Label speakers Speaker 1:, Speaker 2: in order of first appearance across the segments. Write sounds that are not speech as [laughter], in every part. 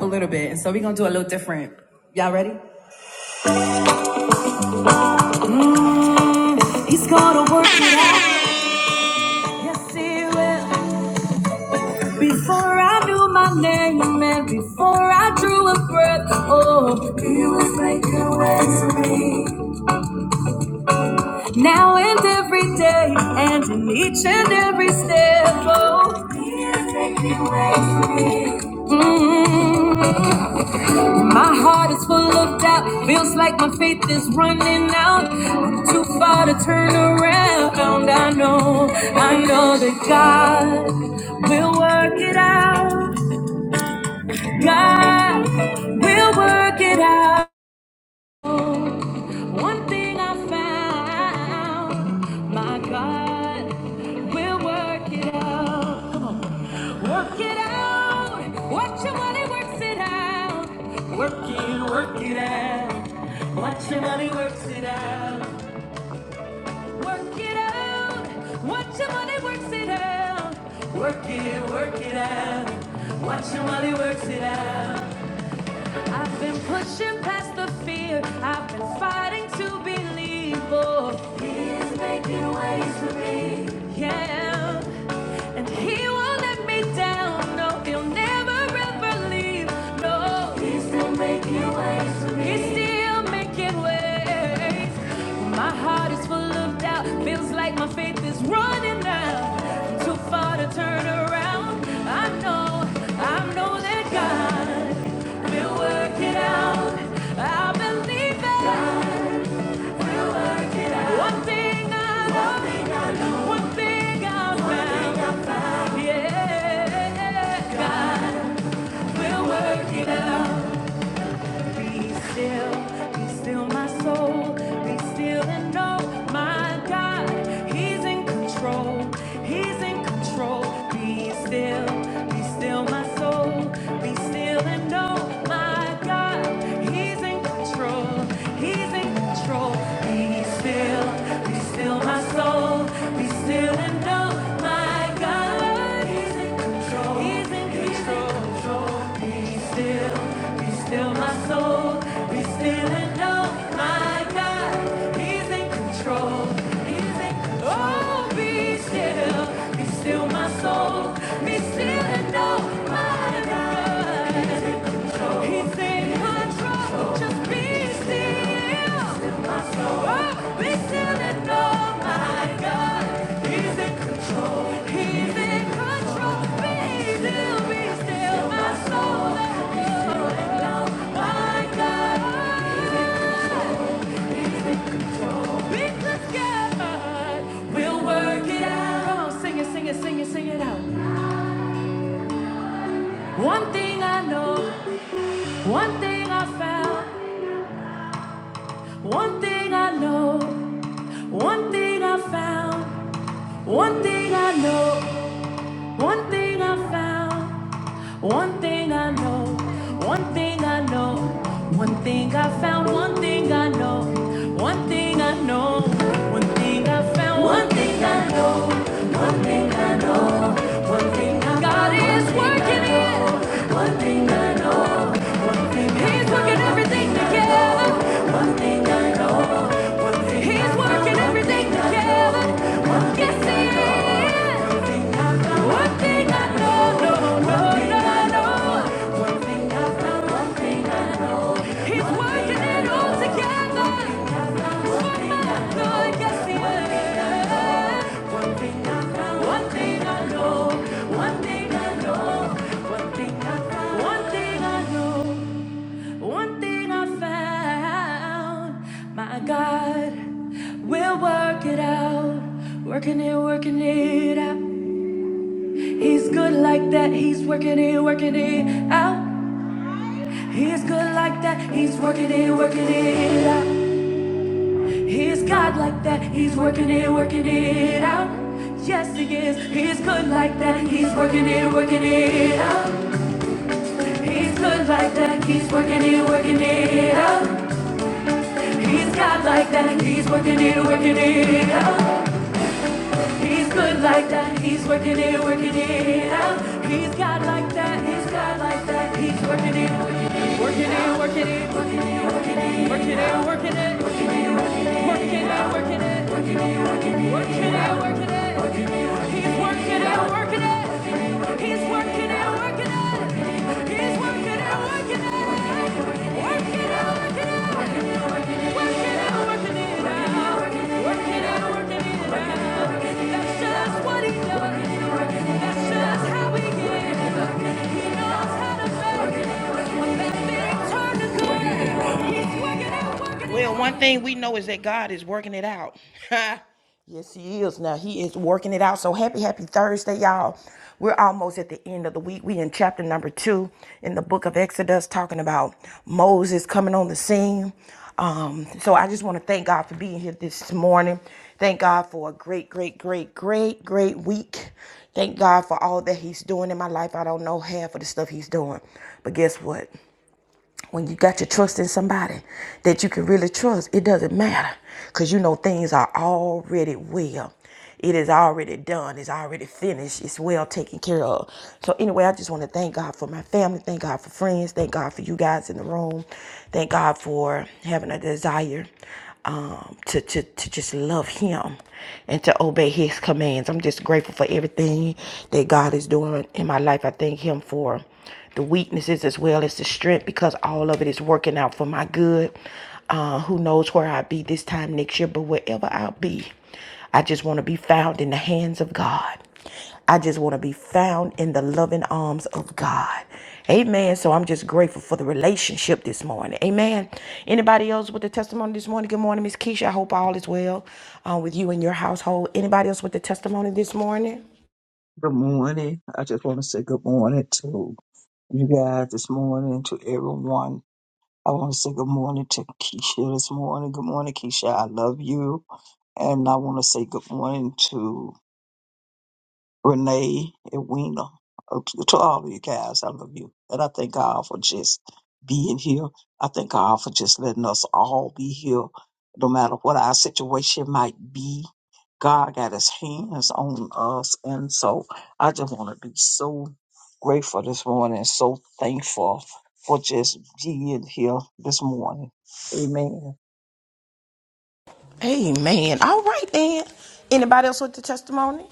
Speaker 1: a little bit. And so we're gonna do a little different. Y'all ready? Mm, He's gonna work it out. Yes, he will. Before I knew my name and before I drew a breath, oh, he was making ways for me. Now and every day and in each and every step, oh, he is making ways for me. Mm. My heart is full of doubt, feels like my faith is running out. I'm too far to turn around. I know, I know that God will work it out. God will work it out. One thing I found, my God will work it out. Work it out. Watch your money works it out. Work it, work it out. Watch your money works it out. Work it out. Watch your money works it out. Work it, work it out. Watch your money works it out. I've been pushing past the fear. I've been fighting to believe. Oh, He is making ways for me. Yeah. And He won't let me down. No, He'll never ever leave. No, He's still making ways for me. He's still making ways. My heart is full of doubt out. Feels like my faith is running out. I'm too far to turn around. I know, I know that God will work it out. I believe that God will work it out. One thing I One know, one thing I know. one thing I found. Yeah, God will work it out. Be still, be still, my soul. Be still and know my God, He's in control. He's in control. Be still, be still, my soul. Be still and know my God, He's in control. He's in control. Be still, be still, my soul. Be still and know my God is in control. He's in control. Be still, be still, my soul. Be still and know my God. He's in control. He's in control. Oh, be still, be still, my soul. Be still and know my God. He's in control. Just be still. Oh, be still and know my God. He's in control. He's in control. Be still, be still, my soul. and know my God. Because God will work it out. Come on, sing it, sing it, sing it, sing it out. One thing I know, one thing I found, one thing I know. One thing I found, one thing I know, one thing I found, one thing I know, one thing I know, one thing I found, one thing I know, one thing I know, one thing I found, one thing I know, one thing I know. One thing I God is working it. One thing I know. One thing He's working everything together. One thing I know. One thing He's working everything together. One thing I yes, know. One thing I know. know. No, no, no. He's working it all together for my good. Yes, One thing I found, one thing I know, one thing I know, one thing I found, one thing I know, one thing I found. My God will work it out. Working it, working it out. He's good like that. He's working it, working it out. He's good like that, he's working it, working it out. He's God like that, he's working it, working it out. Yes, he is, he's good like that, he's working it, working it out. He's good like that, he's working it, working it out. He's God like that, he's working it, working it out. He's good like that. He's working it, working it out. He's God like that. He's God like that. He's working it, working it, working it, working it, working it, working it, working it, working it, working it, working it, working it, working it, working it, working it. He's working it, working it. He's working it, working it. Well, one thing we know is that God is working it out. [laughs] Yes, he is. Now he is working it out. So happy, happy Thursday, y'all. We're almost at the end of the week. We in chapter number two in the book of Exodus, talking about Moses coming on the scene. Um, so I just want to thank God for being here this morning. Thank God for a great, great, great, great, great week. Thank God for all that He's doing in my life. I don't know half of the stuff He's doing, but guess what? when you got your trust in somebody that you can really trust, it doesn't matter because you know things are already well. It is already done. It's already finished. It's well taken care of. So anyway, I just want to thank God for my family. Thank God for friends. Thank God for you guys in the room. Thank God for having a desire um, to, to, to just love him and to obey his commands. I'm just grateful for everything that God is doing in my life. I thank him for the weaknesses as well as the strength because all of it is working out for my good. Uh, who knows where I'll be this time next year, but wherever I'll be, I just want to be found in the hands of God. I just want to be found in the loving arms of God. Amen. So I'm just grateful for the relationship this morning. Amen. Anybody else with the testimony this morning? Good morning, Miss Keisha. I hope all is well uh, with you and your household. Anybody else with the testimony this morning?
Speaker 2: Good morning. I just want to say good morning to you guys this morning, to everyone. I want to say good morning to Keisha this morning. Good morning, Keisha. I love you. And I want to say good morning Renee, and Edwina, uh, to, to all of you guys, I love you. And I thank God for just being here. I thank God for just letting us all be here, no matter what our situation might be. God got his hands on us. And so I just want to be so grateful this morning, so thankful for just being here this morning. Amen.
Speaker 1: Amen. All right then. Anybody else with the testimony?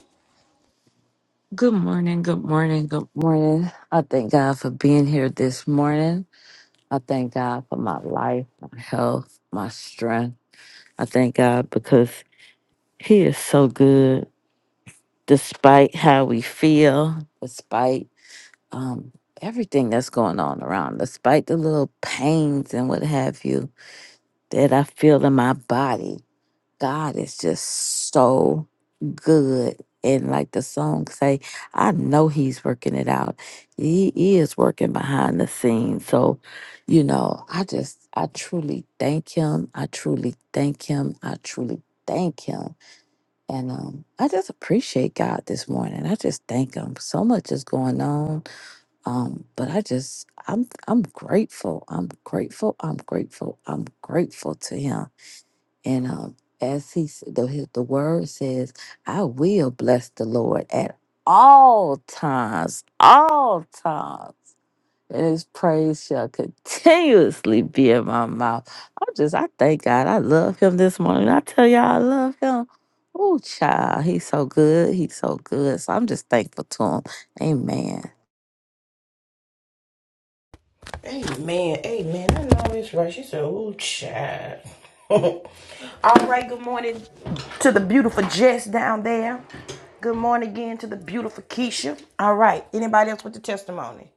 Speaker 3: Good morning, good morning, good morning. I thank God for being here this morning. I thank God for my life, my health, my strength. I thank God because He is so good despite how we feel, despite um, everything that's going on around, despite the little pains and what have you that I feel in my body. God is just so good. And like the song say, I know he's working it out. He, he is working behind the scenes. So, you know, I just I truly thank him. I truly thank him. I truly thank him. And um I just appreciate God this morning. I just thank him. So much is going on. Um, but I just I'm I'm grateful. I'm grateful. I'm grateful. I'm grateful to him and um, as he s- the his- the word says, I will bless the Lord at all times, all times. And his praise shall continuously be in my mouth. I am just, I thank God. I love him this morning. I tell y'all, I love him. Oh, child, he's so good. He's so good. So I'm just thankful to him. Amen.
Speaker 1: Amen. Amen. I know it's right. She said, "Ooh, child." [laughs] All right. Good morning to the beautiful Jess down there. Good morning again to the beautiful Keisha. All right. Anybody else with the testimony?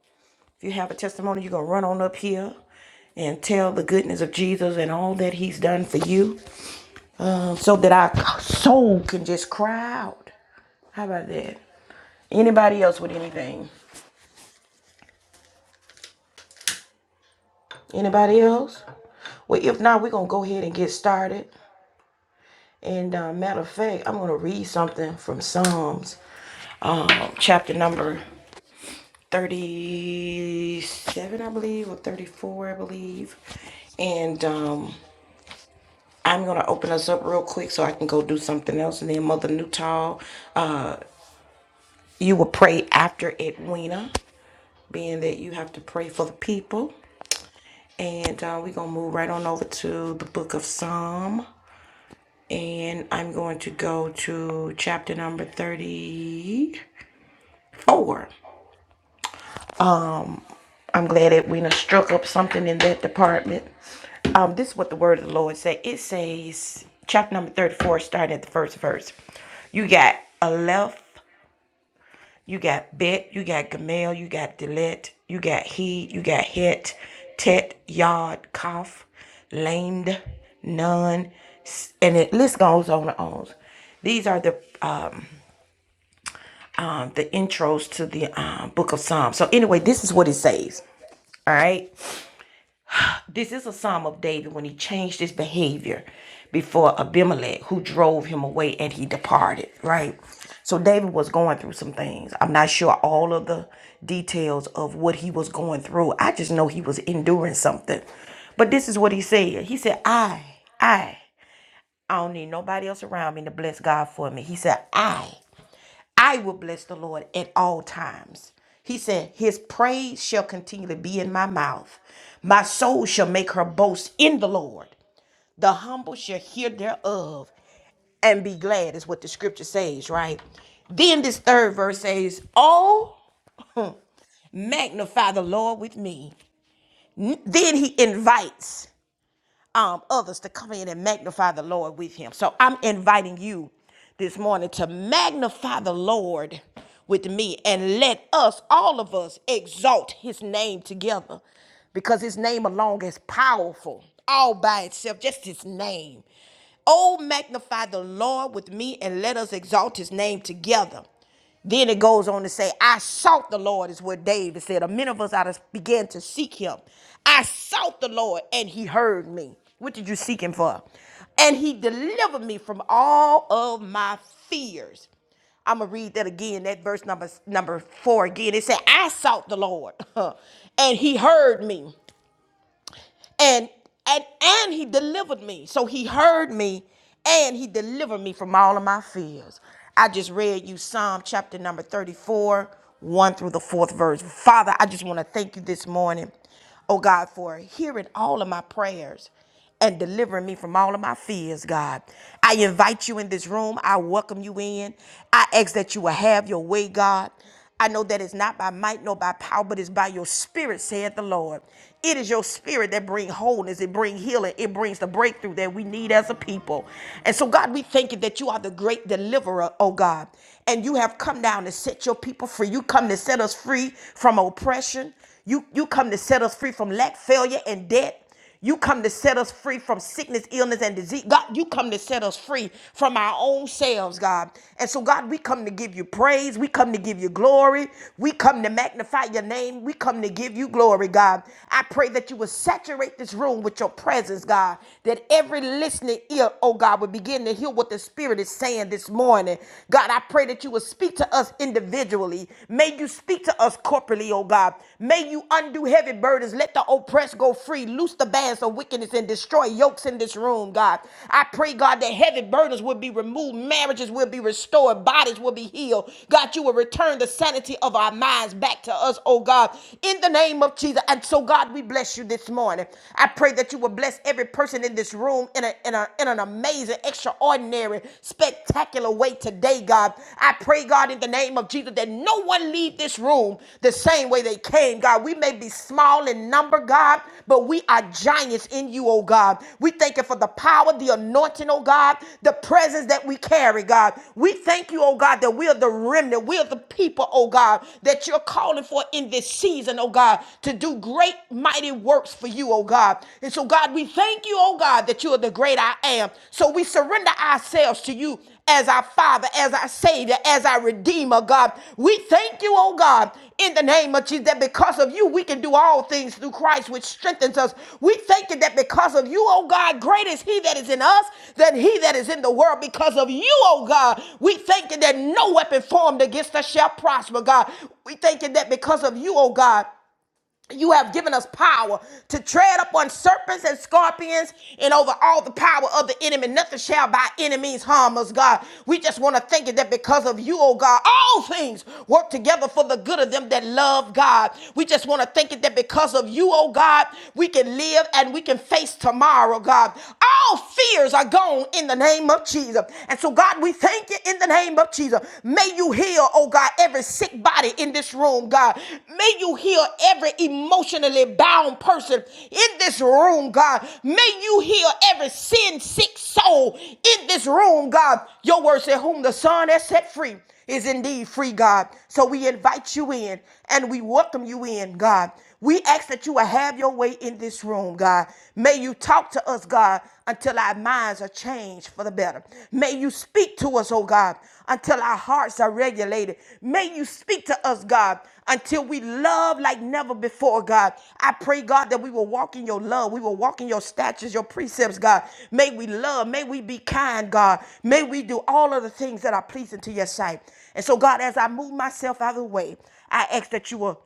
Speaker 1: If you have a testimony, you're gonna run on up here and tell the goodness of Jesus and all that He's done for you, um, so that our soul can just cry out. How about that? Anybody else with anything? Anybody else? Well, if not, we're going to go ahead and get started. And uh, matter of fact, I'm going to read something from Psalms, um, chapter number 37, I believe, or 34, I believe. And um, I'm going to open us up real quick so I can go do something else. And then Mother Newtall, uh, you will pray after Edwina, being that you have to pray for the people. And uh, we're going to move right on over to the book of Psalm. and I'm going to go to chapter number 34. I'm glad that we done struck up something in that department. Um, this is what the word of the Lord say. It says, chapter number 34, starting at the first verse. You got Aleph, you got Bet, you got Gamel, you got Delet, you got He, you got Het, Tet, Yod, Kaf, Lamed, Nun, and it list goes on and on. These are the um, the intros to the um, book of Psalms. So anyway, this is what it says. All right. This is a psalm of David when he changed his behavior before Abimelech, who drove him away and he departed. Right. So David was going through some things. I'm not sure all of the details of what he was going through. I just know he was enduring something. But this is what he said. He said, I, I, I don't need nobody else around me to bless God for me. He said, I. I will bless the Lord at all times. He said, His praise shall continually be in my mouth. My soul shall make her boast in the Lord. The humble shall hear thereof and be glad, is what the scripture says, right? Then this third verse says, Oh, [laughs] magnify the Lord with me. N- Then he invites um, others to come in and magnify the Lord with him. So I'm inviting you this morning to magnify the Lord with me and let us, all of us, exalt his name together because his name alone is powerful all by itself, just his name. Oh, magnify the Lord with me and let us exalt his name together. Then it goes on to say, I sought the Lord, is what David said. A many of us out began to seek him. I sought the Lord and he heard me. What did you seek him for? And he delivered me from all of my fears. I'm gonna read that again. That verse number number four again. It said, "I sought the Lord, [laughs] and He heard me." and and and he delivered me so he heard me and he delivered me from all of my fears i just read you psalm chapter number 34 1 through the fourth verse father i just want to thank you this morning oh god for hearing all of my prayers and delivering me from all of my fears, God. I invite you in this room. I welcome you in. I ask that you will have your way, God. I know that it's not by might nor by power, but it's by your spirit, saith the Lord. It is your spirit that brings wholeness, it brings healing, it brings the breakthrough that we need as a people. And so, God, we thank you that you are the great deliverer, oh God. And you have come down to set your people free. You come to set us free from oppression. You, you come to set us free from lack, failure, and debt. You come to set us free from sickness, illness, and disease. God, you come to set us free from our own selves, God. And so, God, we come to give you praise. We come to give you glory. We come to magnify your name. We come to give you glory, God. I pray that you will saturate this room with your presence, God. That every listening ear, oh God, will begin to hear what the Spirit is saying this morning. God, I pray that you will speak to us individually. May you speak to us corporately, oh God. May you undo heavy burdens. Let the oppressed go free. Loose the bands of wickedness and destroy yokes in this room, God. I pray, God, that heavy burdens will be removed. Marriages will be restored. Bodies will be healed. God, you will return the sanity of our minds back to us, oh God, in the name of Jesus. And so, God, we bless you this morning. I pray that you will bless every person in this room in, a, in, a, in an amazing, extraordinary, spectacular way away today, God. I pray, God, in the name of Jesus, that no one leave this room the same way they came, God. We may be small in number, God, but we are giants in you, oh God. We thank you for the power, the anointing, oh God, the presence that we carry, God. We thank you, oh God, that we are the remnant. We are the people, oh God, that you're calling for in this season, oh God, to do great, mighty works for you, oh God. And so, God, we thank you, oh God, that you are the great I am. So we surrender ourselves to you as our Father, as our Savior, as our Redeemer, God. We thank you, oh God, in the name of Jesus, that because of you, we can do all things through Christ, which strengthens us. We thank you that because of you, oh God, great is He that is in us than He that is in the world. Because of you, oh God, we thank you that no weapon formed against us shall prosper, God. We thank you that because of you, oh God, you have given us power to tread upon serpents and scorpions and over all the power of the enemy. Nothing shall by enemies harm us, God. We just want to thank you that because of you, oh God, all things work together for the good of them that love God. We just want to thank you that because of you, oh God, we can live and we can face tomorrow, God. All fears are gone in the name of Jesus. And so, God, we thank you in the name of Jesus. Jesus. May you heal, oh God, every sick body in this room, God. May you heal every emotionally bound person in this room, God. May you heal every sin sick soul in this room, God. Your word said, Whom the Son has set free is indeed free, God. So we invite you in and we welcome you in, God. We ask that you will have your way in this room, God. May you talk to us, God, until our minds are changed for the better. May you speak to us, oh God, until our hearts are regulated. May you speak to us, God, until we love like never before, God. I pray, God, that we will walk in your love. We will walk in your statutes, your precepts, God. May we love. May we be kind, God. May we do all of the things that are pleasing to your sight. And so, God, as I move myself out of the way, I ask that you will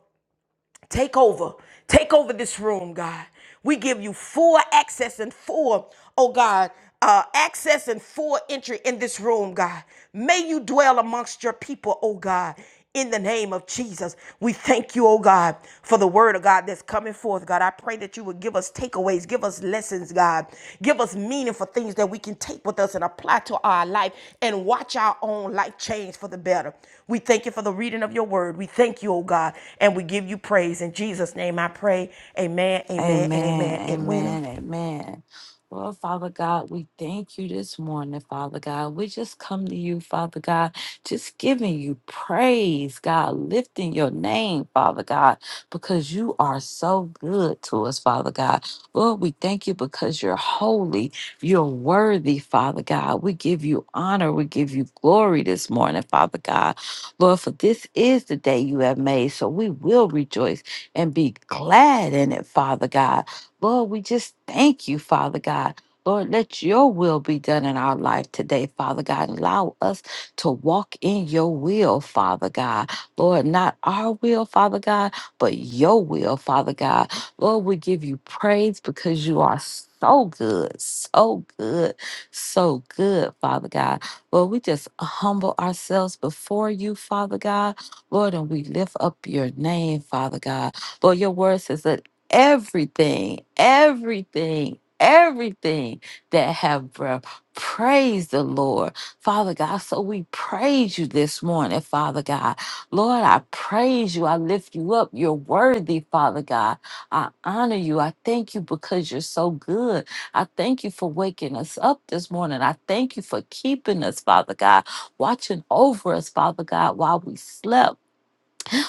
Speaker 1: Take over. Take over this room, God. We give you full access and full, oh God, uh, access and full entry in this room, God. May you dwell amongst your people, oh God. In the name of Jesus, we thank you, oh God, for the word of God that's coming forth, God. I pray that you would give us takeaways, give us lessons, God. Give us meaningful things that we can take with us and apply to our life and watch our own life change for the better. We thank you for the reading of your word. We thank you, oh God, and we give you praise. In Jesus' name I pray. Amen, amen, and
Speaker 3: Amen,
Speaker 1: amen. Edwina.
Speaker 3: amen, amen. Lord, Father God, we thank you this morning, Father God. We just come to you, Father God, just giving you praise, God, lifting your name, Father God, because you are so good to us, Father God. Lord, we thank you because you're holy, you're worthy, Father God. We give you honor, we give you glory this morning, Father God. Lord, for this is the day you have made, so we will rejoice and be glad in it, Father God. Lord, we just thank you, Father God. Lord, let your will be done in our life today, Father God. Allow us to walk in your will, Father God. Lord, not our will, Father God, but your will, Father God. Lord, we give you praise because you are so good, so good, so good, Father God. Lord, we just humble ourselves before you, Father God. Lord, and we lift up your name, Father God. Lord, your word says that everything, everything, everything that have breath, praise the Lord. Father God, so we praise you this morning, Father God. Lord, I praise you. I lift you up. You're worthy, Father God. I honor you. I thank you because you're so good. I thank you for waking us up this morning. I thank you for keeping us, Father God, watching over us, Father God, while we slept.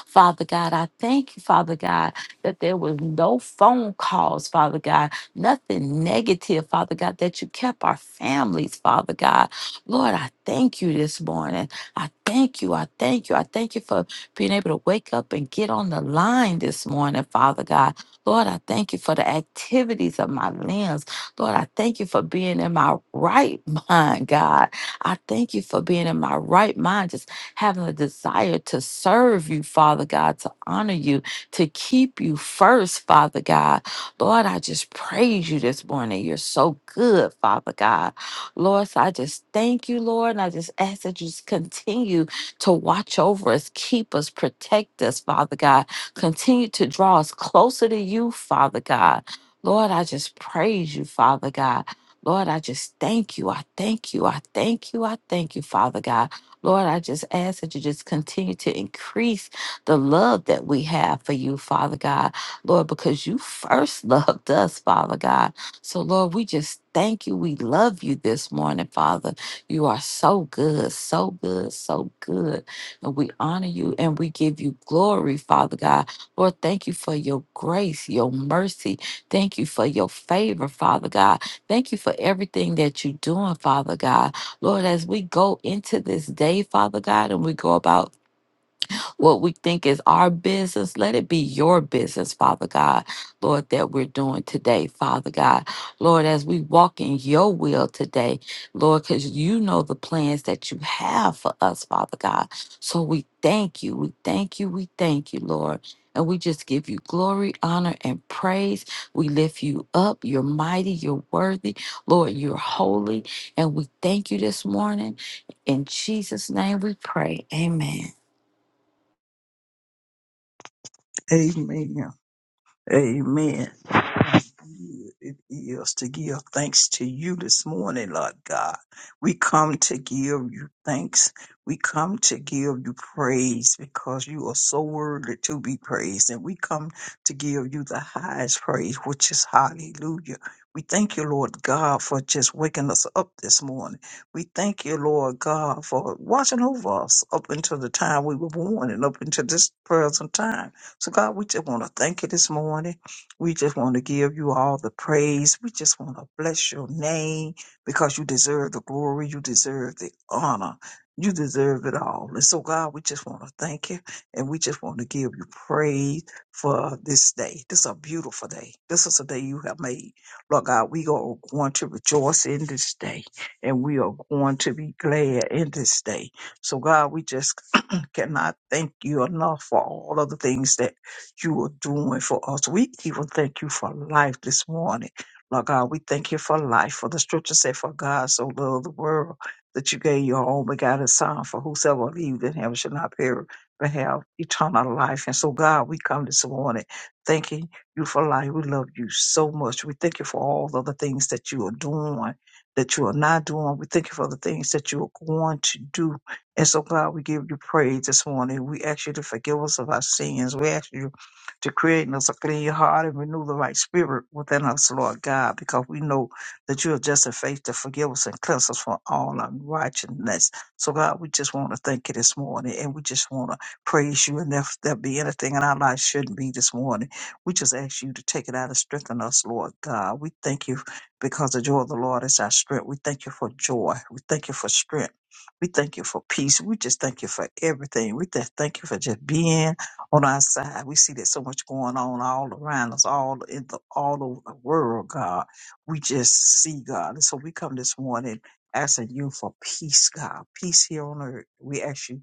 Speaker 3: Father God, I thank you, Father God, that there was no phone calls, Father God, nothing negative, Father God, that you kept our families, Father God. Lord, I thank you this morning. I thank you. I thank you. I thank you for being able to wake up and get on the line this morning, Father God. Lord, I thank you for the activities of my limbs. Lord, I thank you for being in my right [laughs] mind, God. I thank you for being in my right mind, having a desire to serve you, Father God, to honor you, to keep you first, Father God. Lord, I just praise you this morning. You're so good, Father God. Lord, so I just thank you, Lord, and I just ask that you just continue to watch over us, keep us, protect us, Father God. Continue to draw us closer to you, Father God. Lord, I just praise you, Father God. Lord, I just thank you. I thank you. I thank you. I thank you, Father God. Lord, I just ask that you just continue to increase the love that we have for you, Father God. Lord, because you first [laughs] loved us, Father God. So, Lord, we just thank you. We love you this morning, Father. You are so good, so good, so good. And we honor you and we give you glory, Father God. Lord, thank you for your grace, your mercy. Thank you for your favor, Father God. Thank you for everything that you're doing, Father God. Lord, as we go into this day, Father God, and we go about what we think is our business, let it be your business, Father God, Lord, that we're doing today, Father God. Lord, as we walk in your will today, Lord, because you know the plans that you have for us, Father God. So we thank you. We thank you. We thank you, Lord. And we just give you glory, honor, and praise. We lift you up. You're mighty. You're worthy. Lord, you're holy. And we thank you this morning. In Jesus' name we pray. Amen.
Speaker 2: Amen. Amen. it is to give thanks to you this morning, Lord God. We come to give you thanks. We come to give you praise because you are so worthy to be praised. And we come to give you the highest praise, which is hallelujah. We thank you, Lord God, for just waking us up this morning. We thank you, Lord God, for watching over us up until the time we were born and up until this present time. So, God, we just want to thank you this morning. We just want to give you all the praise. We just want to bless your name because you deserve the glory. You deserve the honor. You deserve it all. And so, God, we just want to thank you and we just want to give you praise for this day. This is a beautiful day. This is a day you have made. Lord God, we are going to rejoice in this day and we are going to be glad in this day. So, God, we just [clears throat] cannot thank you enough for all of the things that you are doing for us. We even thank you for life this morning. Lord God, we thank you for life. For the scripture said, For God so loved the world that you gave your own begotten Son, for whosoever believes in him shall not perish, but have eternal life. And so, God, we come this morning thanking you for life. We love you so much. We thank you for all the other things that you are doing, that you are not doing. We thank you for the things that you are going to do. And so, God, we give you praise this morning. We ask you to forgive us of our sins. We ask you to create in us a clean heart and renew the right spirit within us, Lord God, because we know that you are just in faith to forgive us and cleanse us from all unrighteousness. So, God, we just want to thank you this morning and we just want to praise you. And if there be anything in our life shouldn't be this morning, we just ask you to take it out and strengthen us, Lord God. We thank you because the joy of the Lord is our strength. We thank you for joy. We thank you for strength. We thank you for peace. We just thank you for everything. We just thank you for just being on our side. We see that so much going on all around us, all in the all over the world, God. We just see God. And so we come this morning asking you for peace, God. Peace here on earth. We ask you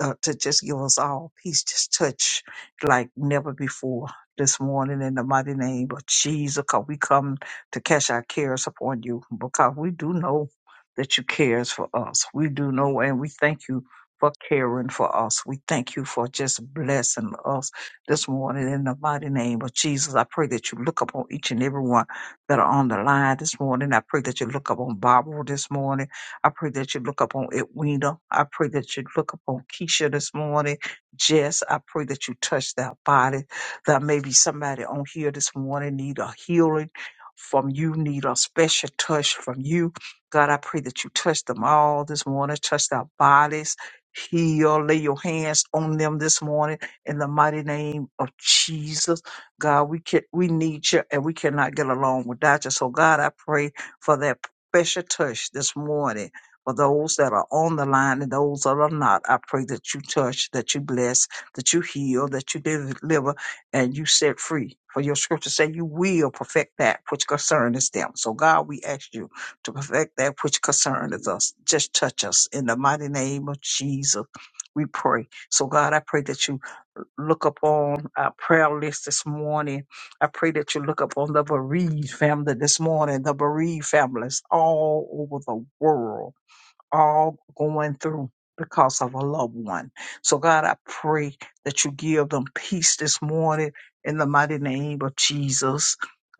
Speaker 2: uh, to just give us all peace, just touch like never before this morning in the mighty name of Jesus. Because we come to cast our cares upon you, because we do know that you cares for us. We do know, and we thank you for caring for us. We thank you for just blessing us this morning in the mighty name of Jesus. I pray that you look upon each and every one that are on the line this morning. I pray that you look upon Barbara this morning. I pray that you look up on Edwina. I pray that you look up on Keisha this morning. Jess, I pray that you touch that body. That maybe somebody on here this morning need a healing from you, need a special touch from you. God, I pray that you touch them all this morning, touch their bodies, heal, lay your hands on them this morning in the mighty name of Jesus. God, we can we need you and we cannot get along without you. So God, I pray for that special touch this morning for those that are on the line and those that are not. I pray that you touch, that you bless, that you heal, that you deliver, and you set free. For your scripture say you will perfect that which concerns them. So God, we ask you to perfect that which concerns us. Just touch us in the mighty name of Jesus. We pray. So God, I pray that you look upon our prayer list this morning. I pray that you look upon the bereaved family this morning, the bereaved families all over the world all going through because of a loved one. So, God, I pray that you give them peace this morning in the mighty name of Jesus.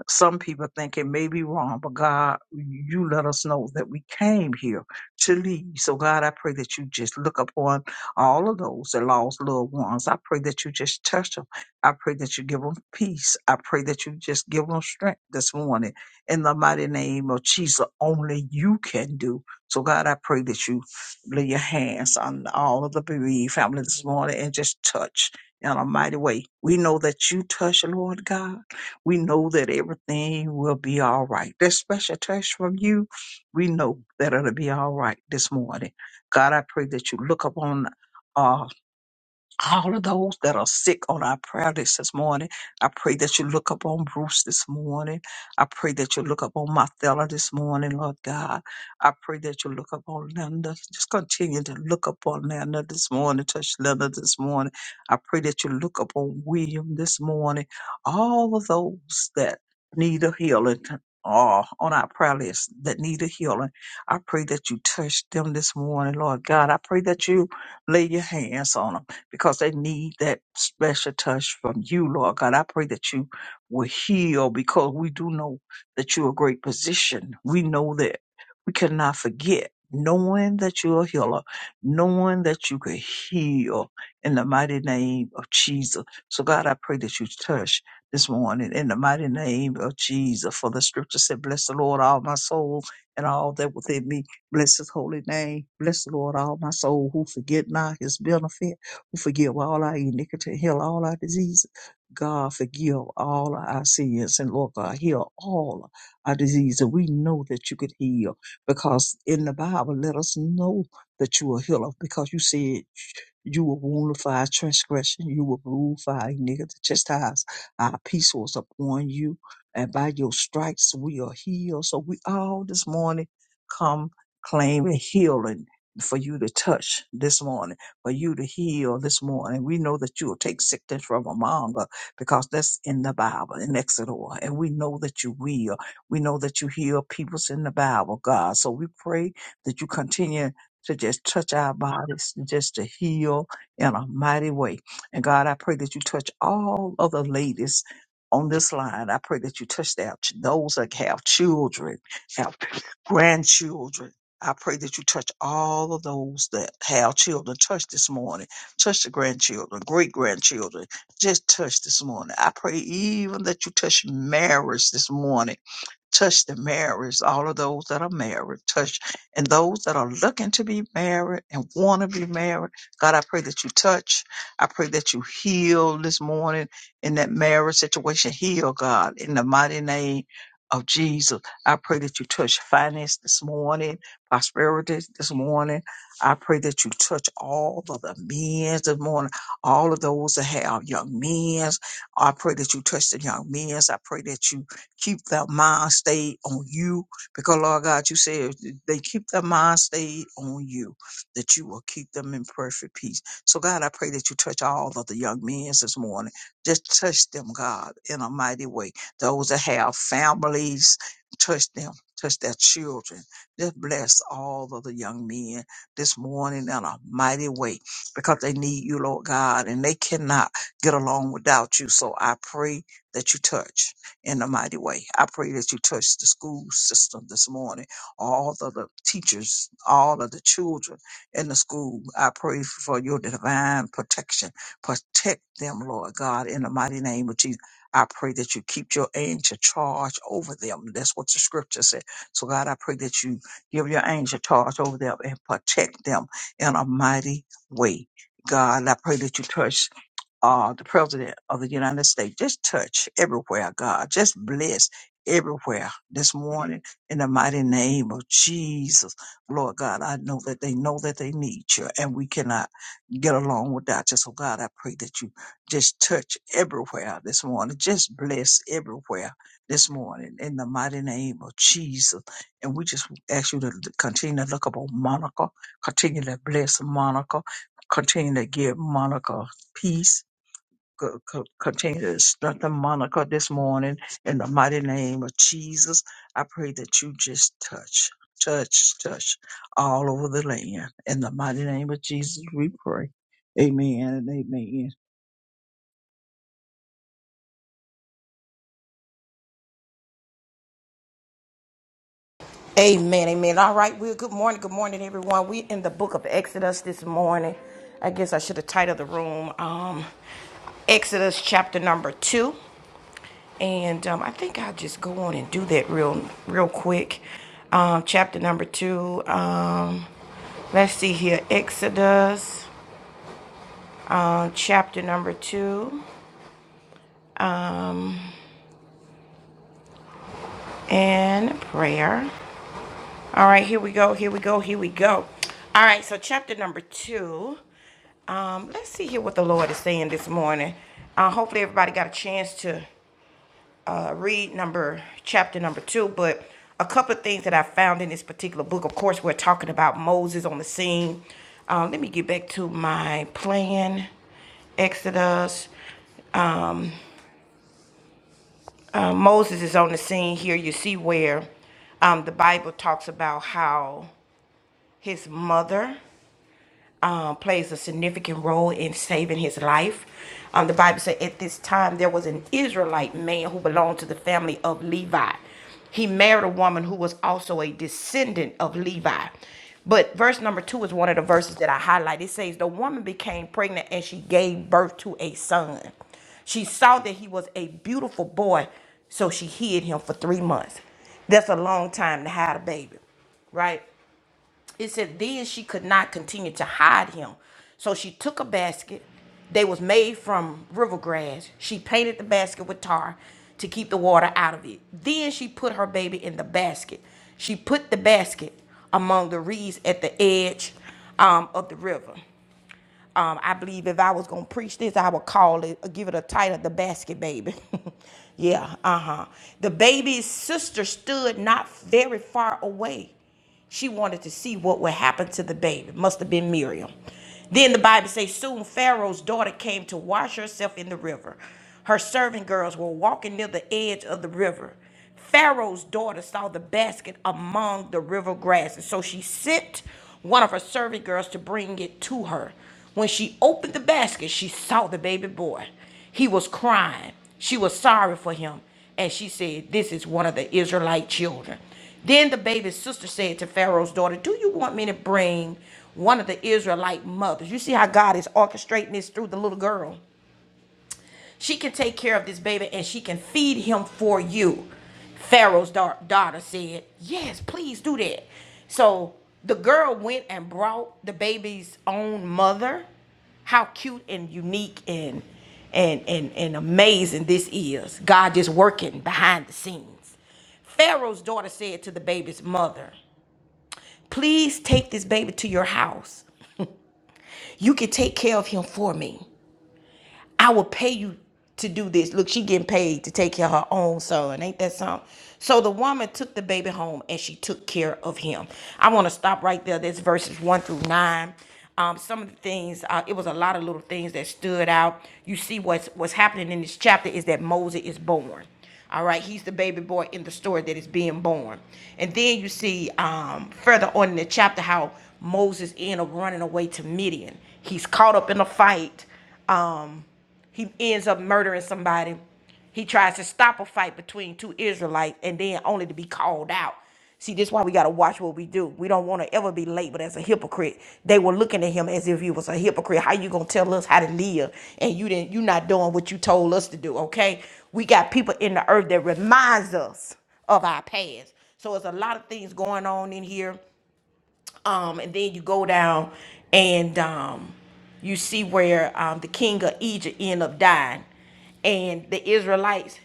Speaker 2: Some people think it may be wrong, but God, you let us know that we came here to leave. So, God, I pray that you just look upon all of those that lost loved ones. I pray that you just touch them. I pray that you give them peace. I pray that you just give them strength this morning in the mighty name of Jesus. Only you can do. So, God, I pray that you lay your hands on all of the bereaved family this morning and just touch in a mighty way. We know that you touch, Lord God. We know that everything will be all right. That special touch from you, we know that it'll be all right this morning. God, I pray that you look upon. uh, all of those that are sick on our prayer list this morning. I pray that you look up on Bruce this morning. I pray that you look up on Marthella this morning, Lord God. I pray that you look up on Linda. Just continue to look up on Linda this morning. Touch Linda this morning. I pray that you look up on William this morning. All of those that need a healing. Are on our prayer list that need a healing. I pray that you touch them this morning, Lord God. I pray that you lay your hands on them because they need that special touch from you, Lord God. I pray that you will heal because we do know that you're a great physician. We know that we cannot forget knowing that you're a healer, knowing that you can heal in the mighty name of Jesus. So God, I pray that you touch this morning in the mighty name of Jesus. For the scripture said, bless the Lord, all my soul and all that within me. Bless his holy name. Bless the Lord, all my soul, who forget not his benefit who forgive all our iniquity, heal all our diseases. God, forgive all our sins, and Lord God, heal all our diseases. We know that you could heal because in the Bible, let us know that you are healer because you said you were wounded for our transgression, you were bruised for our iniquity. Chastise our peace was upon you, and by your stripes we are healed. So we all this morning come claiming healing for you to touch this morning for you to heal this morning. We know that you will take sickness from among us because that's in the Bible, in Exodus. And we know that you will. We know that you heal peoples in the Bible, God. So we pray that you continue to just touch our bodies, just to heal in a mighty way. And God, I pray that you touch all of the ladies on this line. I pray that you touch their, those that have children, have grandchildren I pray that you touch all of those that have children. Touch this morning. Touch the grandchildren, great grandchildren. Just touch this morning. I pray even that you touch marriage this morning touch the marriage, all of those that are married, touch, and those that are looking to be married and want to be married. God, I pray that you touch. I pray that you heal this morning in that marriage situation. Heal, God, in the mighty name of Jesus. I pray that you touch finance this morning, prosperity this morning. I pray that you touch all of the men this morning, all of those that have young men. I pray that you touch the young men. I pray that you Keep their mind stayed on you. Because, Lord God, you said if they keep their mind stayed on you, that you will keep them in perfect peace. So, God, I pray that you touch all of the young men this morning. Just touch them, God, in a mighty way. Those that have families, touch them. Touch their children. Just bless all of the young men this morning in a mighty way because they need you, Lord God, and they cannot get along without you. So I pray that you touch in a mighty way. I pray that you touch the school system this morning, all of the teachers, all of the children in the school. I pray for your divine protection. Protect them, Lord God, in the mighty name of Jesus. I pray that you keep your angel charge over them. That's what the scripture said. So, God, I pray that you give your angel charge over them and protect them in a mighty way. God, I pray that you touch uh, the President of the United States. Just touch everywhere, God. Just bless everywhere this morning in the mighty name of Jesus. Lord God, I know that they know that they need you and we cannot get along without you. So, God, I pray that you just touch everywhere this morning. Just bless everywhere this morning in the mighty name of Jesus. And we just ask you to continue to look upon Monica, continue to bless Monica, continue to give Monica peace co- co- continue to strengthen Monica this morning in the mighty name of Jesus. I pray that you just touch, touch, touch all over the land. In the mighty name of Jesus, we pray. Amen and amen.
Speaker 1: Amen, amen. All right, well, good morning, good morning, everyone. We're in the book of Exodus this morning. I guess I should have titled the room um, Exodus chapter number two. And um, I think I'll just go on and do that real, real quick. Um, chapter number two. Um, let's see here. Exodus, um, chapter number two, and prayer. All right, here we go. Here we go. Here we go. All right, so chapter number two. Um, let's see here what the Lord is saying this morning. Uh, hopefully, everybody got a chance to. uh, read number chapter number two, but a couple of things that I found in this particular book. Of course, we're talking about Moses on the scene. Um, let me get back to my plan. Exodus. Um, uh, Moses is on the scene here. You see where um, the Bible talks about how his mother um, plays a significant role in saving his life. Um, the Bible said at this time there was an Israelite man who belonged to the family of Levi. He married a woman who was also a descendant of Levi. But verse number two is one of the verses that I highlight. It says, The woman became pregnant and she gave birth to a son. She saw that he was a beautiful boy, so she hid him for three months. That's a long time to hide a baby, right? It said then she could not continue to hide him. So she took a basket. They was made from river grass. She painted the basket with tar to keep the water out of it. Then she put her baby in the basket. She put the basket among the reeds at the edge um, of the river. Um, I believe if I was gonna preach this, I would call it, give it a title, "The Basket Baby." [laughs] yeah, uh huh. The baby's sister stood not very far away. She wanted to see what would happen to the baby. Must have been Miriam. Then the Bible says, soon Pharaoh's daughter came to wash herself in the river. Her servant girls were walking near the edge of the river. Pharaoh's daughter saw the basket among the river grasses, so she sent one of her servant girls to bring it to her. When she opened the basket, she saw the baby boy. He was crying. She was sorry for him, and she said, This is one of the Israelite children. Then the baby's sister said to Pharaoh's daughter, Do you want me to bring one of the Israelite mothers? You see how God is orchestrating this through the little girl. She can take care of this baby and she can feed him for you. Pharaoh's da- daughter said, Yes, please do that. So the girl went and brought the baby's own mother. How cute and unique and and and, and amazing this is. God is working behind the scenes. Pharaoh's daughter said to the baby's mother, Please take this baby to your house. You can take care of him for me. I will pay you to do this. Look, she getting paid to take care of her own son. Ain't that something? So the woman took the baby home and she took care of him. I want to stop right there. That's verses one through nine. Um, some of the things, uh, it was a lot of little things that stood out. You see what's what's happening in this chapter is that Moses is born. All right, he's the baby boy in the story that is being born. And then you see um, further on in the chapter how Moses ends up running away to Midian. He's caught up in a fight. Um, he ends up murdering somebody. He tries to stop a fight between two Israelites and then only to be called out. See, this is why we gotta watch what we do. We don't want to ever be labeled as a hypocrite. They were looking at him as if he was a hypocrite. How you gonna tell us how to live and you didn't you not doing what you told us to do? Okay, we got people in the earth that reminds us of our past. So it's a lot of things going on in here um, and then you go down and um, you see where um, the king of Egypt end up dying, and the Israelites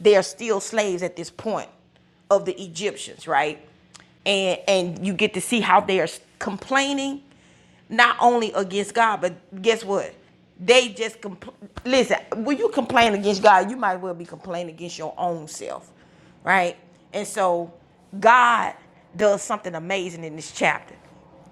Speaker 1: they are still slaves at this point of the Egyptians, right? And and you get to see how they are complaining not only against God, but guess what? They just compl- listen. When you complain against God, you might as well be complaining against your own self, right? And so, God does something amazing in this chapter.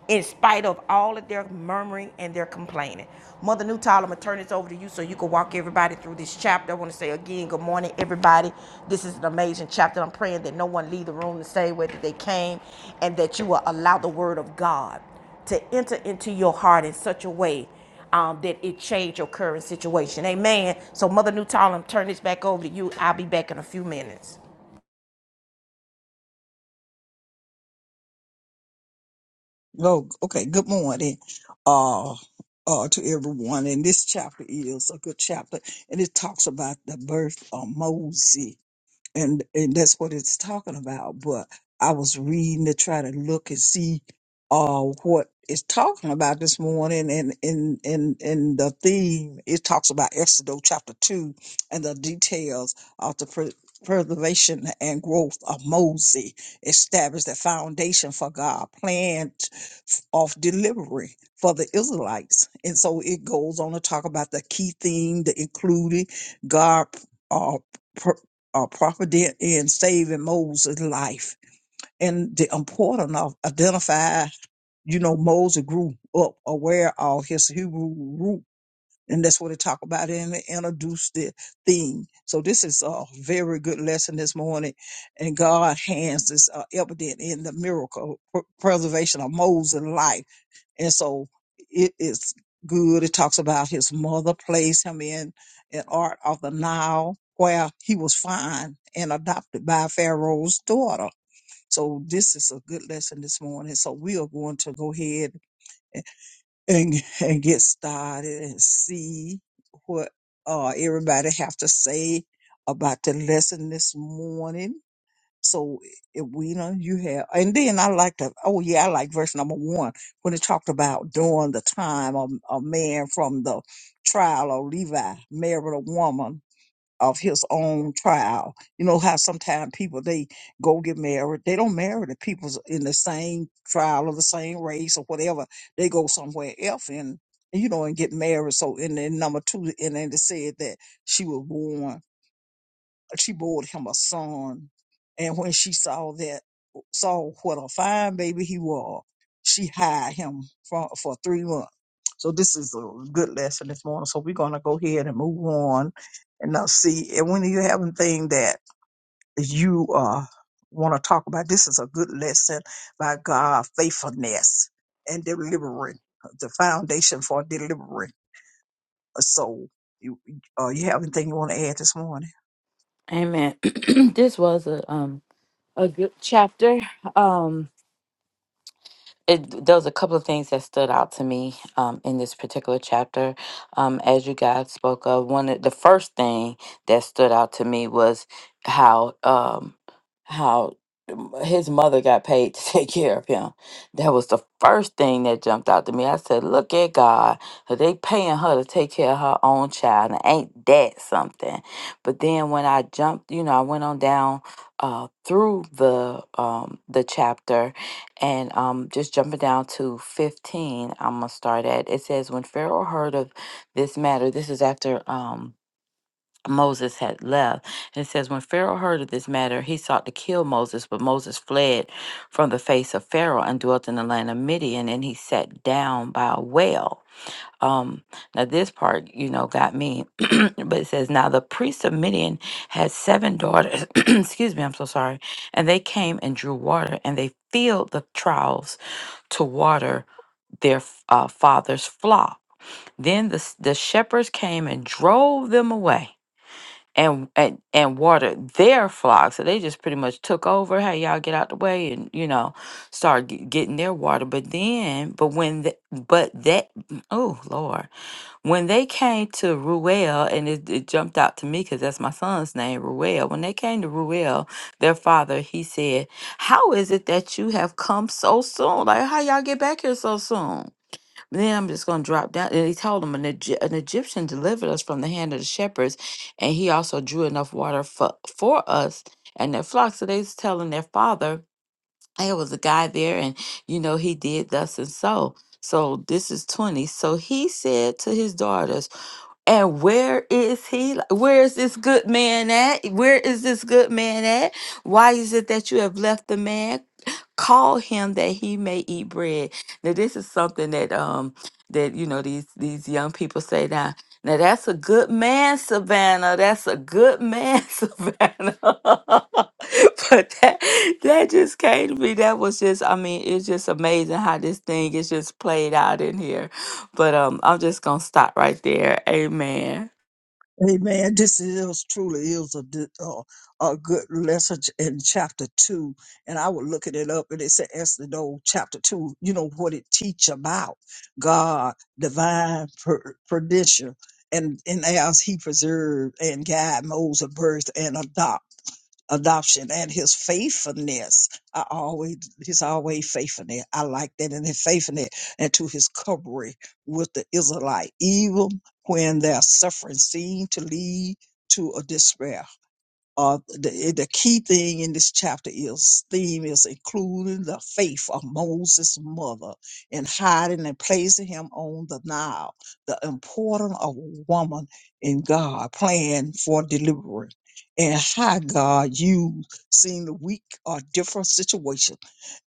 Speaker 1: In spite of all of their murmuring and their complaining, Mother Newtile, I'm gonna turn this over to you so you can walk everybody through this chapter. I want to say again, good morning, everybody. This is an amazing chapter. I'm praying that no one leave the room the same way that they came, and that you will allow the Word of God to enter into your heart in such a way um, that it changed your current situation. Amen. So, Mother Newtall, I'm turning this back over to you. I'll be back in a few minutes.
Speaker 2: Oh, okay. Good morning, uh, uh, to everyone. And this chapter is a good chapter, and it talks about the birth of Moses. and and that's what it's talking about. But I was reading to try to look and see uh what it's talking about this morning, and in in in the theme it talks about Exodus chapter two and the details of the pre- preservation and growth of Moses established the foundation for God's plan of delivery for the Israelites, and so it goes on to talk about the key theme, the included God. Uh, uh, prophet did in saving Moses' life and the importance of identify, you know, Moses grew up aware of his Hebrew root. And that's what they talk about and they introduce the theme. So this is a very good lesson this morning. And God hands is uh, evident in the miracle pr- preservation of Moses' life and so it is good. It talks about his mother placed him in an art of the Nile where he was found and adopted by Pharaoh's daughter. So this is a good lesson this morning. So we are going to go ahead and and get started and see what uh everybody have to say about the lesson this morning so if we you know you have, and then I like to. Oh yeah, I like verse number one when it talked about during the time of a man from the trial of Levi married a woman of his own trial. You know how sometimes people they go get married, they don't marry the people in the same trial or the same race or whatever. They go somewhere else and you know and get married. So in, in number two, and then it said that she was born like, she bore him a son. And when she saw that, saw what a fine baby he was, she hired him for, for three months. So this is a good lesson this morning. So we're going to go ahead and move on and now see. And when you have anything that you uh, want to talk about, this is a good lesson by God, faithfulness and delivering, the foundation for delivering a soul. You, uh, you have anything you want to add this morning?
Speaker 3: Amen. [clears throat] this was a um a good chapter. Um it, there was a couple of things that stood out to me um, in this particular chapter. Um, as you guys spoke of, one of the first thing that stood out to me was how um, how his mother got paid to [laughs] take care of him. That was the first thing that jumped out to me. I said, "Look at God! are They paying her to take care of her own child, and ain't that something?" But then when I jumped, you know, I went on down uh, through the um, the chapter and um, just jumping down to 15, I'm going to start at it says, When Pharaoh heard of this matter, this is after um, Moses had left. And it says, When Pharaoh heard of this matter, he sought to kill Moses, but Moses fled from the face of Pharaoh and dwelt in the land of Midian, and he sat down by a well. Um, now, this part, you know, got me, [clears throat] but it says, Now the priest of Midian had seven daughters. [clears throat] Excuse me, I'm so sorry. And they came and drew water, and they filled the troughs to water their f- uh, father's flock. Then the, s- the shepherds came and drove them away and, and and watered their flock. So they just pretty much took over. Hey, y'all get out the way and you know start g- getting their water. But then, but when the, but that oh Lord. When they came to Ruel, and it, it jumped out to me because that's my son's name, Ruel. When they came to Ruel, their father, he said, How is it that you have come so soon? Like, how y'all get back here so soon? Then I'm just going to drop down. And he told him, an, Egy- an Egyptian delivered us from the hand of the shepherds, and he also drew enough water for, for us and their flocks. So they was telling their father, Hey, it was a guy there, and you know, he did thus and so. So this is 20. So he said to his daughters, and where is he? Like, Where is this good man at? Where is this good man at? Why is it that you have left the man? Call him that he may eat bread. Now, this is something that um that you know these these young people say now. Now that's a good man, Savannah. That's a good man, [laughs] Savannah. [laughs] but that that just came to me. That was just, I mean, it's just amazing how this thing is just played out in here but um, I'm just gonna stop right there. Amen.
Speaker 2: Amen. This is truly is a, di- uh, a good lesson ch- in chapter two, and I was looking it up, and it said Esther, no, chapter two. You know what it teach about God, divine per- perdition, and and as He preserved and guide Moses' birth and adopt adoption and his faithfulness. I always he's always faithfulness. I like that and his faithfulness and to his covering with the Israelite, even when their suffering seemed to lead to a despair uh, the, eh, the key thing in this chapter is theme is including the faith of Moses' mother in hiding and placing him on the Nile, the importance of a woman in God plan for deliverance, and how God used seeing the weak or different situation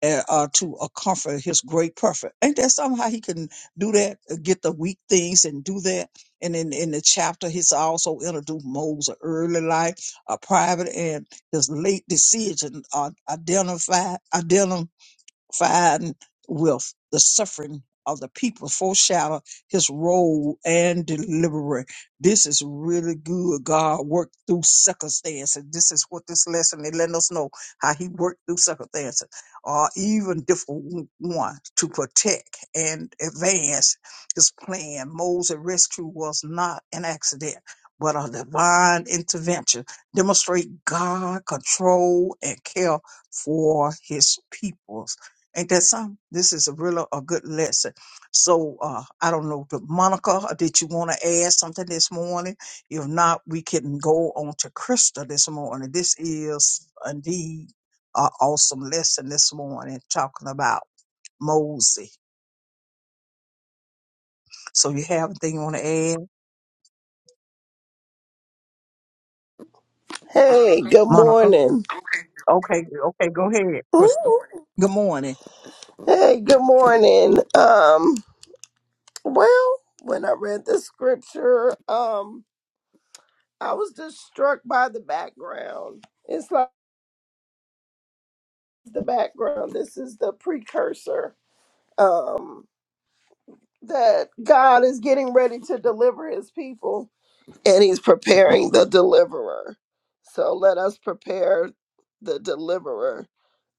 Speaker 2: uh, uh, to uh, comfort His great prophet. Ain't that somehow He can do that? uh, Get the weak things and do that. And in, in the chapter, He's also introduced Moses' early life a private and his late decision on identify, identify fine with the suffering of the people foreshadow his role and delivery. This is really good. God worked through circumstances. This is what this lesson is letting us know how he worked through circumstances or even different one to protect and advance his plan. Moses' rescue was not an accident, but a divine intervention. Demonstrate God control and care for his people Ain't that something? This is a real a good lesson. So uh, I don't know, the Monica, uh, did you want to add something this morning? If not, we can go on to Krista this morning. This is indeed an awesome lesson this morning, talking about Mosey. So you have anything you want to add,
Speaker 4: Hey, good
Speaker 2: Monica?
Speaker 4: morning.
Speaker 2: Okay, okay, go ahead, Krista.
Speaker 4: Ooh.
Speaker 2: Good morning.
Speaker 4: Hey, good morning. Um, well, when I read the scripture, um, I was just struck by the background. It's like the background. This is the precursor. Um, that God is getting ready to deliver his people and he's preparing the deliverer. So let us prepare the deliverer.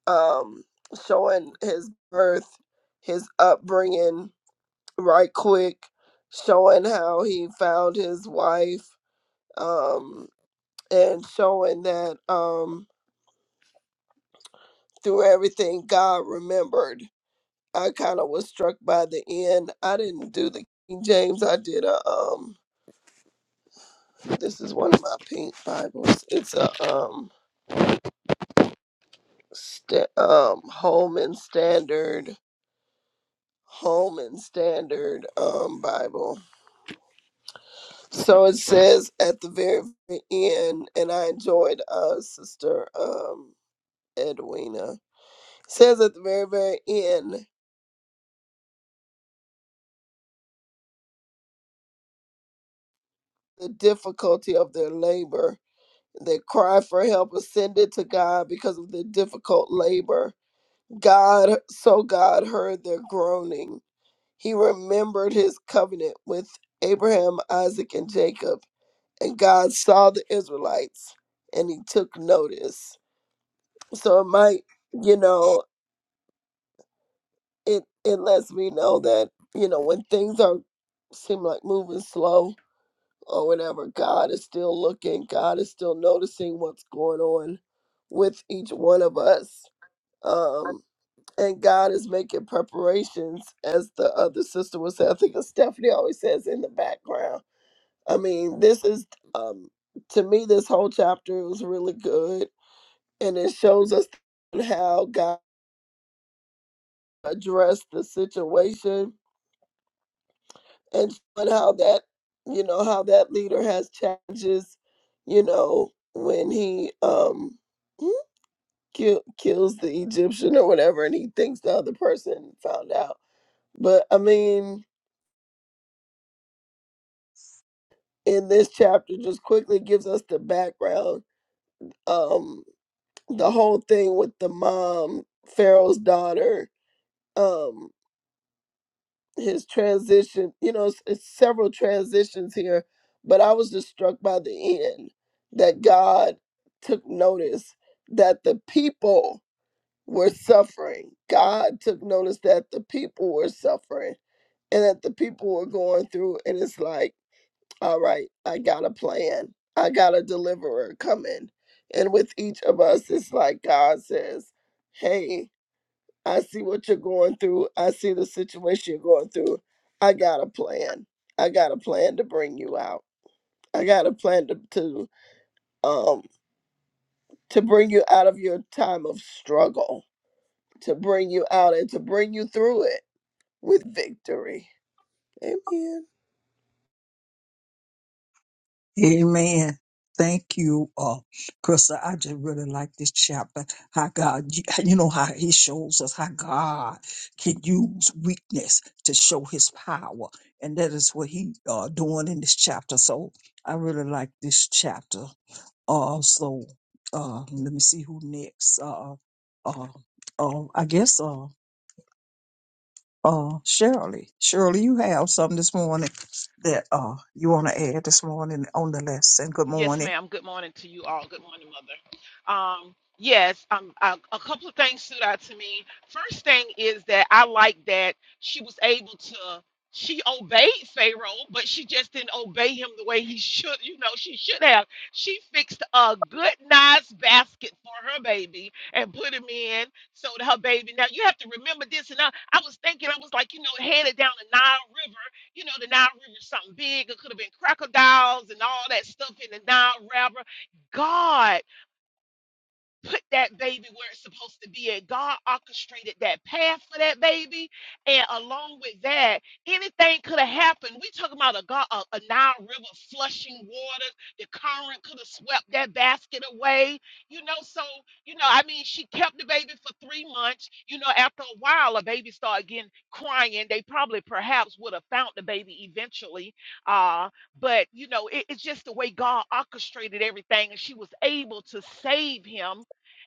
Speaker 4: Um, showing his birth, his upbringing, right quick, showing how he found his wife, um, and showing that um, through everything God remembered. I kind of was struck by the end. I didn't do the King James. I did a um. This is one of my pink Bibles. It's a um, sta um, Holman Standard. Holman Standard um, Bible. So it says at the very end, and I enjoyed uh, Sister um, Edwina, It says at the very, very end, the difficulty of their labor. Their cry for help ascended to God because of the difficult labor. God, so God heard their groaning. He remembered his covenant with Abraham, Isaac, and Jacob. And God saw the Israelites and he took notice. So it might, you know, it, it lets me know that, you know, when things are seem like moving slow, or whatever. God is still looking. God is still noticing what's going on with each one of us. Um, and God is making preparations, as the other sister was saying. I think as Stephanie always says in the background. I mean, this is um, to me this whole chapter was really good, and it shows us how God addressed the situation and showing how that you know how that leader has challenges you know when he um hmm, kill, kills the egyptian or whatever and he thinks the other person found out but i mean in this chapter just quickly gives us the background um the whole thing with the mom pharaoh's daughter um, his transition. You know, it's, it's several transitions here, but I was just struck by the end that God took notice that the people were suffering. God took notice that the people were suffering and that the people were going through. And it's like, all right, I got a plan. I got a deliverer coming. And with each of us, it's like God says, hey, I see what you're going through. I see the situation you're going through. I got a plan. I got a plan to bring you out. I got a plan to, to um to bring you out of your time of struggle, to bring you out and to bring you through it with victory. Amen.
Speaker 2: Amen. Thank you, uh, Krista. I just really like this chapter. How God, you, you know how He shows us how God can use weakness to show His power, and that is what He uh doing in this chapter. So I really like this chapter. Uh, so uh, let me see who next. Uh, uh, uh, I guess. uh, uh, Shirley, Shirley, you have something this morning that uh you want to add this morning on the lesson. Good
Speaker 5: Yes,
Speaker 2: morning.
Speaker 5: ma'am. Good morning to you all. Good morning, Mother. Um, yes, um, a, a couple of things stood out to me. First thing is that I like that she was able to. She obeyed Pharaoh, but she just didn't obey him the way he should. You know, she should have. She fixed a good, nice basket for her baby and put him in so that her baby. Now you have to remember this. And I, I was thinking, I was like, you know, headed down the Nile River you know, the Nile River is something big. It could have been crocodiles and all that stuff in the Nile River. God put that baby where it's supposed to be at. God orchestrated that path for that baby. And along with that, anything could have happened. We talking about a, God, a, a Nile River flushing water. The current could have swept that basket away. You know, so, you know, I mean, she kept the baby for three months. You know, after a while, a baby started getting crying. They probably perhaps would have found the baby eventually. Uh, but, you know, it- it's just the way God orchestrated everything. And she was able to save him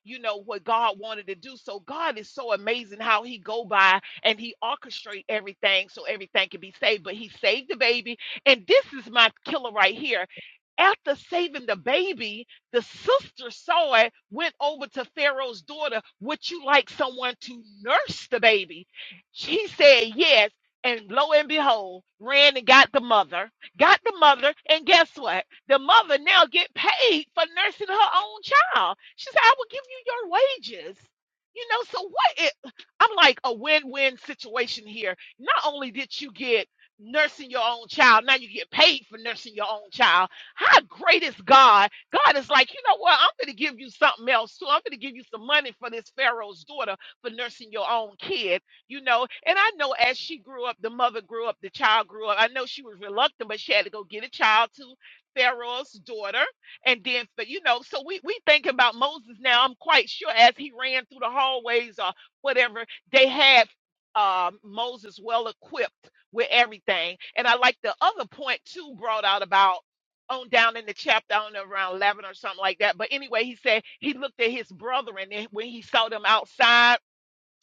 Speaker 5: you know what God wanted to do. So God is so amazing how he go by and he orchestrate everything so everything can be saved. But he saved the baby, and this is my killer right here. After saving the baby, the sister saw it, went over to Pharaoh's daughter. Would you like someone to nurse the baby? She said yes. And lo and behold, ran and got the mother, got the mother, and guess what? The mother now get paid for nursing her own child. She said, I will give you your wages. You know, so what it I'm like a win-win situation here. Not only did you get nursing your own child, now you get paid for nursing your own child. How great is God? God is like, you know what? I'm gonna give you something else too. I'm gonna give you some money for this Pharaoh's daughter for nursing your own kid, you know. And I know as she grew up, the mother grew up, the child grew up. I know she was reluctant, but she had to go get a child to Pharaoh's daughter and then, but you know, so we we think about Moses now. I'm quite sure as he ran through the hallways or whatever, they had um, Moses well equipped with everything. And I like the other point too brought out about on down in the chapter, I don't know, around 11 or something like that. But anyway, he said he looked at his brethren and when he saw them outside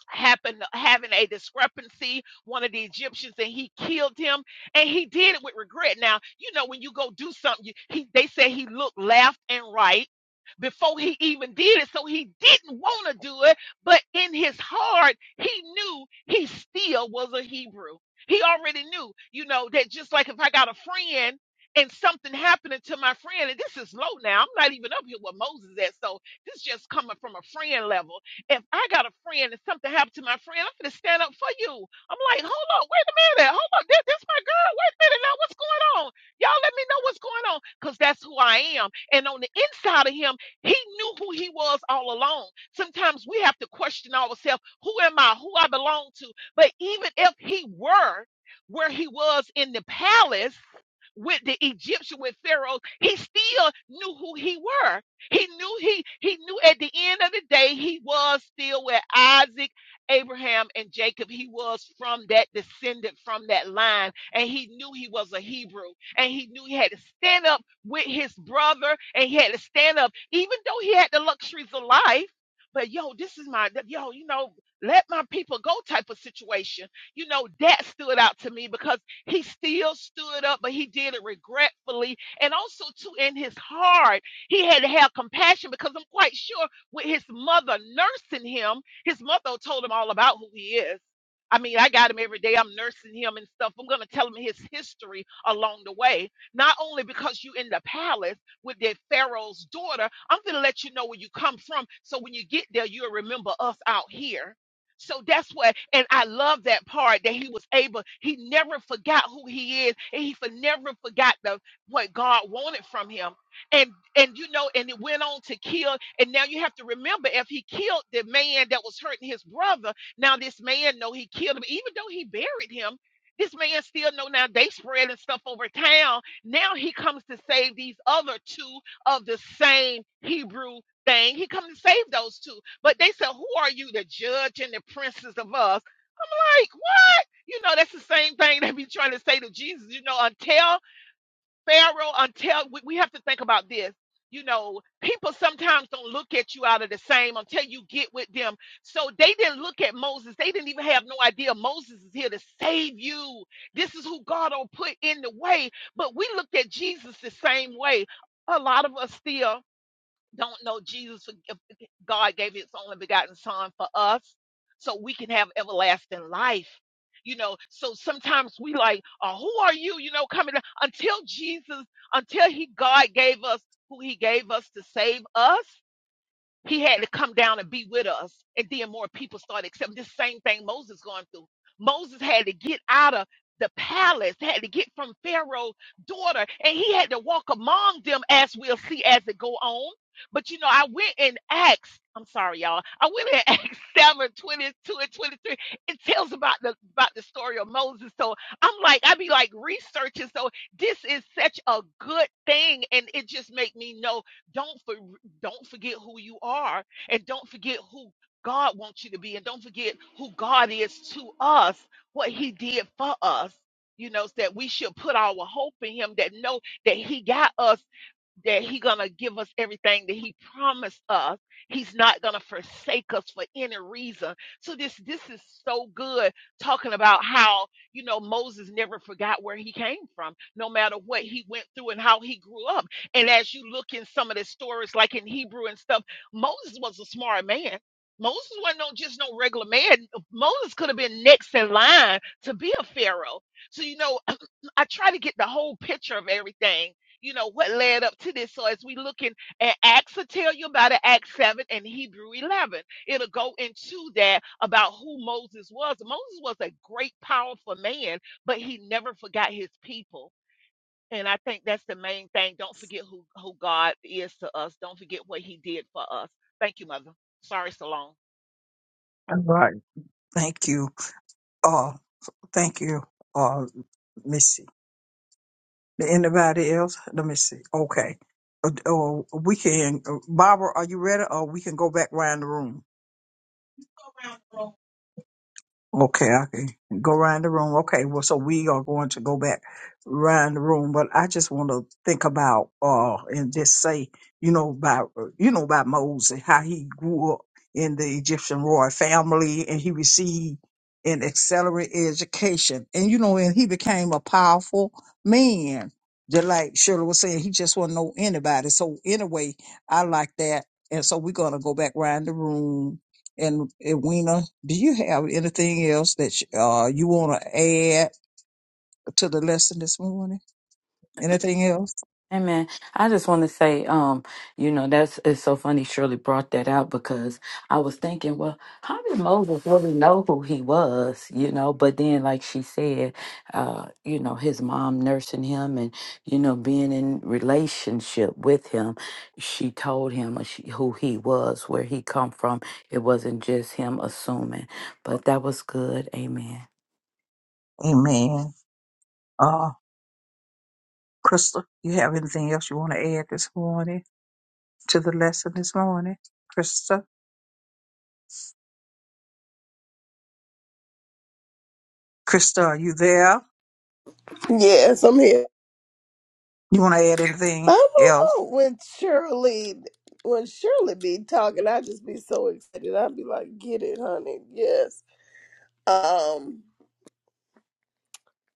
Speaker 5: happen having a discrepancy one of the egyptians and he killed him and he did it with regret now you know when you go do something you, he they say he looked left and right before he even did it so he didn't want to do it but in his heart he knew he still was a hebrew he already knew you know that just like if i got a friend and something happening to my friend and this is low now i'm not even up here with moses at so this just coming from a friend level if I got a friend and something happened to my friend, I'm gonna stand up for you. I'm like, hold on, wait a minute, hold on, this, this my girl. Wait a minute, now what's going on? Y'all let me know what's going on, cause that's who I am. And on the inside of him, he knew who he was all along. Sometimes we have to question ourselves: Who am I? Who I belong to? But even if he were where he was in the palace with the Egyptian with Pharaoh, he still knew who he were he knew he he knew at the end of the day he was still where Isaac, Abraham, and Jacob. He was from that descendant, from that line, and he knew he was a Hebrew, and he knew he had to stand up with his brother, and he had to stand up, even though he had the luxuries of life. But yo, this is my yo, you know, let my people go type of situation. You know, that stood out to me because he still stood up, but he did it regretfully, and also too in his heart he had to have compassion because I'm quite sure with his mother nursing him, his mother told him all about who he is. I mean, I got him every day. I'm nursing him and stuff. I'm going to tell him his history along the way. Not only because you in the palace with the Pharaoh's daughter, I'm going to let you know where you come from. So when you get there, you'll remember us out here. So that's what, and I love that part that he was able, he never forgot who he is, and he for never forgot the what God wanted from him and and you know and it went on to kill and now you have to remember if he killed the man that was hurting his brother now this man know he killed him even though he buried him this man still know now they spreading stuff over town now he comes to save these other two of the same hebrew thing he comes to save those two but they said who are you the judge and the princes of us i'm like what you know that's the same thing they be trying to say to jesus you know until Pharaoh, until we, we have to think about this. You know, people sometimes don't look at you out of the same until you get with them. So they didn't look at Moses. They didn't even have no idea Moses is here to save you. This is who God will put in the way. But we looked at Jesus the same way. A lot of us still don't know Jesus, if God gave his only begotten son for us so we can have everlasting life. You know, so sometimes we like, oh, who are you? You know, coming until Jesus, until he God gave us who he gave us to save us. He had to come down and be with us. And then more people started accepting this same thing Moses going through. Moses had to get out of the palace, had to get from Pharaoh's daughter, and he had to walk among them as we'll see as it go on. But you know, I went in Acts, I'm sorry, y'all. I went in [laughs] Acts 7, 22 and 23. It tells about the about the story of Moses. So I'm like, I be like researching. So this is such a good thing. And it just make me know don't for don't forget who you are and don't forget who God wants you to be and don't forget who God is to us, what he did for us. You know, so that we should put our hope in him that know that he got us that he gonna give us everything that he promised us. He's not gonna forsake us for any reason. So this this is so good talking about how you know Moses never forgot where he came from, no matter what he went through and how he grew up. And as you look in some of the stories, like in Hebrew and stuff, Moses was a smart man. Moses wasn't no, just no regular man. Moses could have been next in line to be a pharaoh. So, you know, [clears throat] um, I try to get the whole picture of everything, you know, what led up to this. So, as we looking at Acts, will tell you about it, Acts 7 and Hebrew 11. It'll go into that about who Moses was. Moses was a great, powerful man, but he never forgot his people and I think that's the main thing. Don't forget who, who God is to us. Don't forget what he did for us. Thank you, Mother. Sorry, so long.
Speaker 2: All right. Thank you. Uh, thank you. Uh, Missy. Anybody else? Let me see. Okay. Uh, uh, we can, uh, Barbara, are you ready? Or we can go back round the room. Okay, okay. Go round the room. Okay, well, so we are going to go back round the room, but I just want to think about uh and just say, you know, about uh, you know about Moses, how he grew up in the Egyptian royal family, and he received an accelerated education, and you know, and he became a powerful man. Just like Shirley was saying, he just wasn't know anybody. So anyway, I like that, and so we're gonna go back round the room and, and Wena, do you have anything else that you- uh, you want to add to the lesson this morning? Anything else?
Speaker 3: Amen. I just want to say, um, you know, that's it's so funny Shirley brought that out because I was thinking, well, how did Moses really know who he was, you know? But then, like she said, uh, you know, his mom nursing him and, you know, being in relationship with him, she told him uh, she, who he was, where he come from. It wasn't just him assuming. But that was good. Amen.
Speaker 2: Amen. Uh, Krista, you have anything else you want to add this morning to the lesson this morning? Krista, Krista, are you there?
Speaker 4: Yes, I'm here.
Speaker 2: You want to add
Speaker 4: I
Speaker 2: anything
Speaker 4: don't
Speaker 2: else?
Speaker 4: know when Shirley when Shirley be talking, I just be so excited. I'd be like, "Get it, honey." Yes. Um.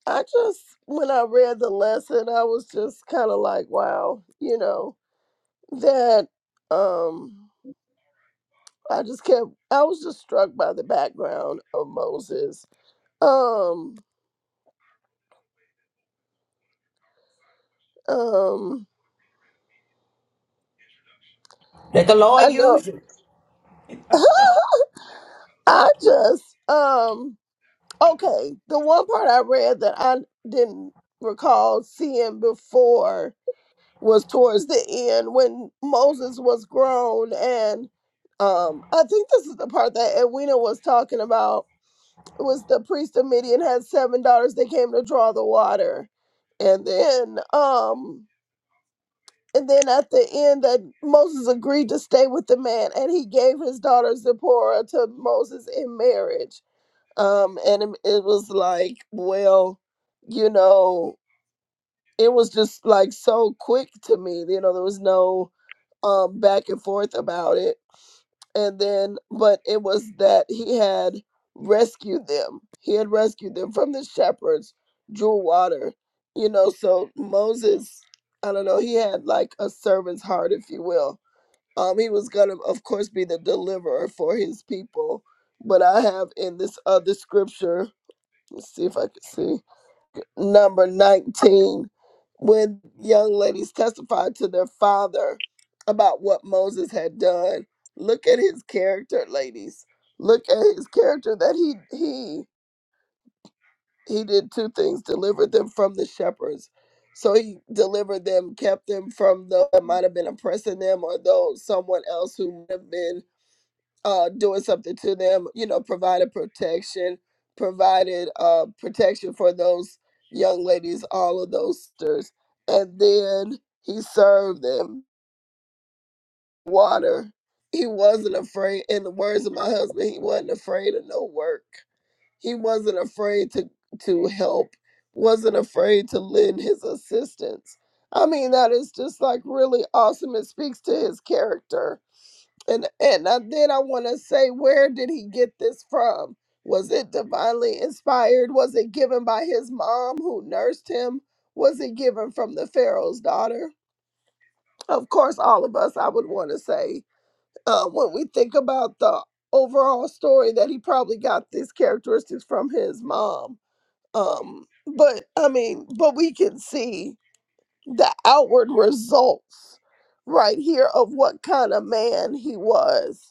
Speaker 4: I just, when I read the lesson, I was just kind of like, wow, you know, that um I just kept I was just struck by the background of Moses. Um um
Speaker 1: Let the
Speaker 4: I
Speaker 1: Lord
Speaker 4: know
Speaker 1: use you.
Speaker 4: I just um okay, the one part I read that I didn't recall seeing before was towards the end when Moses was grown and um I think this is the part that Edwina was talking about It was the priest of Midian had seven daughters. They came to draw the water, and then um, and then at the end that Moses agreed to stay with the man, and he gave his daughter Zipporah to Moses in marriage. Um, and it, it was like, well, you know, it was just like so quick to me. You know, there was no um back and forth about it and then but it was that he had rescued them he had rescued them from the shepherds drew water you know so moses i don't know he had like a servant's heart if you will um he was gonna of course be the deliverer for his people but i have in this other scripture let's see if i can see number 19 when young ladies testified to their father about what Moses had done. Look at his character, ladies. Look at his character that he he he did two things, delivered them from the shepherds. So he delivered them, kept them from those that might have been oppressing them or those someone else who would have been uh, doing something to them, you know, provided protection, provided uh, protection for those young ladies, all of those sisters. And then he served them water. He wasn't afraid, in the words of my husband, he wasn't afraid of no work. He wasn't afraid to, to help, wasn't afraid to lend his assistance. I mean, that is just like really awesome. It speaks to his character and and I- then I want to say, where did he get this from? Was it divinely inspired? Was it given by his mom who nursed him? Was it given from the Pharaoh's daughter? Of course, all of us, I would want to say, uh, when we think about the overall story, that he probably got these characteristics from his mom. Um, but I mean, but we can see the outward results right here of what kind of man he was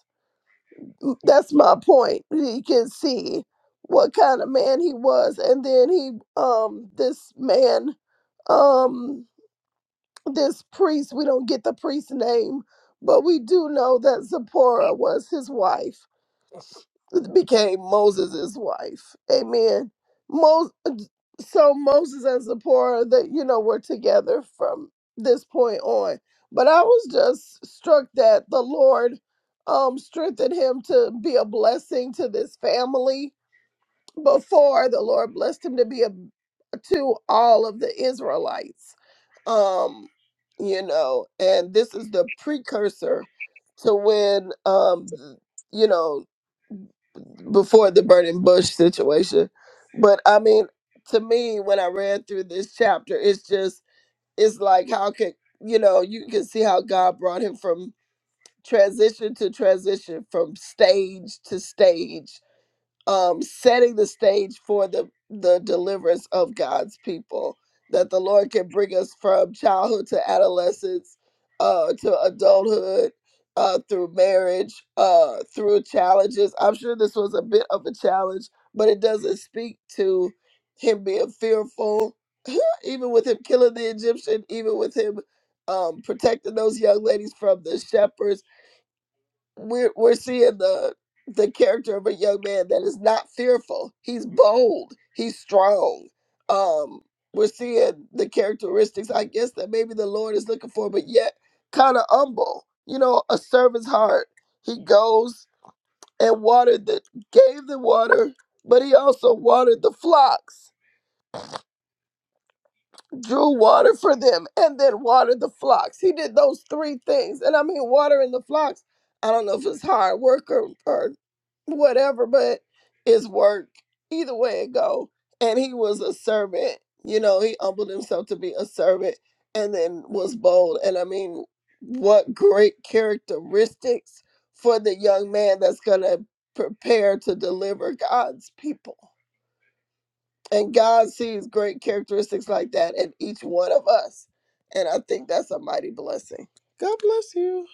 Speaker 4: that's my point. He can see what kind of man he was. And then he um this man, um this priest, we don't get the priest's name, but we do know that Zipporah was his wife. [laughs] became Moses' wife. Amen. Mos- so Moses and Zipporah, that you know, were together from this point on. But I was just struck that the Lord um strengthened him to be a blessing to this family before the Lord blessed him to be a to all of the Israelites. Um, you know, and this is the precursor to when um you know before the burning bush situation. But I mean, to me, when I read through this chapter, it's just it's like how could you know you can see how God brought him from transition to transition, from stage to stage, um, setting the stage for the, the deliverance of God's people, that the Lord can bring us from childhood to adolescence, uh, to adulthood, uh, through marriage, uh, through challenges. I'm sure this was a bit of a challenge, but it doesn't speak to him being fearful, [laughs] even with him killing the Egyptian, even with him um, protecting those young ladies from the shepherds we're we're seeing the the character of a young man that is not fearful. He's bold. He's strong. Um, we're seeing the characteristics, I guess, that maybe the Lord is looking for, but yet kind of humble. You know, a servant's heart. He goes and watered the gave the water, but he also watered the flocks drew water for them and then watered the flocks. He did those three things. And I mean, watering the flocks, I don't know if it's hard work or, or whatever, but it's work. Either way it go. And he was a servant. You know, he humbled himself to be a servant and then was bold. And I mean, what great characteristics for the young man that's going to prepare to deliver God's people. And God sees great characteristics like that in each one of us. And I think that's a mighty blessing. God bless you.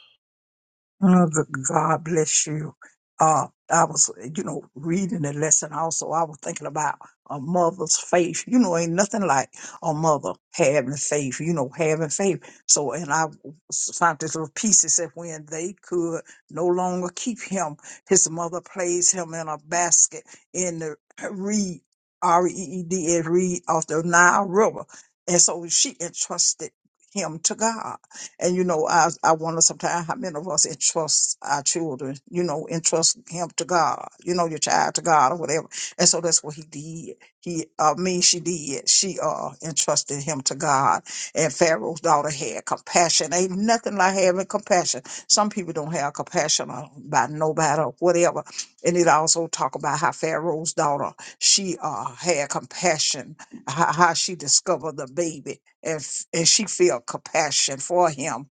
Speaker 2: Oh, the- God bless you. Uh, I was, you know, reading the lesson also. I was thinking about a mother's faith. You know, ain't nothing like a mother having faith, you know, having faith. So, and I s- found this little piece that said when they could no longer keep him, his mother placed him in a basket in the reed, R E E D, reed off the Nile River. And so she entrusted him to God. And you know, I I wonder sometimes how many of us entrust our children, you know, entrust him to God, you know, your child to God or whatever. And so that's what he did. He uh mean she did. She uh entrusted him to God. And Pharaoh's daughter had compassion. Ain't nothing like having compassion. Some people don't have compassion about nobody or whatever. And it also talk about how Pharaoh's daughter, she uh had compassion, how, how she discovered the baby if and she feel compassion for him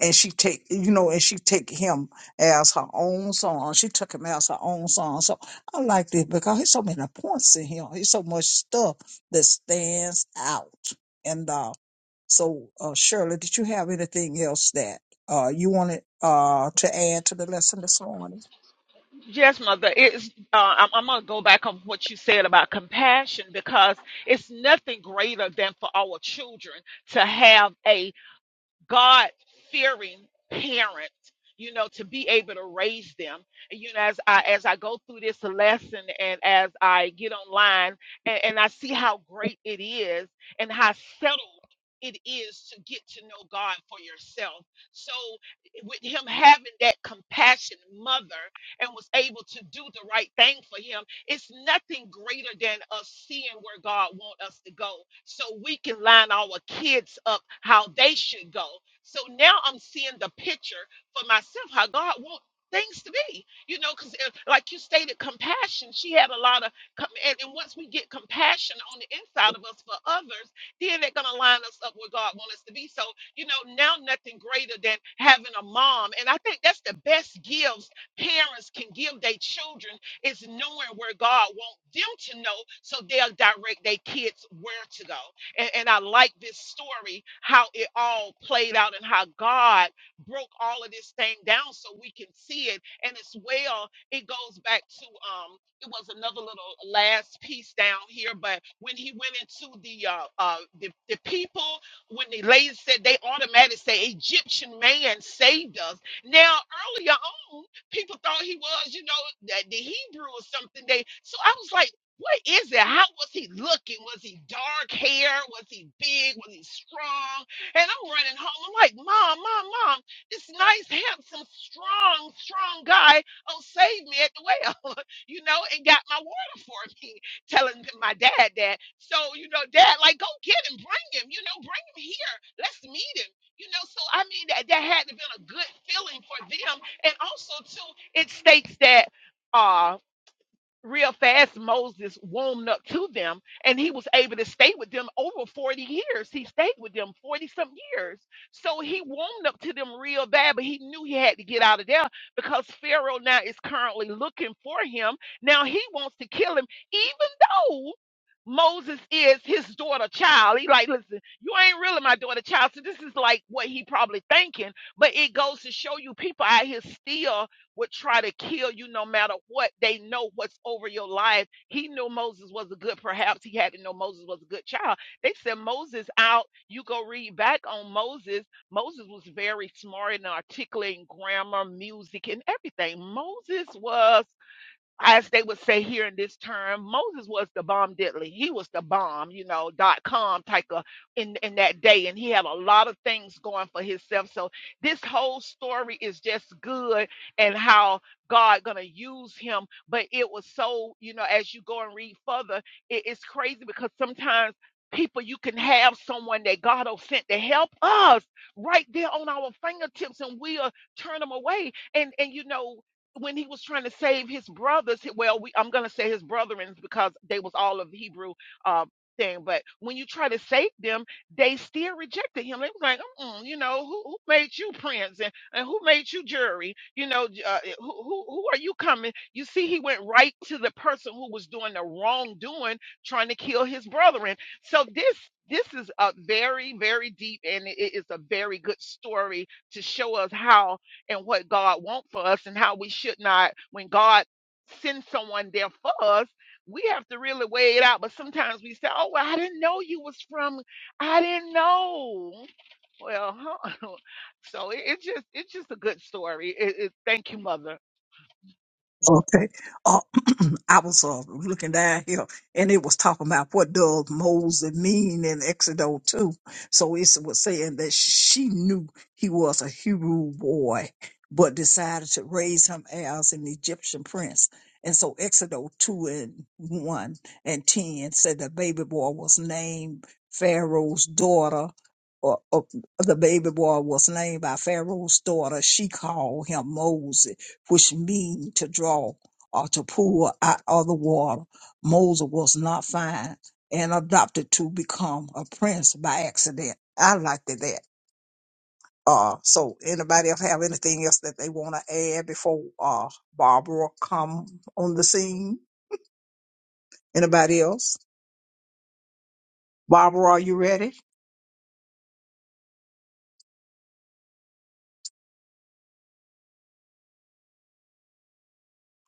Speaker 2: and she take you know and she take him as her own son she took him as her own son so i like this because he's so many points in him he's so much stuff that stands out and uh so uh shirley did you have anything else that uh you wanted uh to add to the lesson this morning
Speaker 5: Yes, Mother. It's, uh, I'm, I'm going to go back on what you said about compassion because it's nothing greater than for our children to have a God fearing parent, you know, to be able to raise them. And, you know, as I as I go through this lesson and as I get online and, and I see how great it is and how settled it is to get to know God for yourself. So with him having that compassionate mother and was able to do the right thing for him it's nothing greater than us seeing where God wants us to go so we can line our kids up how they should go. So now I'm seeing the picture for myself how God wants things to be, you know, because like you stated, compassion, she had a lot of, com- and, and once we get compassion on the inside of us for others, then they're going to line us up where God wants us to be. So, you know, now nothing greater than having a mom. And I think that's the best gifts parents can give their children it's knowing where God wants them to know so they'll direct their kids where to go. And, and I like this story, how it all played out and how God broke all of this thing down so we can see it. And as well, it goes back to um it was another little last piece down here, but when he went into the uh uh the, the people when the lady said they automatically say Egyptian man saved us. Now earlier on People thought he was, you know, that the Hebrew or something. They so I was like, what is it? How was he looking? Was he dark hair? Was he big? Was he strong? And I'm running home. I'm like, Mom, Mom, Mom, this nice, handsome, strong, strong guy. Oh, saved me at the well, [laughs] you know, and got my water for me, telling my dad that. So, you know, dad, like, go get him, bring him, you know, bring him here. Let's meet him you know so i mean that, that had to been a good feeling for them and also, too, it states that uh, real fast Moses warmed up to them and he was able to stay with them over 40 years. He stayed with them 40 some years. So he warmed up to them real bad, but he knew he had to get out of there because Pharaoh now is currently looking for him. Now he wants to kill him, even though. Moses is his daughter child. He like, listen, you ain't really my daughter child. So this is like what he probably thinking, but it goes to show you people out here still would try to kill you no matter what. They know what's over your life. He knew Moses was a good, perhaps he had to know Moses was a good child. They sent Moses out. You go read back on Moses. Moses was very smart and articulate in grammar, music, and everything. Moses was as they would say here in this term, Moses was the bomb diddly. He was the bomb, you know, dot com type of in in that day, and he had a lot of things going for himself. So this whole story is just good and how God gonna use him. But it was so, you know, as you go and read further, it, it's crazy because sometimes people you can have someone that God will sent to help us right there on our fingertips and we'll turn them away and and you know when he was trying to save his brothers, hi- well, we, I'm going to say his brethren because they was all of the Hebrew uh, thing. But when you try to save them, they still rejected him. They was like, Mm-mm, you know, who, who made you prince and, and who made you jury? You know, j- uh, eh, who, who who are you coming? You see, he went right to the person who was doing the wrongdoing, trying to kill his brethren. So this. This is a very, very deep, and it it is a very good story to show us how and what God wants for us and how we should not, when God sends someone there for us, we have to really weigh it out. But sometimes we say, Oh, well, I didn't know you was from, I didn't know. Well, [laughs] so it, it's just it's just a good story. It, it, thank you, mother.
Speaker 2: Okay. Uh, [clears throat] I was uh, looking down here and it was talking about what does Moses mean in Exodus 2. So it was saying that she knew he was a Hebrew boy, but decided to raise him as an Egyptian prince. And so Exodus 2 and 1 and 10 said the baby boy was named Pharaoh's daughter. Or, or the baby boy was named by Pharaoh's daughter. She called him Moses which mean to draw or to pull out of the water. Moses was not fine and adopted to become a prince by accident. I liked it that. Uh, so anybody else have anything else that they want to add before uh Barbara come on the scene? Anybody else? Barbara, are you ready?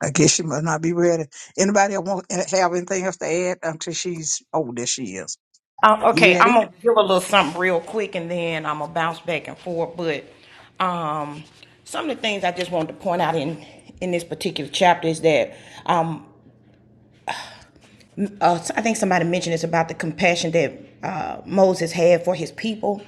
Speaker 2: I guess she must not be ready. Anybody want eh, have anything else to add until she's old as she is?
Speaker 1: Um,
Speaker 2: You
Speaker 1: okay, I'm
Speaker 2: ready?
Speaker 1: gonna give a little something real quick, and then I'm gonna bounce back and forth. But um, some of the things I just wanted to point out in in this particular chapter is that um, uh, I think somebody mentioned it's about the compassion that uh, Moses had for his people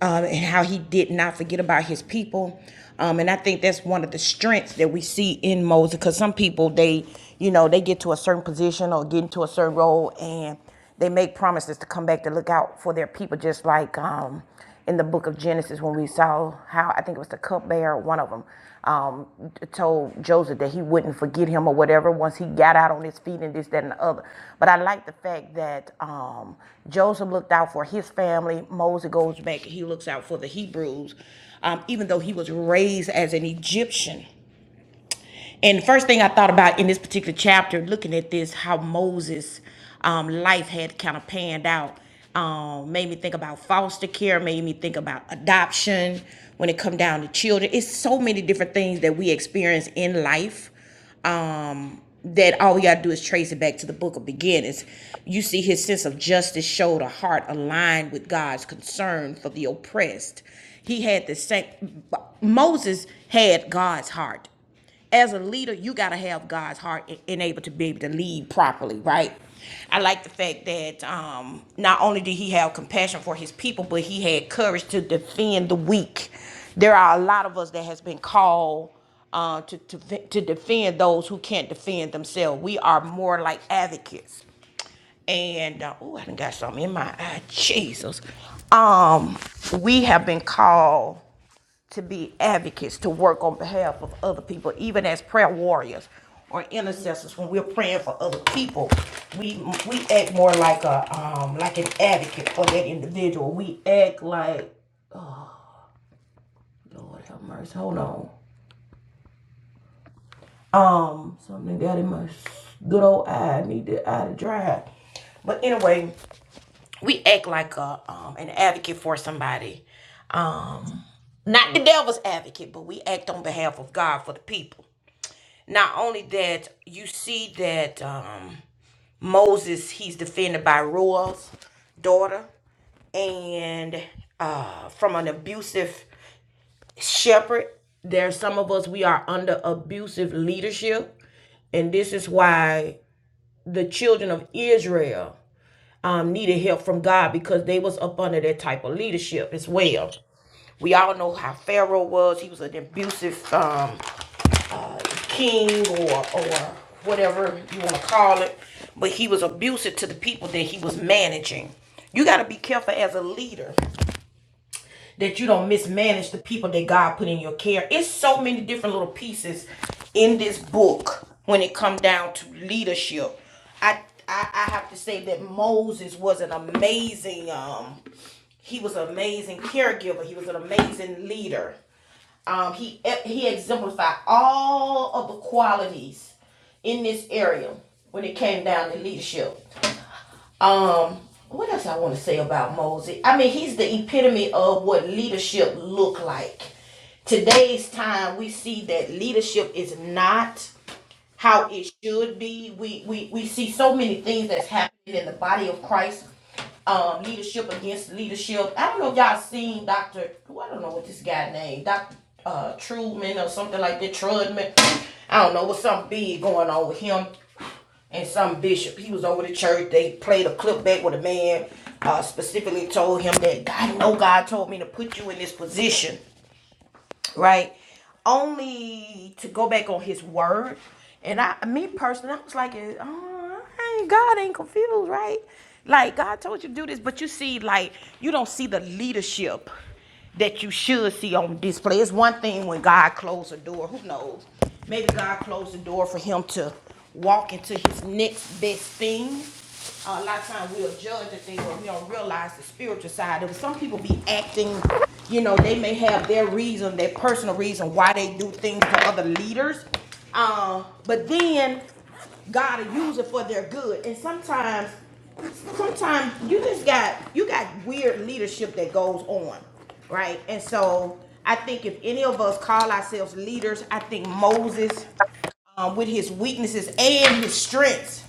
Speaker 1: um, and how he did not forget about his people. Um, and I think that's one of the strengths that we see in Moses because some people, they, you know, they get to a certain position or get into a certain role and they make promises to come back to look out for their people, just like um, in the book of Genesis when we saw how I think it was the cupbearer, one of them, um, told Joseph that he wouldn't forget him or whatever once he got out on his feet and this, that, and the other. But I like the fact that um, Joseph looked out for his family. Moses goes back, he looks out for the Hebrews, um, even though he was raised as an Egyptian. And the first thing I thought about in this particular chapter, looking at this, how Moses' um, life had kind of panned out, um, made me think about foster care, made me think about adoption when it come down to children. It's so many different things that we experience in life um, that all we gotta do is trace it back to the book of beginnings. You see, his sense of justice showed a heart aligned with God's concern for the oppressed. He had the same, Moses had God's heart as a leader, you got to have God's heart and and able to be able to lead properly, right? I like the fact that um, not only did he have compassion for his people, but he had courage to defend the weak. There are a lot of us that has been called uh, to, to to defend those who can't defend themselves. We are more like advocates and uh, oh, I done got something in my eye. Jesus, um, we have been called to be advocates, to work on behalf of other people, even as prayer warriors or intercessors. When we're praying for other people, we we act more like a um like an advocate for that individual. We act like Lord have mercy. Hold on. Um, something got in my good old eye. I need the eye to dry. But anyway, we act like a um an advocate for somebody. Um, not the devil's advocate, but we act on behalf of God for the people Not only that, you see that um, Moses, he's defended by Ruel's daughter and uh, from an abusive shepherd. There are some of us, we are under abusive leadership. And this is why the children of Israel um, needed help from God because they was up under that type of leadership as well. We all know how Pharaoh was. He was an abusive um, king or or whatever you want to call it, but he was abusive to the people that he was managing. You got to be careful as a leader that you don't mismanage the people that God put in your care. It's so many different little pieces in this book when it comes down to leadership. I I, I have to say that Moses was an amazing um he was an amazing caregiver. He was an amazing leader. Um, he he exemplified all of the qualities in this area when it came down to leadership. Um, what else I want to say about Mosey? I mean, he's the epitome of what leadership look like. Today's time, we see that leadership is not how it should be. We we we see so many things that's happening in the body of Christ. Um, leadership against leadership. I don't know if y'all seen Doctor. I don't know what this guy named Doctor uh, Truman or something like that. Trudman. I don't know. What's something big going on with him? and some bishop. He was over the church. They played a clip back with a man uh, specifically told him that God, no, God told me to put you in this position right? Only to go back on his word. And I, me personally, I was like, oh, I ain't, God ain't confused, right? Like God told you to do this, but you see, like you don't see the leadership that you should see on display. It's one thing when God closed the door. Who knows? Maybe God closed the door for him to walk into his next best thing uh, a lot of times we'll judge a thing, but we don't realize the spiritual side of it. Some people be acting, you know, they may have their reason, their personal reason why they do things to other leaders. Uh, but then God will use it for their good. And sometimes, sometimes you just got you got weird leadership that goes on, right? And so I think if any of us call ourselves leaders, I think Moses um, with his weaknesses and his strengths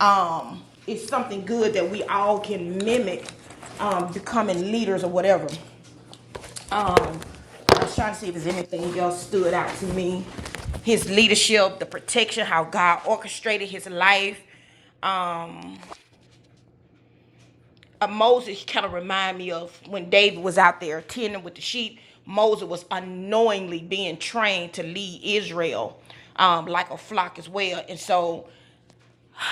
Speaker 1: um, it's something good that we all can mimic um, becoming leaders or whatever. Um, I was trying to see if there's anything else stood out to me. His leadership, the protection, how God orchestrated his life. Um, uh, Moses kind of remind me of when David was out there tending with the sheep. Moses was unknowingly being trained to lead Israel um, like a flock as well, and so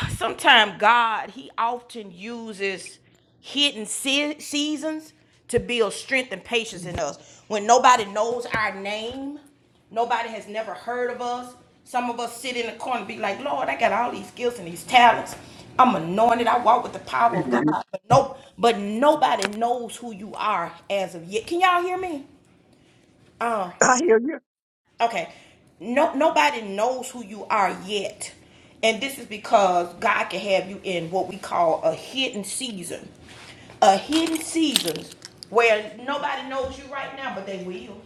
Speaker 1: sometimes God, He often uses hidden se- seasons to build strength and patience in us. When nobody knows our name, nobody has never heard of us. Some of us sit in the corner and be like, Lord, I got all these skills and these talents. I'm anointed. I walk with the power of God. But nope, but nobody knows who you are as of yet. Can y'all hear me? Uh,
Speaker 2: I hear you.
Speaker 1: Okay. No, nobody knows who you are yet. And this is because God can have you in what we call a hidden season. A hidden season where nobody knows you right now, but they will.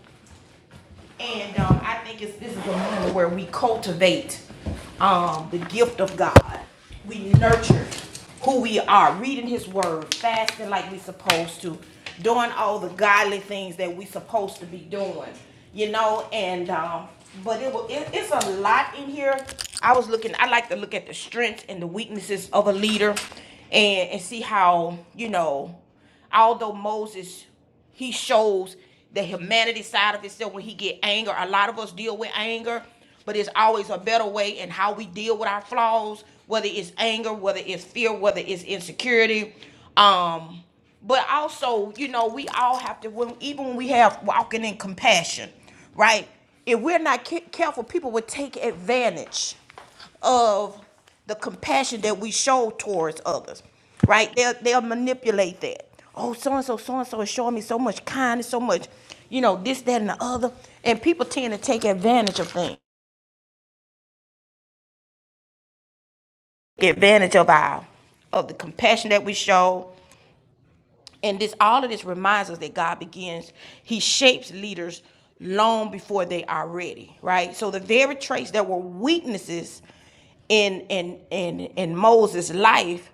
Speaker 1: And um, I think it's, this is a moment where we cultivate um, the gift of God. We nurture who we are, reading His Word, fasting like we are supposed to, doing all the godly things that we are supposed to be doing, you know. And um, but it, will, it it's a lot in here. I was looking. I like to look at the strengths and the weaknesses of a leader, and and see how you know although Moses he shows the humanity side of himself when he get anger a lot of us deal with anger but it's always a better way in how we deal with our flaws whether it's anger whether it's fear whether it's insecurity um but also you know we all have to when even when we have walking in compassion right if we're not careful people will take advantage of the compassion that we show towards others, right? They'll, they'll manipulate that. Oh, so and so, so and so is showing me so much kindness, so much, you know, this, that, and the other. And people tend to take advantage of things, take advantage of our, of the compassion that we show, And this all of this reminds us that God begins, He shapes leaders long before they are ready, right? So the very traits that were weaknesses in in in in Moses' life,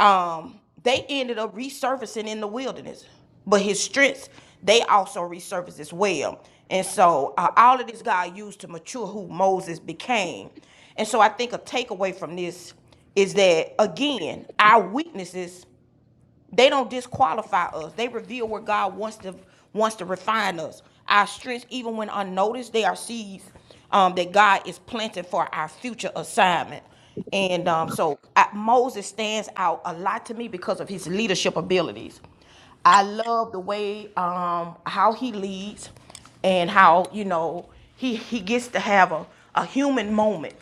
Speaker 1: um, they ended up resurfacing in the wilderness. But his strengths, they also resurfaced as well. And so uh, all of this God used to mature who Moses became. And so I think a takeaway from this is that again, our weaknesses they don't disqualify us. They reveal where God wants to wants to refine us. Our strengths, even when unnoticed, they are seeds um, that God is planting for our future assignment. And um, so I, Moses stands out a lot to me because of his leadership abilities. I love the way um, how he leads and how you know he he gets to have a, a human moment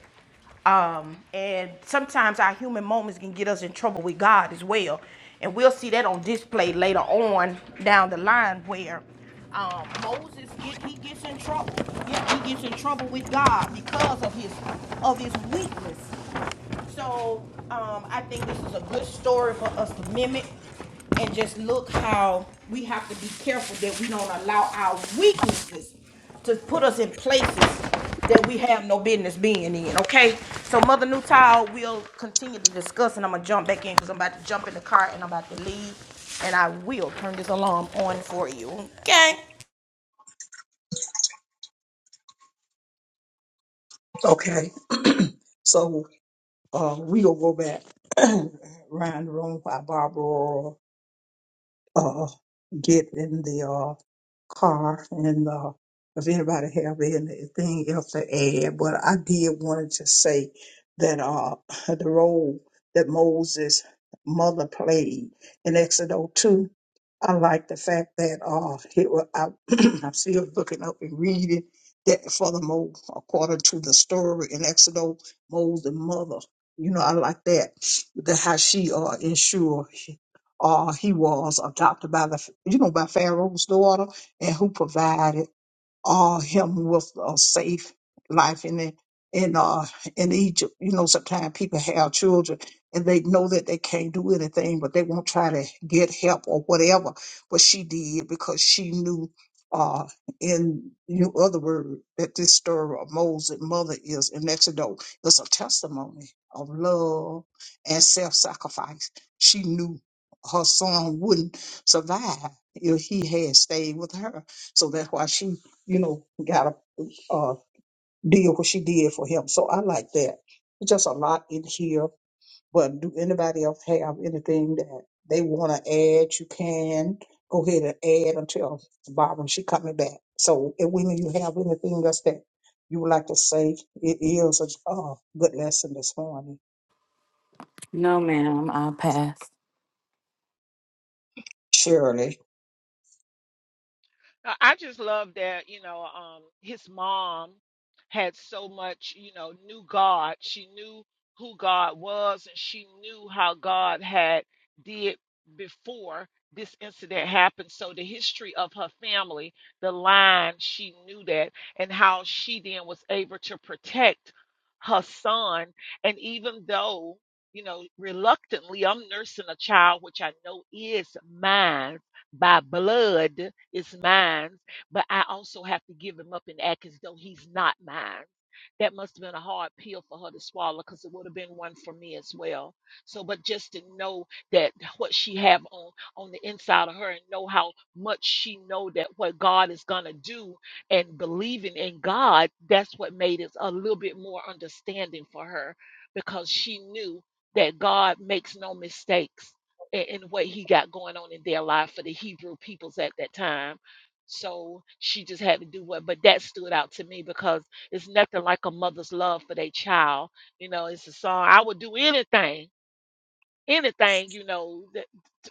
Speaker 1: um, and sometimes our human moments can get us in trouble with God as well. And we'll see that on display later on down the line where um, Moses get, he gets in trouble. Yeah, he gets in trouble with God because of his of his weakness. So, um, I think this is a good story for us to mimic and just look how we have to be careful that we don't allow our weaknesses to put us in places that we have no business being in, okay? So Mother Newtile will continue to discuss and I'm gonna jump back in because I'm about to jump in the car and I'm about to leave and I will turn this alarm on for you, okay?
Speaker 2: Okay, so uh, we gonna go back [clears throat] around the room while Barbara uh, get in the uh, car and uh, if anybody have anything else to add, but I did wanted to just say that uh, [laughs] the role that Moses' mother played in Exodus 2, I like the fact that uh, it was, I, [clears throat] I'm still looking up and reading that furthermore, according to the story in Exodus, Moses' mother, you know, I like that, that how she uh, ensured uh, he was adopted by the you know by Pharaoh's daughter, and who provided uh, him with a safe life in the, in uh in Egypt. You know, sometimes people have children and they know that they can't do anything, but they won't try to get help or whatever. But she did because she knew, uh, in you other word, that this story of Moses' mother is in Exodus is a testimony of love and self-sacrifice. She knew her son wouldn't survive if he had stayed with her. So that's why she you know, gotta uh, deal what she did for him. So I like that. It's just a lot in here. But do anybody else have anything that they want to add? You can go ahead and add until Barbara she coming back. So, if women, you have anything else that you would like to say? It is a uh, good lesson this morning,
Speaker 3: No, ma'am, I'll pass.
Speaker 2: Shirley.
Speaker 5: I I just love that, you know, um, his mom had so much, you know, knew God. She knew who God was and she knew how God had did before this incident happened. So the history of her family, the line, she knew that and how she then was able to protect her son. And even though, you know, reluctantly, I'm nursing a child, which I know is mine by blood is mine, but I also have to give him up and act as though he's not mine. That must have been a hard pill for her to swallow because it would have been one for me as well. So, but just to know that what she have on on the inside of her and know how much she know that what God is gonna do and believing in God, that's what made it a little bit more understanding for her because she knew that God makes no mistakes and, and what he got going on in their life for the Hebrew peoples at that time. So she just had to do what, but that stood out to me because it's nothing like a mother's love for their child. You know, it's a song I would do anything anything, you know, that,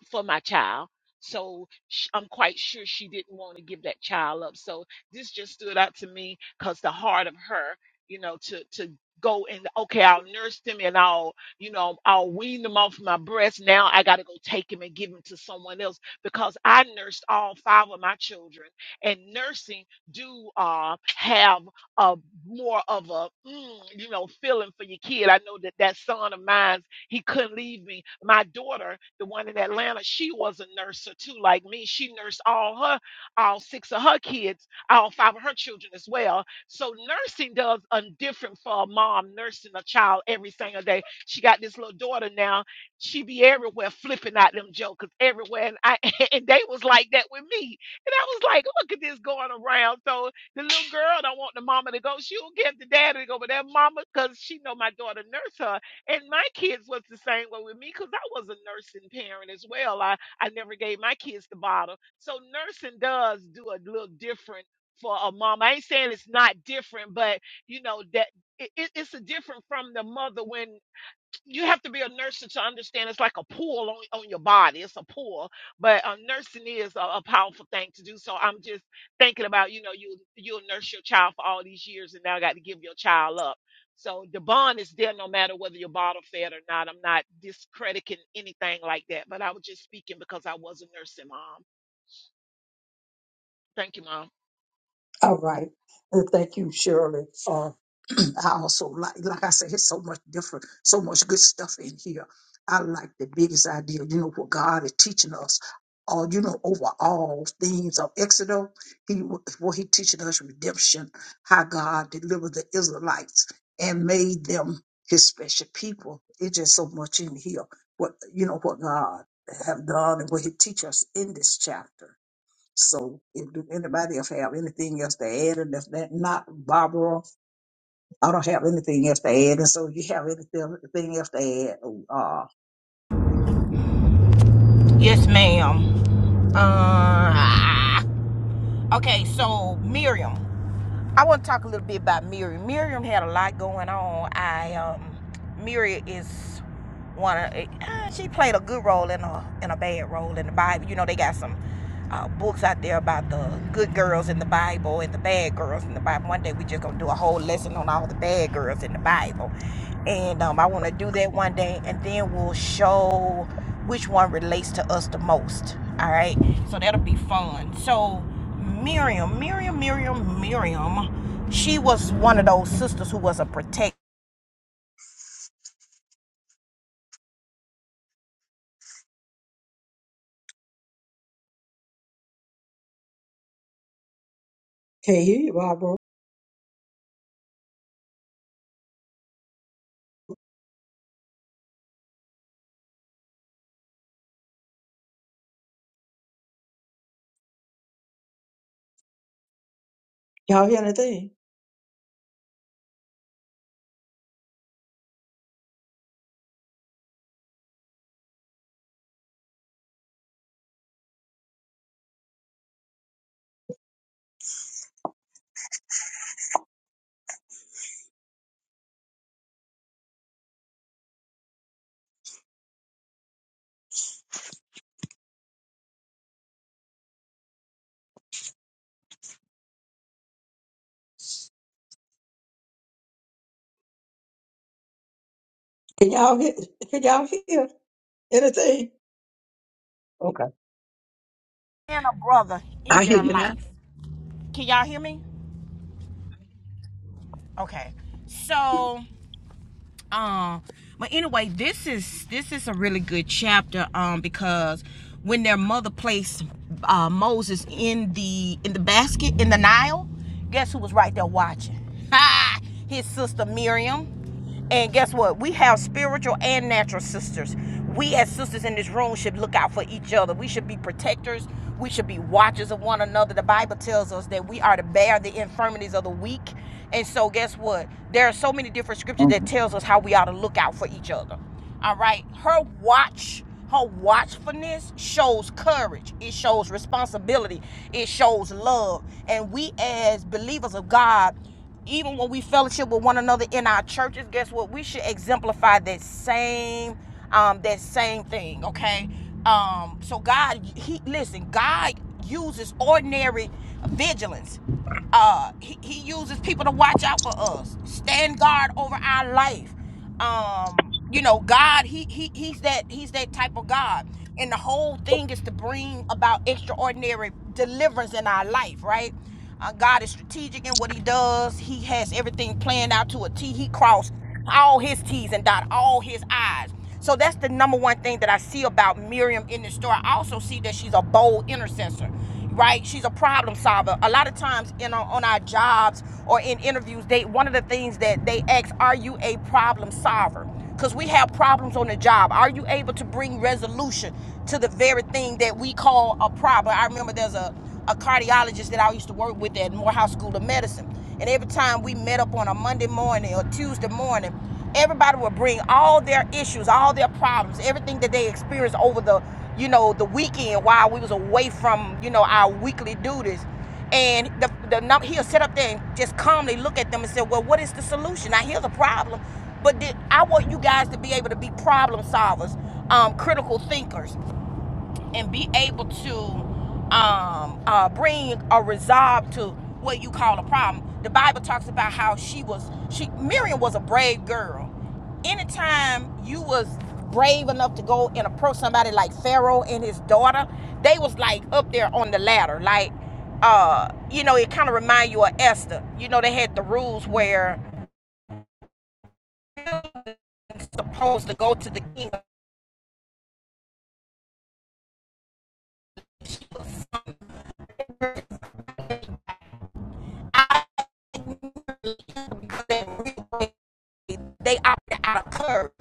Speaker 5: for my child. So sh- I'm quite sure she didn't want to give that child up. So this just stood out to me because the heart of her, you know, to to go and okay, I'll nurse them and I'll, you know, I'll wean them off my breast. Now I got to go take him and give him to someone else because I nursed all five of my children, and nursing do uh, have a more of a, mm, you know, feeling for your kid. I know that that son of mine he couldn't leave me. My daughter, the one in Atlanta, she was a nurser too, like me. She nursed all her, all six of her kids, all five of her children as well. So nursing does a different for a mom nursing a child every single day. She got this little daughter now. She be everywhere flipping out them jokers everywhere, and I [laughs] and they was like that with me. And I was like, look at this going around. So the little girl don't want the mama to go. She'll get the daddy to go, but that mama, because she know my daughter nurse her. And my kids was the same way with me because I was a nursing parent as well. I, I never gave my kids the bottle. So nursing does do a little different for a mom. I ain't saying it's not different, but you know that it, it- it's a different from the mother when you have to be a nurse to understand it's like a pull on, on your body. It's a pull, but uh, nursing is a, a powerful thing to do. So I'm just thinking about, you know, you you'll nurse your child for all these years, and now I got to give your child up. So the bond is there no matter whether you're bottle fed or not. I'm not discrediting anything like that, but I was just speaking because I was a nursing mom. Thank you, mom.
Speaker 2: All right. And thank you, Shirley. Uh, [clears throat] I also like, like I said, it's so much different, so much good stuff in here. I like the biggest idea, you know, what God is teaching us. All you know, over all themes of Exodus, he what he teaching us redemption, how God delivered the Israelites and made them His special people. It's just so much in here. What you know, what God have done and what He teach us in this chapter. So if do anybody else have anything else to add, and if that not Barbara, I don't have anything else to add. And so you have anything, anything else to add? oh, Uh,
Speaker 1: Yes, ma'am. Uh, okay, so Miriam. I want to talk a little bit about Miriam. Miriam had a lot going on. I um, Miriam is one of uh, she played a good role in a in a bad role in the Bible. You know they got some uh, books out there about the good girls in the Bible and the bad girls in the Bible. One day we just gonna do a whole lesson on all the bad girls in the Bible, and um, I want to do that one day, and then we'll show which one relates to us the most. All right, so that'll be fun. So. Miriam, Miriam, Miriam, Miriam, she was one of those sisters who was a protector
Speaker 2: Can't hear you, Barbara. Y'all hear anything? Can y'all hear? Can y'all hear anything? okay,
Speaker 1: and a brother in
Speaker 2: I hear
Speaker 1: their
Speaker 2: you now.
Speaker 1: life. Can y'all hear me? Okay. So um but anyway this is this is a really good chapter um because when their mother placed uh moses in the in the basket in the nile guess who was right there watching [laughs] ha! his sister miriam and guess what we have spiritual and natural sisters we as sisters in this room should look out for each other we should be protectors we should be watchers of one another. The Bible tells us that we are to bear the infirmities of the weak. And so guess what? There are so many different scriptures that
Speaker 2: Mm.
Speaker 1: tells us how we ought to look out for each other. All right. Her watch, her watchfulness shows courage. It shows responsibility. It shows love. And we as believers of God even when we fellowship with one another in our churches, guess what? We should exemplify that same um that same thing, okay? Um so God he listen, God uses ordinary vigilance. Uh he, he uses people to watch out for us, stand guard over our life um you know god he, he he's that he's that type of god and the whole thing is to bring about extraordinary deliverance in our life right uh, god is strategic in what he does he has everything planned out to a t he crossed all his t's and dot all his i's so that's the number one thing that i see about miriam in the story i also see that she's a bold intercessor right? She's a problem solver. A lot of times in our, on our jobs or in interviews, they one of the things that they ask, are you a problem solver? Because we have problems on the job. Are you able to bring resolution to the very thing that we call a problem? I remember there's a a cardiologist that I used to work with at Morehouse School of Medicine. And every time we met up on a Monday morning or Tuesday morning, everybody would bring all their issues, all their problems, everything that they experienced over the, you know, the weekend while we was away from, you know, our weekly duties. And the, the he'll sit up there and just calmly look at them and say, well, what is the solution? Now, here's a problem. But I want you guys to be able to be problem solvers, um, critical thinkers and be able to um, uh, bring a resolve to what you call a problem. The Bible talks about how she was she Miriam was a brave girl. Anytime you was brave enough to go and approach somebody like Pharaoh and his daughter, they was like up there on the ladder. Like uh, you know, it kind of remind you of Esther. You know, they had the rules where you're supposed to go to the king They opted out of courage.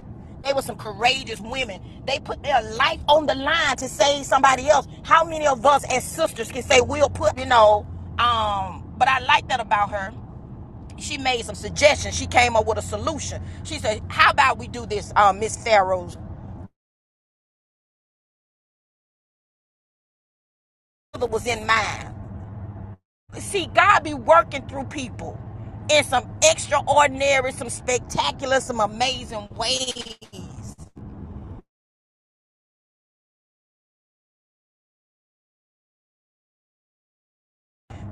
Speaker 1: They were some courageous women. They put their life on the line to save somebody else. How many of us as sisters can say we'll put, you know, um, but I like that about her. She made some suggestions. She came up with a solution. She said, How about we do this, Um, Miss Pharaoh's mother was in mind. See, God be working through people in some extraordinary, some spectacular, some amazing ways.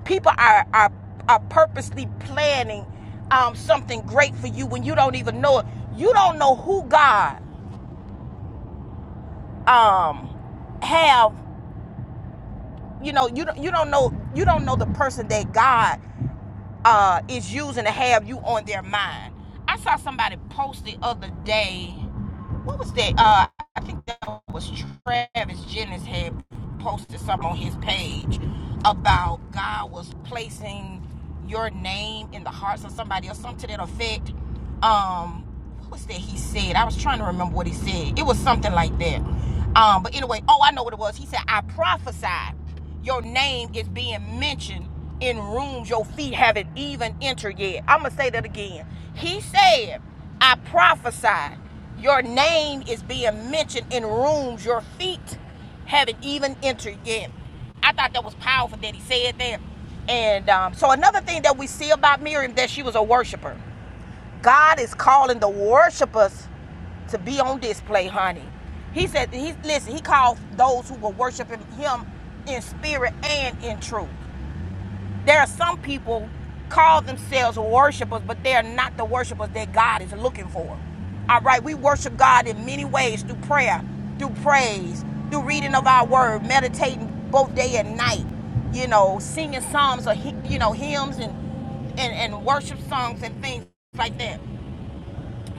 Speaker 1: people are are are purposely planning um, something great for you when you don't even know it. You don't know who God um, have. You know you don't you don't know you don't know the person that God uh, is using to have you on their mind. I saw somebody post the other day. What was that? Uh, I think that was Travis Jennings had posted something on his page about God was placing your name in the hearts of somebody or something to that effect. Um, what was that he said? I was trying to remember what he said. It was something like that. Um, but anyway, oh, I know what it was. He said, I prophesied your name is being mentioned in rooms your feet haven't even entered yet. I'm going to say that again. He said, I prophesied. Your name is being mentioned in rooms your feet haven't even entered yet. I thought that was powerful that he said that. And um, so another thing that we see about Miriam that she was a worshiper. God is calling the worshipers to be on display, honey. He said, he, listen, he called those who were worshiping him in spirit and in truth. There are some people call themselves worshipers, but they are not the worshipers that God is looking for. All right, we worship God in many ways through prayer, through praise, through reading of our word, meditating both day and night, you know, singing psalms or, hy- you know, hymns and, and, and worship songs and things like that.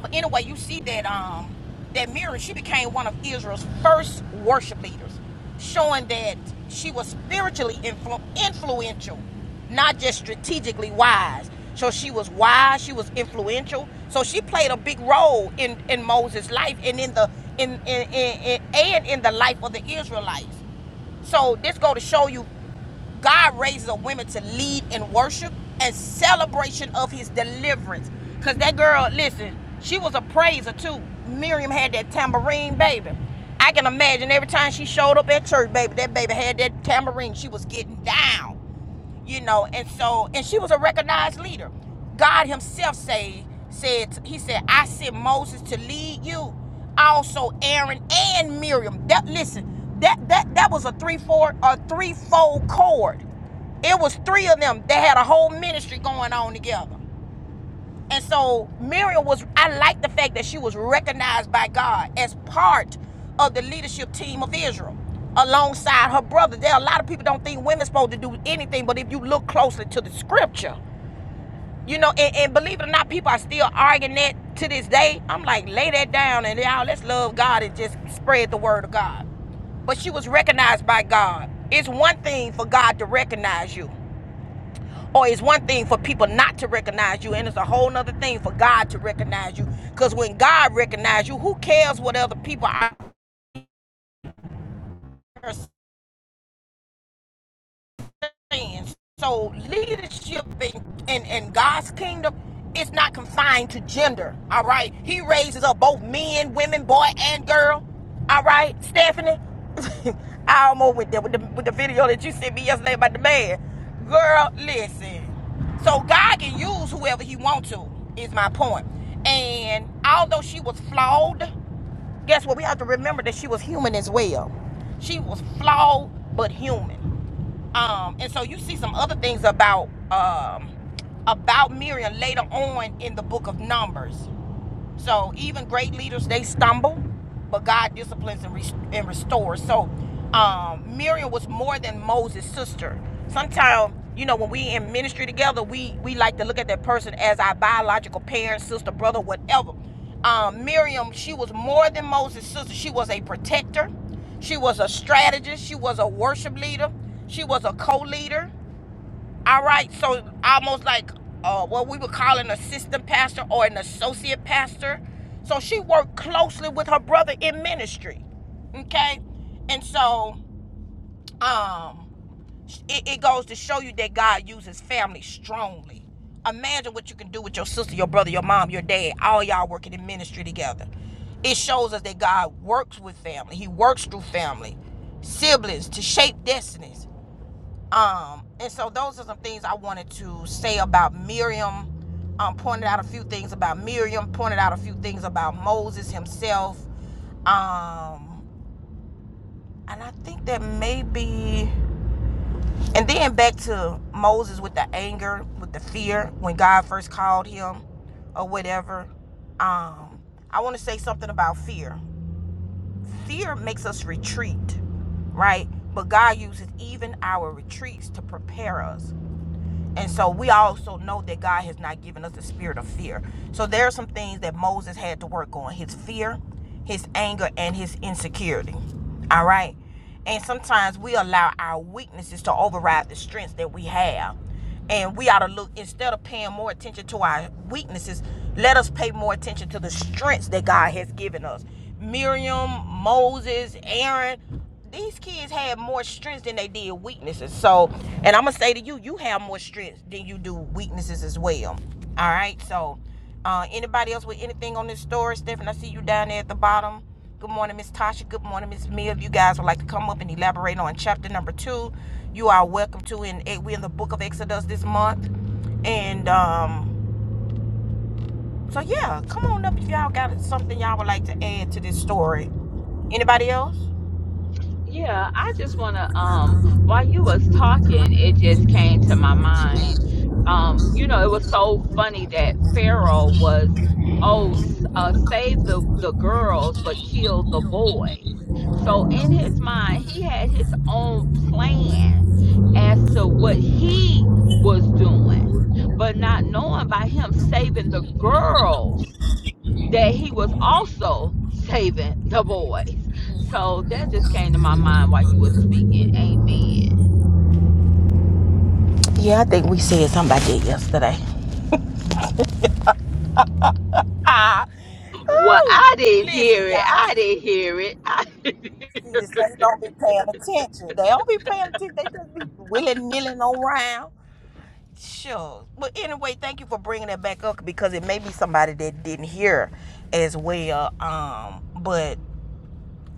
Speaker 1: But anyway, you see that um that Miriam, she became one of Israel's first worship leaders, showing that she was spiritually influ- influential, not just strategically wise. So she was wise, she was influential. So she played a big role in in Moses' life and in the in, in, in, in and in the life of the Israelites. So this go to show you God raises a women to lead in worship and celebration of his deliverance. Cause that girl, listen, she was a praiser too. Miriam had that tambourine, baby. I can imagine every time she showed up at church, baby, that baby had that tambourine. She was getting down you know and so and she was a recognized leader god himself say said he said i sent moses to lead you also aaron and miriam that listen that that that was a three four a three-fold cord it was three of them that had a whole ministry going on together and so Miriam was, I like the fact that she was recognized by God as part of the leadership team of Israel alongside her brother. There are a lot of people don't think women supposed to do anything, but if you look closely to the scripture, you know, and, and believe it or not, people are still arguing that to this day. I'm like, lay that down and y'all, let's love God and just spread the word of God but she was recognized by God. It's one thing for God to recognize you. Or it's one thing for people not to recognize you, and it's a whole nother thing for God to recognize you. Because when God recognizes you, who cares what other people are friends. So leadership in, in, in God's kingdom is not confined to gender. All right. He raises up both men, women, boy, and girl. All right, Stephanie. [laughs] I almost went there with the with the video that you sent me yesterday about the man. Girl, listen. So God can use whoever he wants to, is my point. And although she was flawed, guess what? We have to remember that she was human as well. She was flawed but human um and so you see some other things about um about miriam later on in the book of numbers so even great leaders, they stumble, but God disciplines and, rest- and restores. So um, Miriam was more than Moses' sister. Sometimes, you know, when we in ministry together, we we like to look at that person as our biological parent, sister, brother, whatever. Um, Miriam, she was more than Moses' sister. She was a protector. She was a strategist. She was a worship leader. She was a co-leader. All right, so almost like uh, what we would call an assistant pastor or an associate pastor. So she worked closely with her brother in ministry. Okay, and so um, it, it goes to show you that God uses family strongly. Imagine what you can do with your sister, your brother, your mom, your dad, all y'all working in ministry together. It shows us that God works with family, He works through family, siblings to shape destinies. Um, and so those are some things I wanted to say about Miriam. Um, pointed out a few things about Miriam, pointed out a few things about Moses himself. Um, and I think that maybe and then back to Moses with the anger, with the fear when God first called him or whatever. Um, I want to say something about fear. Fear makes us retreat, right? But God uses even our retreats to prepare us. And so we also know that God has not given us the spirit of fear. So there are some things that Moses had to work on his fear, his anger, and his insecurity. All right. And sometimes we allow our weaknesses to override the strengths that we have. And we ought to look, instead of paying more attention to our weaknesses, let us pay more attention to the strengths that God has given us. Miriam, Moses, Aaron, these kids had more strengths than they did weaknesses. So, and I'm gonna say to you, you have more strengths than you do weaknesses as well. All right. So, uh, anybody else with anything on this story, Stephen? I see you down there at the bottom. Good morning, Miss Tasha. Good morning, Miss Mill. If you guys would like to come up and elaborate on chapter number two, you are welcome to. And we're in the book of Exodus this month. And um, so yeah, come on up if y'all got something y'all would like to add to this story. Anybody else?
Speaker 3: Yeah, I just want to
Speaker 1: Come
Speaker 3: um while you was talking, it just came to my mind. Um, you know, it was so funny that Pharaoh was oh s- uh, save the the girls but kill the boys. So in his mind, he had his own plan as to what he was doing, but not knowing by him saving the girls that he was also saving the boys. So that just came to my mind while you were speaking. Amen.
Speaker 1: on. Yeah, I think we said something about that yesterday. Ah,
Speaker 3: Well,
Speaker 1: ooh,
Speaker 3: I didn't
Speaker 1: listen, y'all.
Speaker 3: hear.
Speaker 1: See, the saints don't be paying attention. They don't be paying attention. They just be willy nilly around. Sure. But anyway, thank you for bringing that back up because it may be somebody that didn't hear as well. Um, but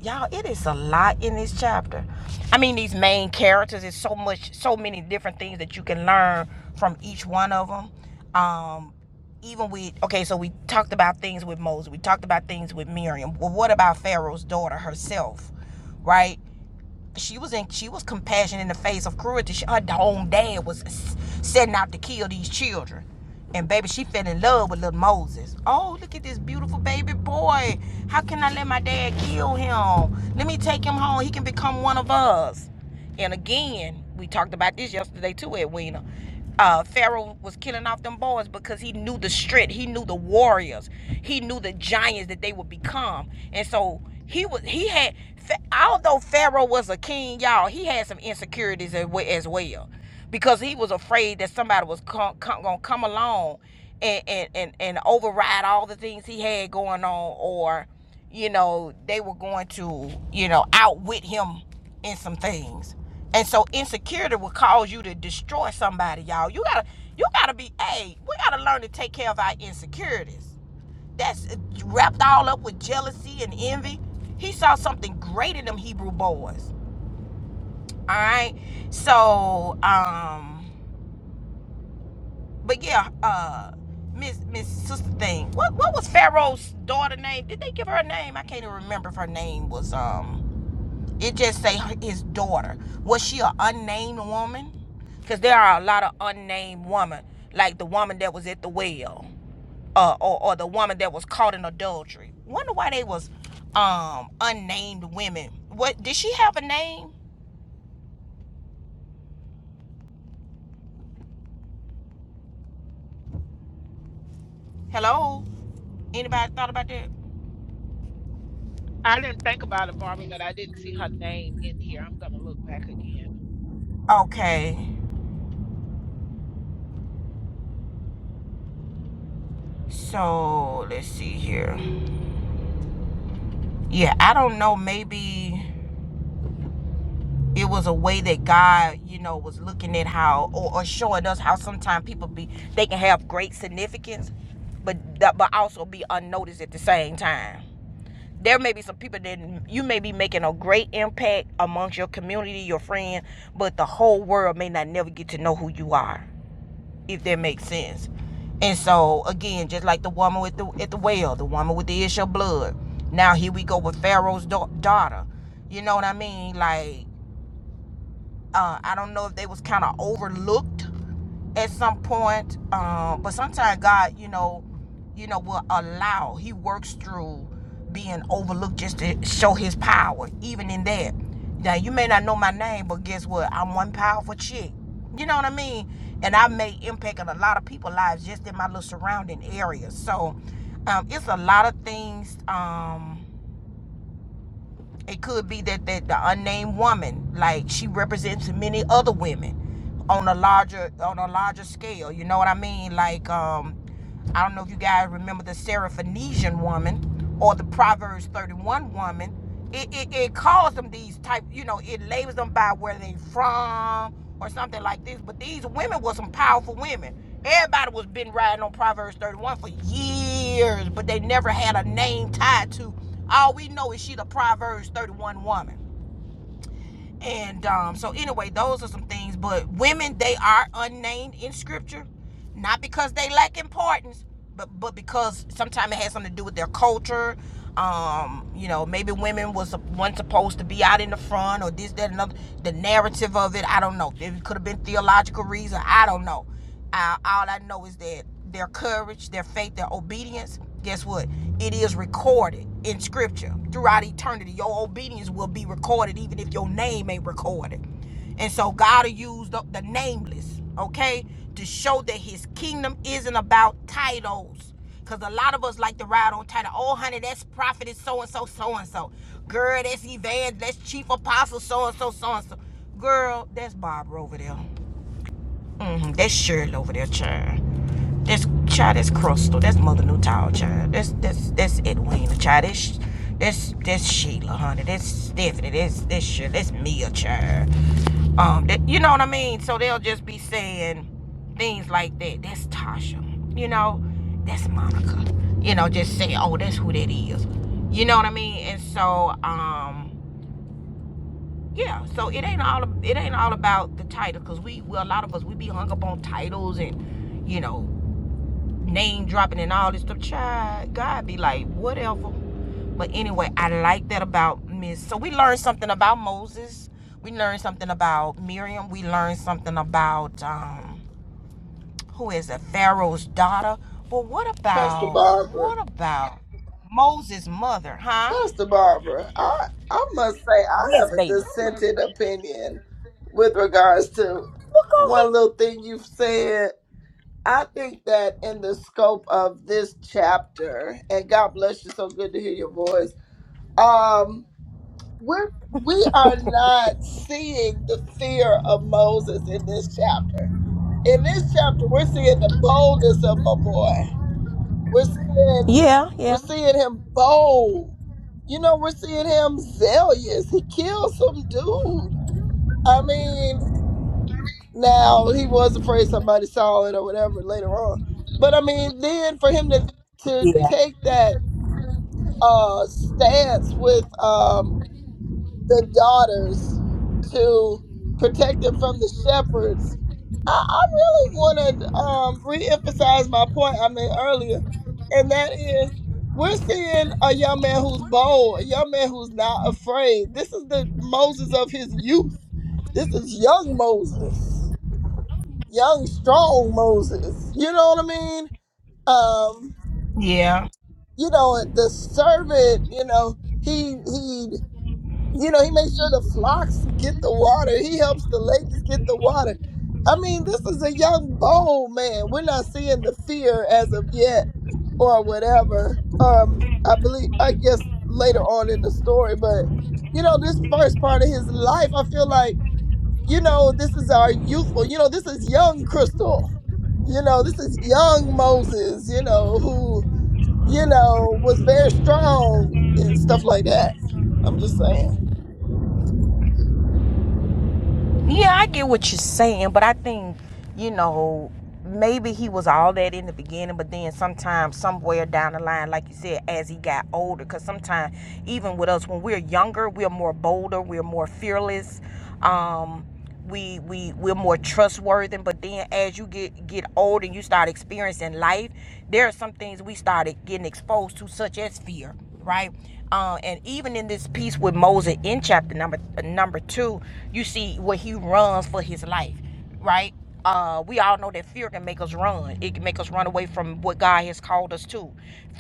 Speaker 1: y'all it is a lot in this chapter i mean these main characters is so much so many different things that you can learn from each one of them um even we okay so we talked about things with moses we talked about things with miriam well what about pharaoh's daughter herself right she was in she was compassion in the face of cruelty. She, her own dad was setting out to kill these children. And baby, she fell in love with little Moses. Oh, look at this beautiful baby boy. How can I let my dad kill him? Let me take him home. He can become one of us. And again, we talked about this yesterday too, Edwina. Uh, Pharaoh was killing off them boys because he knew the strength, he knew the warriors, he knew the giants that they would become, and so he was he had. Although Pharaoh was a king, y'all, he had some insecurities as as well, because he was afraid that somebody was com- com- gonna come along and, and and and override all the things he had going on, or you know, they were going to, you know, outwit him in some things. And so insecurity will cause you to destroy somebody, y'all. You gotta you gotta be hey, we gotta learn to take care of our insecurities. That's wrapped all up with jealousy and envy. He saw something great in them Hebrew boys. Alright. So um but yeah, uh Miss Miss Sister Thing. What what was Pharaoh's daughter name? Did they give her a name? I can't even remember if her name was um It just say his daughter. Was she an unnamed woman? Because there are a lot of unnamed women, like the woman that was at the well, uh, or or the woman that was caught in adultery. Wonder why they was um unnamed women. What did she have a name? Hello, anybody thought about that?
Speaker 5: I didn't think about it, Barbara, but I didn't see her name in here. I'm gonna look back again.
Speaker 1: Okay, so let's see here. Yeah, I don't know. Maybe. it was a way that God, you know, was looking at how or, or showing us how sometimes people be they can have great significance, but but also be unnoticed at the same time. There may be some people that you may be making a great impact amongst your community, your friends, but the whole world may not never get to know who you are, if that makes sense. And so again, just like the woman with the at the well, the woman with the issue of blood. Now here we go with Pharaoh's da- daughter. You know what I mean? Like uh, I don't know if they was kind of overlooked at some point. Um, but sometimes God, you know, you know, will allow. He works through being overlooked just to show His power, even in that. Now you may not know my name, but guess what? I'm one powerful chick. You know what I mean? And I made impact on a lot of people's lives just in my little surrounding area. So um, it's a lot of things. Um, it could be that, that the unnamed woman, like she represents many other women on a larger on a larger scale. You know what I mean? Like um, I don't know if you guys remember the Seraphonesian woman or the Proverbs 31 woman. It, it, it calls them these type, you know, it labels them by where they from or something like this. But these women were some powerful women. Everybody was been riding on Proverbs 31 for years, but they never had a name tied to all we know is she the Proverbs 31 woman. And um, so anyway, those are some things. But women, they are unnamed in scripture, not because they lack importance, but but because sometimes it has something to do with their culture. Um, you know, maybe women was one supposed to be out in the front or this, that, another. The narrative of it, I don't know. It could have been theological reason, I don't know. Uh, all I know is that their courage, their faith, their obedience, guess what? It is recorded in scripture throughout eternity. Your obedience will be recorded even if your name ain't recorded. And so God will use the, the nameless, okay, to show that his kingdom isn't about titles. Because a lot of us like to ride on title. Oh, honey, that's prophet is so and so, so and so. Girl, that's evangelist, that's chief apostle, so and so, so and so. Girl, that's Barbara over there hmm That's Shirley over there, child. That's child. That's Crystal. That's Mother Newtile, child. That's that's that's Edwina, child. That's that's that's Sheila, honey. That's Stephanie. That's that's Shirley. That's Mia, child. Um, that, you know what I mean? So they'll just be saying things like that. That's Tasha. You know, that's Monica. You know, just saying, oh, that's who that is. You know what I mean? And so, um, yeah so it ain't all it ain't all about the title because we well a lot of us we be hung up on titles and you know name dropping and all this stuff child god be like whatever but anyway i like that about miss so we learned something about moses we learned something about miriam we learned something about um who is it pharaoh's daughter but what
Speaker 4: Pastor
Speaker 1: about
Speaker 4: Barbara.
Speaker 1: what about moses mother huh
Speaker 4: Pastor Barbara, I, I must say I
Speaker 1: Yes,
Speaker 4: have a
Speaker 1: baby. well
Speaker 4: dissented opinion with regards to
Speaker 1: go
Speaker 4: one
Speaker 1: ahead
Speaker 4: little thing you've said. I think that in the scope of this chapter, and God bless you, so good to hear your voice. Um, we're we are not seeing the fear of Moses in this chapter. in this chapter, we're seeing the boldness of my boy. We're seeing
Speaker 1: yeah yeah
Speaker 4: we're seeing him bold. You know, we're seeing him zealous. He killed some dude. I mean, now he was afraid somebody saw it or whatever later on. But I mean, then for him to to
Speaker 1: Yeah.
Speaker 4: take that uh stance with um the daughters to protect them from the shepherds. I, I really want to um, reemphasize my point I made earlier, and that is we're seeing a young man who's bold, a young man who's not afraid. This is the Moses of his youth. This is young Moses, young, strong Moses. You know what I mean? Um,
Speaker 1: Yeah.
Speaker 4: you know, the servant, you know, he he you know, he makes sure the flocks get the water. He helps the ladies get the water. I mean, this is a young, bold man. We're not seeing the fear as of yet or whatever. Um, I believe, I guess later on in the story, but you know, this first part of his life, I feel like, you know, this is
Speaker 1: [laughs]
Speaker 4: our youthful, you know, this is young Crystal. You know, this is young Moses, you know, who, you know, was very strong and stuff like that. I'm just saying.
Speaker 1: Yeah, I get what you're saying, but I think, you know, maybe he was all that in the beginning, but then sometimes, somewhere down the line, like you said, as he got older, because sometimes, even with us, when we're younger, we're more bolder, we're more fearless. Um, we we we're more trustworthy but then as you get get old and you start experiencing life there are some things we started getting exposed to such as fear right uh, and even in this piece with moses in chapter number number two you see where he runs for his life right? Uh, we all know that fear can make us run. It can make us run away from what God has called us to.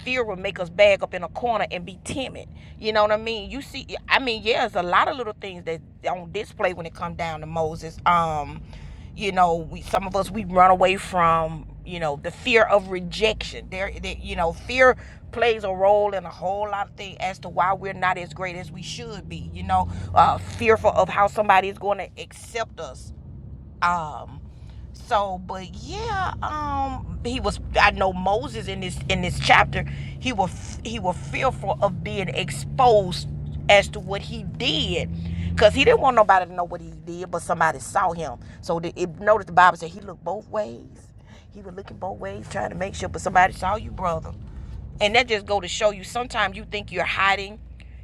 Speaker 1: Fear will make us bag up in a corner and be timid. You know what I mean? You see, I mean, yeah, there's a lot of little things that on display when it comes down to Moses. Um, you know, we some of us we run away from you know the fear of rejection. There, there- you know, fear plays a role in a whole lot of things as to why we're not as great as we should be. You know, uh, fearful of how somebody is going to accept us um, so, but yeah, um, he was. I know Moses in this in this chapter, he was he was fearful of being exposed as to what he did, cause he didn't want nobody to know what he did, but somebody saw him. So the, it, notice the Bible said he looked both ways. He was looking both ways, trying to make sure, but somebody saw you, brother and that just go to show you sometimes you think you're hiding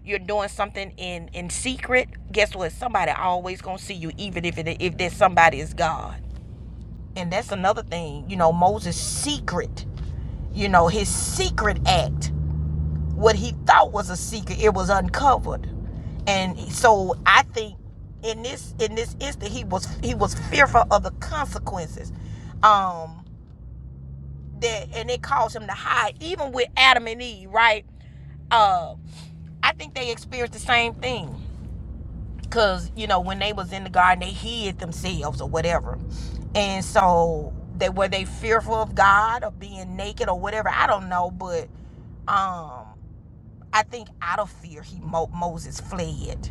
Speaker 1: you're doing something in in secret guess what somebody always gonna see you even if it if that somebody is god and that's another thing you know moses secret you know his secret act what he thought was a secret it was uncovered and so i think in this in this instant he was he was fearful of the consequences um that and it caused him to hide even with adam and eve right uh i think they experienced the same thing because you know when they was in the garden they hid themselves or whatever and so they were they fearful of god or being naked or whatever i don't know but um i think out of fear he Mo- moses fled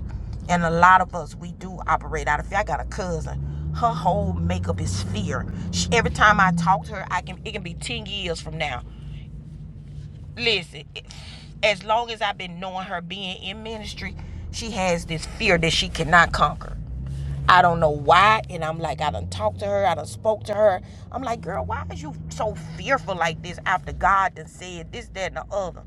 Speaker 1: and a lot of us we do operate out of fear i got a cousin her whole makeup is fear she, every time i talk to her i can it can be 10 years from now Listen, as long as I've been knowing her being in ministry, she has this fear that she cannot conquer. I don't know why. And I'm like, I done talked to her. I done spoke to her. I'm like, girl, why is you so fearful like this after God done said this, that, and the other?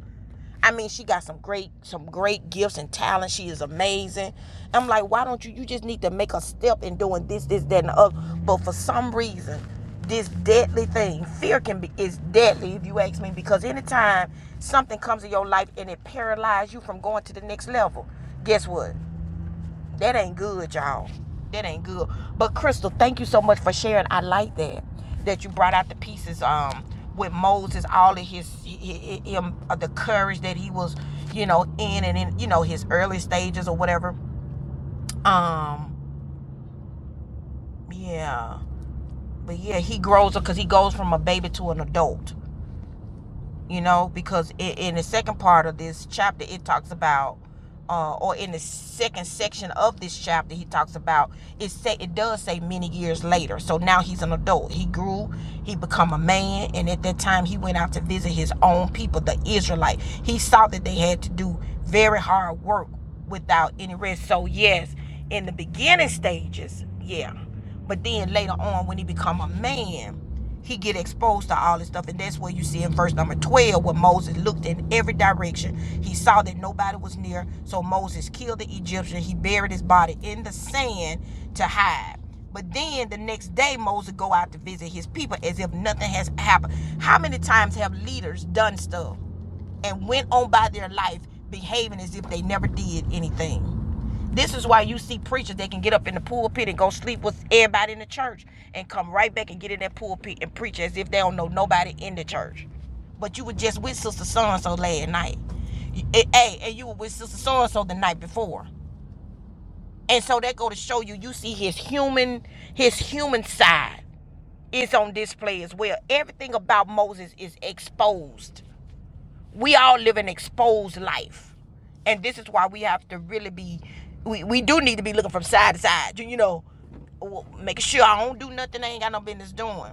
Speaker 1: I mean, she got some great, some great gifts and talent. She is amazing. I'm like, why don't you? You just need to make a step in doing this, this, that, and the other. But for some reason, this deadly thing, fear can be is deadly if you ask me. Because anytime something comes in your life and it paralyzes you from going to the next level, guess what? That ain't good, y'all. That ain't good. But Crystal, thank you so much for sharing. I like that that you brought out the pieces um with Moses, all of his him uh, the courage that he was, you know, in and in you know his early stages or whatever. Um, yeah, but yeah, he grows up because he goes from a baby to an adult. you know because i in the second part of this chapter it talks about uh, or in the second section of this chapter he talks about it say it does say many years later so now he's an adult he grew he become a man and at that time he went out to visit his own people the israelite he saw that they had to do very hard work without any rest so yes in the beginning stages yeah but then later on when he become a man he get exposed to all this stuff and that's where you see in verse number 12 where moses looked in every direction he saw that nobody was near so moses killed the egyptian he buried his body in the sand to hide but then the next day moses go out to visit his people as if nothing has happened how many times have leaders done stuff and went on by their life behaving as if they never did anything this is why you see preachers that can get up in the pulpit and go sleep with everybody in the church and come right back and get in that pulpit and preach as if they don't know nobody in the church. But you were just with Sister So and so last night. Hey, and you were with Sister So and so the night before. And so that go to show you, you see his human, his human side is on display as well. Everything about Moses is exposed we all live an exposed life and this is why we have to really be we, we do need to be looking from side to side you, know making sure i don't do nothing i ain't got no business doing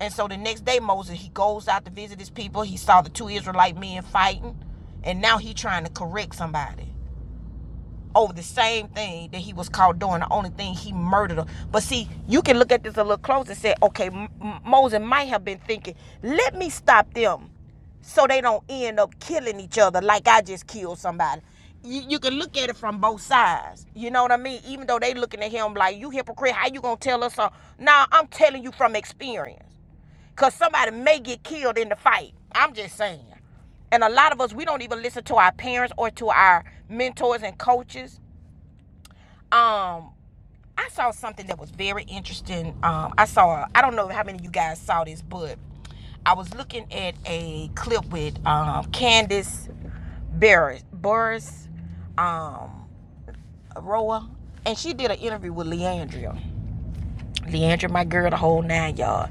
Speaker 1: and so the next day moses he goes out to visit his people he saw the two israelite men fighting and now he trying to correct somebody over the same thing that he was caught doing. The only thing he murdered her. But see, you can look at this a little closer and say, okay, M- M- Moses might have been thinking, let me stop them so they don't end up killing each other like I just killed somebody. You, you can look at it from both sides. You know what I mean? Even though they looking at him like, you hypocrite, how you gonna tell us? something? Nah, I'm telling you from experience. Cause somebody may get killed in the fight. I'm just saying. And a lot of us, we don't even listen to our parents or to our mentors and coaches um I saw something that was very interesting. Um, I saw I don't know how many of you guys saw this, but I was looking at a clip with um, Candace Burris, Burris um, Roa, and she did an interview with Leandria. Leandria, my girl, the whole nine y'all.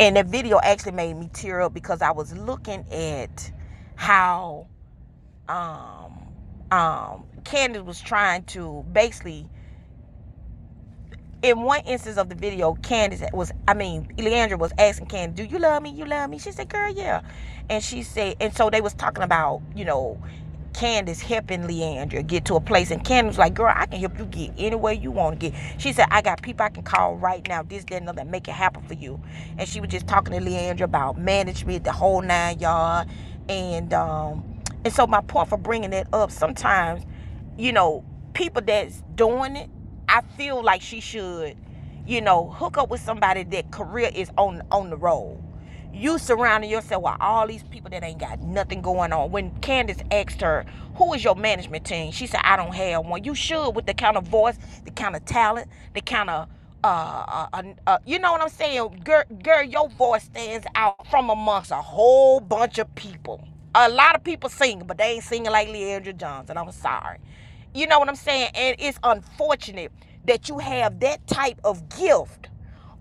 Speaker 1: And that video actually made me tear up because I was looking at how um, um, Candace was trying to basically in one instance of the video, Candace was, I mean, Leandra was asking Candace, do you love me? You love me? She said, girl, yeah. And she said, and so they was talking about, you know, Candace helping Leandra get to a place. And Candace was like, girl, I can help you get any way you want to get. She said, I got people I can call right now, this, that, and other, and make it happen for you. And she was just talking to Leandra about management, the whole nine yard. And, um, and so my point for bringing that up, sometimes you know, people that's doing it, I feel like she should, you know, hook up with somebody that career is on on the roll. You surrounding yourself with all these people that ain't got nothing going on. When Candace asked her, who is your management team? She said, I don't have one. You should with the kind of voice, the kind of talent, the kind of uh, uh, uh, you know what I'm saying? Girl, girl, your voice stands out from amongst a whole bunch of people. A lot of people sing, but they ain't singing like Leandra Johnson. I'm sorry. You know what I'm saying? And it's unfortunate that you have that type of gift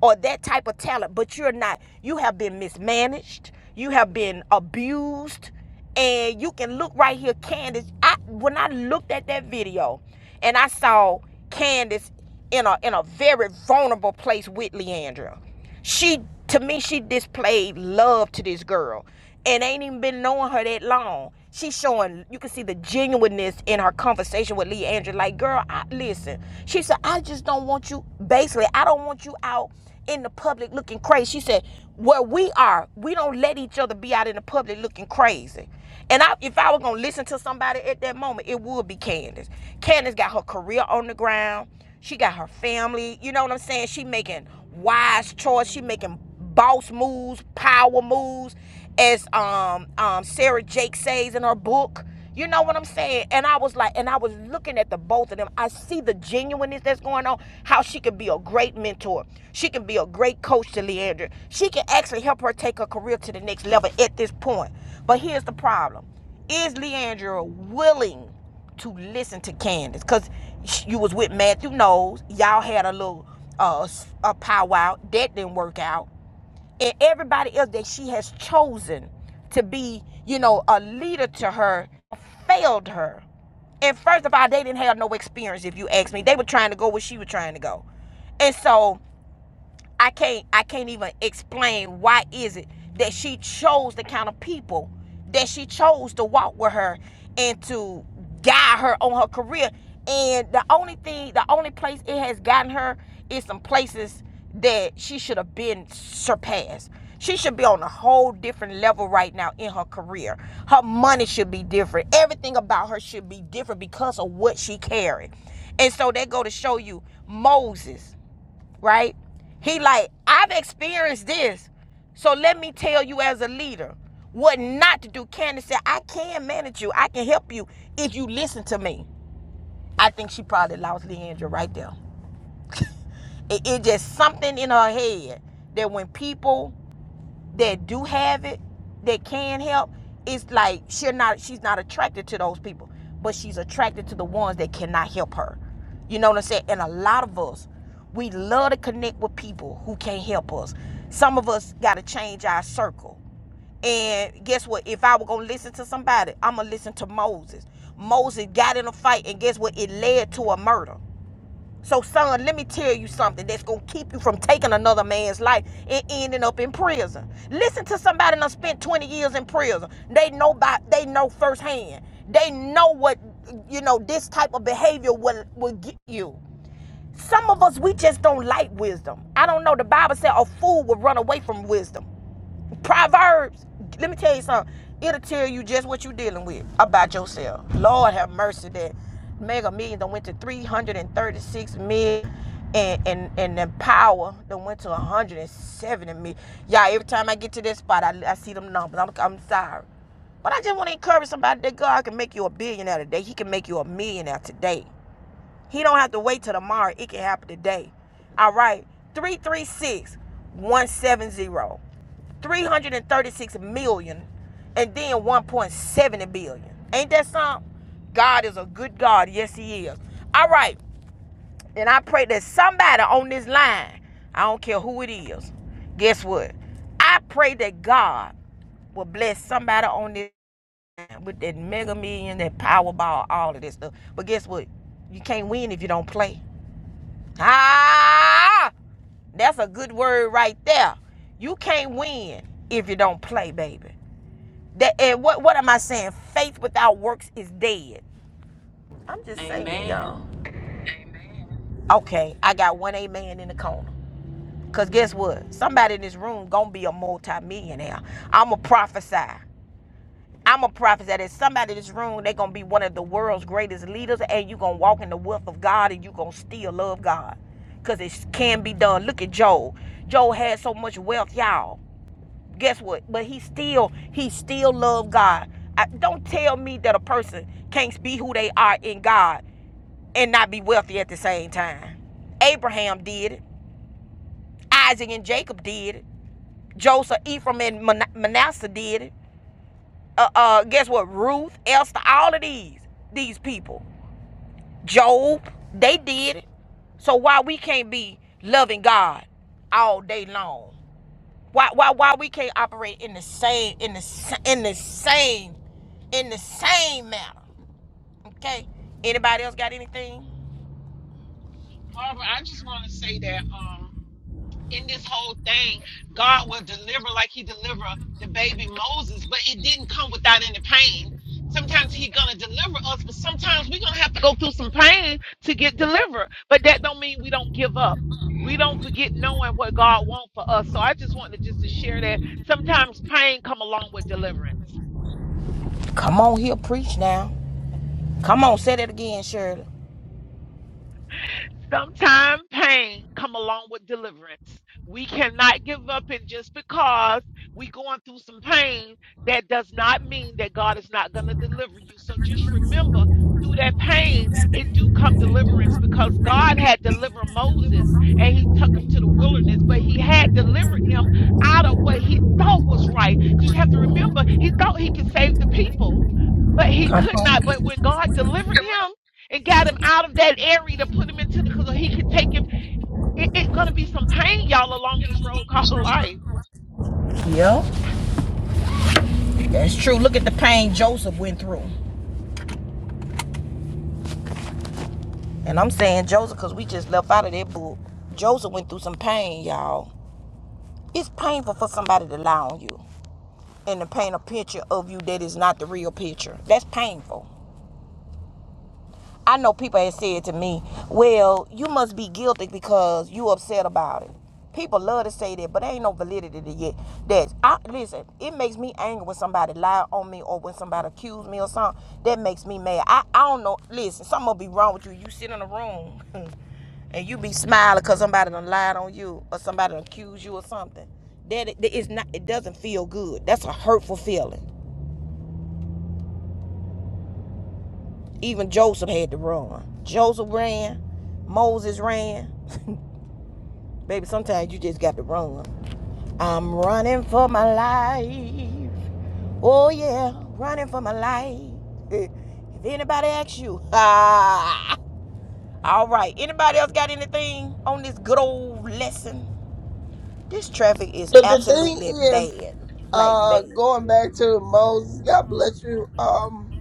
Speaker 1: or that type of talent, but you're not. You have been mismanaged. You have been abused and you can look right here candace i when i looked at that video and i saw candace in a in a very vulnerable place with leandra she to me she displayed love to this girl and ain't even been knowing her that long she's showing you can see the genuineness in her conversation with leandra like girl I, listen she said i just don't want you basically i don't want you out in the public looking crazy. She said, "Where we are, we don't let each other be out in the public looking crazy." And I, if I were gonna listen to somebody at that moment, it would be Candace. Candace got her career on the ground. She got her family. You know what I'm saying? She making wise choice. She making boss moves, power moves as um um Sarah Jake says in her book. You know what I'm saying? And I was like, and I was looking at the both of them. I see the genuineness that's going on, how she could be a great mentor. She can be a great coach to Leandra. She can actually help her take her career to the next level at this point. But here's the problem. Is Leandra willing to listen to Candace? Because you was with Matthew Knowles. Y'all had a little uh, s- a powwow. That didn't work out and everybody else that she has chosen to be, you know, a leader to her failed her. And first of all, they didn't have no experience, if you ask me. They were trying to go where she was trying to go. And so I can't I can't even explain why is it that she chose the kind of people that she chose to walk with her and to guide her on her career. And the only thing, the only place it has gotten her is some places that she should have been surpassed. She should be on a whole different level right now in her career. Her money should be different. Everything about her should be different because of what she carried. And so they go to show you Moses right? He like, I've experienced this. So let me tell you as a leader what not to do. Candace said, I can manage you. I can help you if you listen to me. I think she probably lost Leandra right there. It, it just something in her head that when people that do have it that can help it's like she's not she's not attracted to those people but she's attracted to the ones that cannot help her you know what i'm saying and a lot of us we love to connect with people who can't help us some of us got to change our circle and guess what? If I were gonna listen to somebody, I'm gonna listen to Moses. Moses got in a fight, and guess what? It led to a murder. So, son, let me tell you something that's going to keep you from taking another man's life and ending up in prison. Listen to somebody that spent 20 years in prison. They know about, they know firsthand. They know what, you know, this type of behavior will, will get you. Some of us, we just don't like wisdom. I don't know. The Bible said a fool will run away from wisdom. Proverbs, let me tell you something. It'll tell you just what you're dealing with about yourself. Lord have mercy that mega millions that went to 336 million and and and then power that went to 170 million. Y'all, every time I get to this spot, I, I see them numbers. I'm, I'm sorry. But I just want to encourage somebody that God can make you a billionaire today. He can make you a millionaire today. He don't have to wait till tomorrow. It can happen today. All right. 336 336 million and then 1.7 billion. Ain't that something? God is a good God. Yes, He is. All right. And I pray that somebody on this line, I don't care who it is, guess what? I pray that God will bless somebody on this line with that mega million, that Powerball, all of this stuff. But guess what? You can't win if you don't play. Ah, that's a good word right there. You can't win if you don't play, baby. That and what what am I saying? Faith without works is dead. I'm just saying,
Speaker 3: Amen.
Speaker 1: y'all. Okay, I got one amen in the corner. Cause guess what? Somebody in this room gonna be a multi millionaire I'ma prophesy. I'm a prophet that if somebody in this room, they're gonna be one of the world's greatest leaders, and you're gonna walk in the wealth of God and you're gonna still love God. Cause it can be done. Look at Job. Job had so much wealth, y'all. Guess what? But he still, he still loved God. I, don't tell me that a person can't be who they are in God and not be wealthy at the same time. Abraham did it. Isaac and Jacob did it. Joseph, Ephraim, and Manasseh did it. uh, uh guess what? Ruth, Esther, all of these these people, Job, they did it. So why we can't be loving God all day long? Why why why we can't operate in the same in the sa- in the same in the same manner? Okay. Anybody else got anything?
Speaker 5: Barbara, I just want to say that. in this whole thing, God will deliver like He delivered the baby Moses, but it didn't come without any pain. Sometimes He's gonna deliver us, but sometimes we're gonna have to go through some pain to get delivered. But that don't mean we don't give up. We don't forget knowing what God wants for us. So I just wanted just to share that sometimes pain come along with deliverance.
Speaker 1: Come on here, preach now. Come on, say that again, Shirley.
Speaker 5: Sometimes pain come along with deliverance. We cannot give up and just because we going through some pain, that does not mean that God is not going to deliver you. So just remember through that pain, it do come deliverance because God had delivered Moses and he took him to the wilderness, but he had delivered him out of what he thought was right. Because you have to remember, he thought he could save the people, but he
Speaker 1: Come
Speaker 5: could not.
Speaker 1: on.
Speaker 5: But when God delivered him, and got him out of that area to put him into the because he could take him. It's it gonna be some pain, y'all, along this road called [laughs] life.
Speaker 1: Yeah, that's true. Look at the pain Joseph went through. And I'm saying Joseph because we just left out of that book. Joseph went through some pain, y'all. It's painful for somebody to lie on you and to paint a picture of you that is not the real picture. That's painful. I know people have said to me, well, you must be guilty because you upset about it. People love to say that, but there ain't no validity to it. That I listen, it makes me angry when somebody lie on me or when somebody accuse me or something. That makes me mad. I, I don't know. Listen, something will be wrong with you. You sit in a room [laughs] and you be smiling because somebody done lied on you or somebody done accused you or something. That it, it's not. It doesn't feel good. That's a hurtful feeling. Even Joseph had to run. Joseph ran. Moses ran. [laughs] Baby, sometimes you just got to run. I'm running for my life. Oh, yeah, running for my life. [laughs] If anybody asks you, [laughs] ah. All right, anybody else got anything on this good old lesson? This traffic is
Speaker 4: But the thing
Speaker 1: absolutely
Speaker 4: is,
Speaker 1: bad. Like,
Speaker 4: uh,
Speaker 1: bad.
Speaker 4: going back to Moses, God bless you. Um,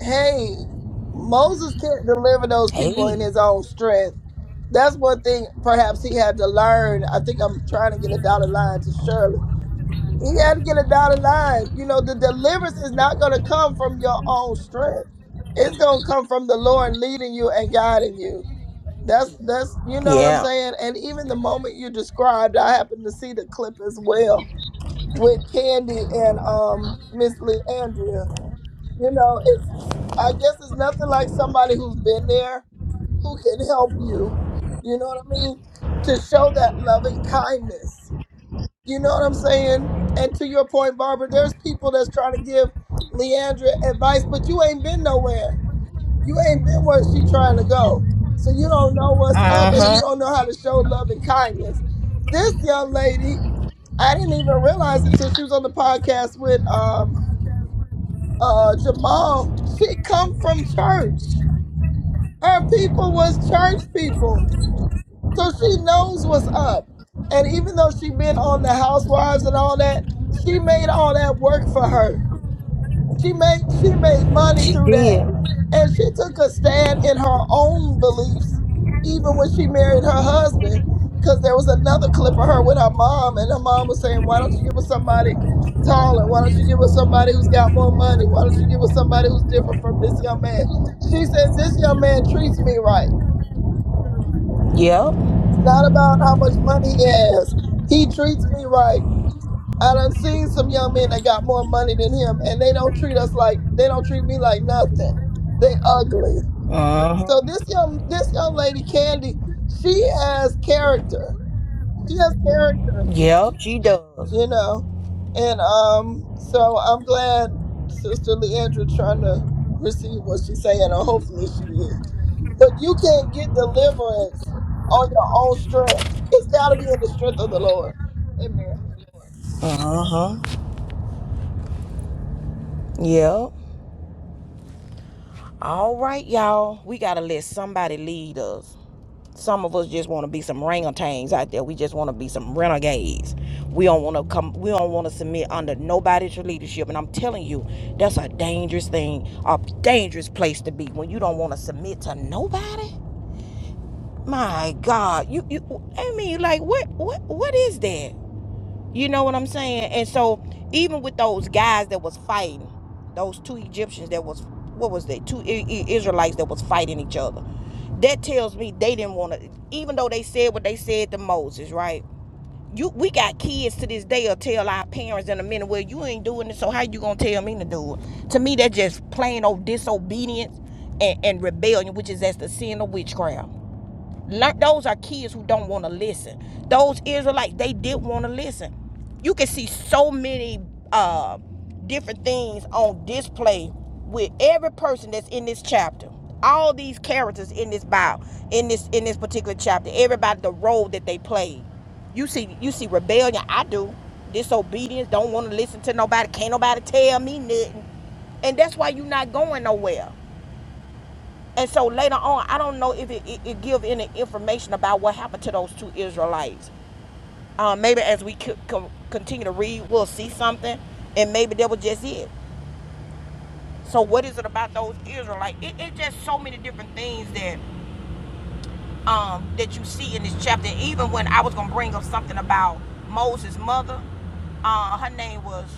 Speaker 4: hey, Moses can't deliver those people
Speaker 1: Hey.
Speaker 4: in his own strength. That's one thing perhaps he had to learn. I think I'm trying to get a dotted line to Shirley. He had to get a dotted line. You know, the deliverance is not going to come from your own strength. It's going to come from the Lord leading you and guiding you. That's that's you know what I'm
Speaker 1: Yeah.
Speaker 4: saying. And even the moment you described, I happened to see the clip as well with Candy and um Miss Leandria. You know, it's I guess it's nothing like somebody who's been there who can help you. You know what I mean? To show that loving kindness. You know what I'm saying? And to your point, Barbara, there's people that's trying to give Leandra advice, but you ain't been nowhere. You ain't been where she trying to go. So you don't know what's up and you
Speaker 1: Uh
Speaker 4: don't know how to show love and kindness.
Speaker 1: huh.
Speaker 4: This young lady I didn't even realize until she was on the podcast with um uh Jamal. She come from church. Her people was church people. So she knows what's up. And even though she been on the housewives and all that, she made all that work for her. She made she made money
Speaker 1: She
Speaker 4: through that.
Speaker 1: did.
Speaker 4: And she took a stand in her own beliefs, even when she married her husband. Cause there was another clip of her with her mom, and her mom was saying, Why don't you give us somebody taller? Why don't you give us somebody who's got more money? Why don't you give us somebody who's different from this young man? She said, This young man treats me right.
Speaker 1: Yep.
Speaker 4: It's not about how much money he has. He treats me right. I done seen some young men that got more money than him, and they don't treat us like they don't treat me like nothing. They ugly.
Speaker 1: Uh-huh.
Speaker 4: So this young this young lady Candy, she has character. She has character,
Speaker 1: Yep, she does.
Speaker 4: you know. And um, so I'm glad Sister Leandra trying to receive what she's saying, or hopefully she is. But you can't get deliverance on your own strength. It's got to be in the strength of the Lord. Amen.
Speaker 1: Uh-huh. Yep. All right, y'all. We gotta let somebody lead us. Some of us just want to be some orangutans out there. We just want to be some renegades. We don't want to come. We don't want to submit under nobody's leadership. And I'm telling you, that's a dangerous thing, a dangerous place to be when you don't want to submit to nobody. My God, you you. I mean, like, what what what is that? You know what I'm saying? And so even with those guys that was fighting, those two Egyptians that was what was they? Two I- I- Israelites that was fighting each other. That tells me they didn't want to. Even though they said what they said to Moses, right? You, we got kids to this day will tell our parents in a minute, well, you ain't doing it, so how you gonna tell me to do it? To me, that's just plain old disobedience and, and rebellion, which is that's the sin of witchcraft. Learn, those are kids who don't want to listen. Those Israelites, they did want to listen. You can see so many uh, different things on display with every person that's in this chapter. All these characters in this Bible, in this in this particular chapter, everybody the role that they played. You see, you see rebellion. I do disobedience. Don't want to listen to nobody. Can't nobody tell me nothing. And that's why you're not going nowhere. And so later on, I don't know if it, it, it give any information about what happened to those two Israelites. Um, maybe as we co- co- continue to read, we'll see something, and maybe that was just it. So what is it about those Israelites? It, it's just so many different things that um, that you see in this chapter. Even when I was gonna bring up something about Moses' mother, uh, her name was,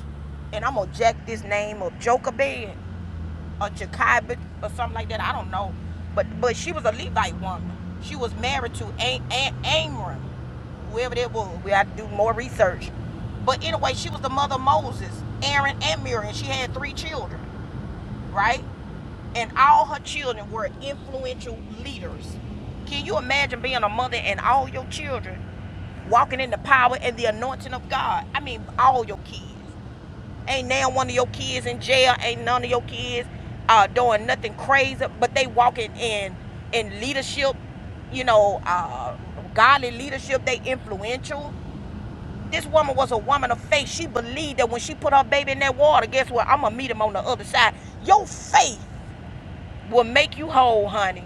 Speaker 1: and I'm gonna jack this name up, Jochebed. a Jacobite or something like that. I don't know, but but she was a Levite woman. She was married to a- a- Amram, whoever that was. We had to do more research. But anyway, she was the mother of Moses, Aaron, and Miriam. She had three children, right? And all her children were influential leaders. Can you imagine being a mother and all your children walking in the power and the anointing of God? I mean, all your kids. Ain't now one of your kids in jail. Ain't none of your kids uh, doing nothing crazy, but they walking in in leadership. You know, uh, godly leadership. They influential. This woman was a woman of faith. She believed that when she put her baby in that water, guess what? I'm gonna meet him on the other side. Your faith will make you whole, honey.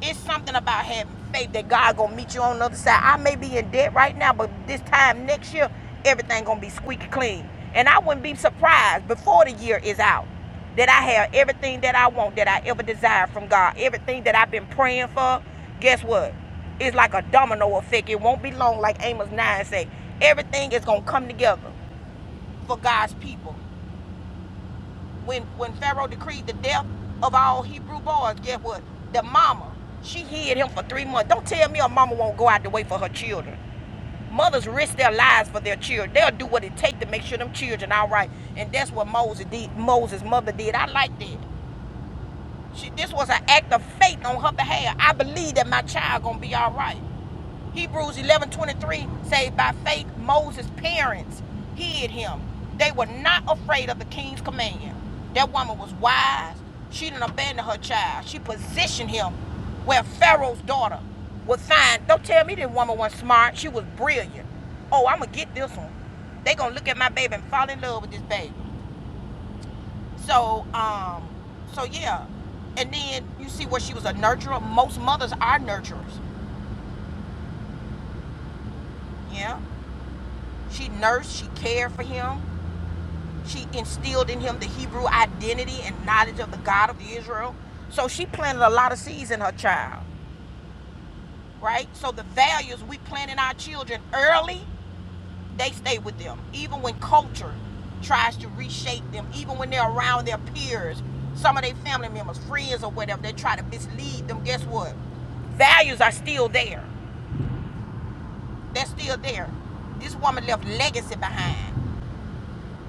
Speaker 1: It's something about having faith that God gonna meet you on the other side. I may be in debt right now, but this time next year, everything gonna be squeaky clean. And I wouldn't be surprised before the year is out that I have everything that I want, that I ever desired from God. Everything that I've been praying for, guess what? It's like a domino effect. It won't be long, like Amos 9 say. Everything is gonna come together for God's people when when Pharaoh decreed the death of all Hebrew boys, guess what? The mama, she hid him for three months. Don't tell me a mama won't go out the way for her children. Mothers risk their lives for their children. They'll do what it takes to make sure them children all right. And that's what Moses did. Moses' mother did. I like that. She, this was an act of faith on her behalf. I believe that my child gonna be all right. Hebrews 11:23. 23 say, By faith, Moses' parents hid him. They were not afraid of the king's command. That woman was wise. She didn't abandon her child. She positioned him where Pharaoh's daughter would find. Don't tell me this woman was smart. She was brilliant. Oh, I'm going to get this one. They going to look at my baby and fall in love with this baby. So, um, so yeah. And then you see where she was a nurturer. Most mothers are nurturers. Yeah. She nursed, she cared for him. She instilled in him the Hebrew identity and knowledge of the God of Israel. So she planted a lot of seeds in her child, right? So the values we plant in our children early, they stay with them, even when culture tries to reshape them, even when they're around their peers, some of their family members, friends, or whatever, they try to mislead them. Guess what? Values are still there. They're still there. This woman left legacy behind.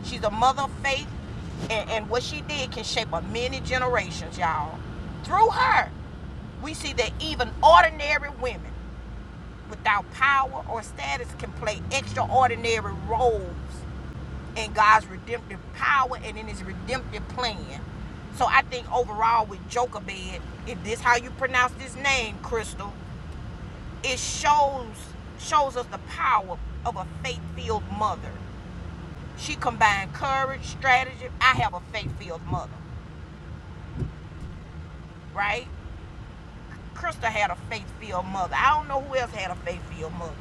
Speaker 1: She's a mother of faith, and, and what she did can shape a many generations, y'all. Through her, we see that even ordinary women without power or status can play extraordinary roles in God's redemptive power and in his redemptive plan. So I think overall with Jochebed, if this how you pronounce this name, Crystal, it shows shows us the power of a faith-filled mother she combined courage, strategy. I have a faith-filled mother, right? Krista had a faith-filled mother. I don't know who else had a faith-filled mother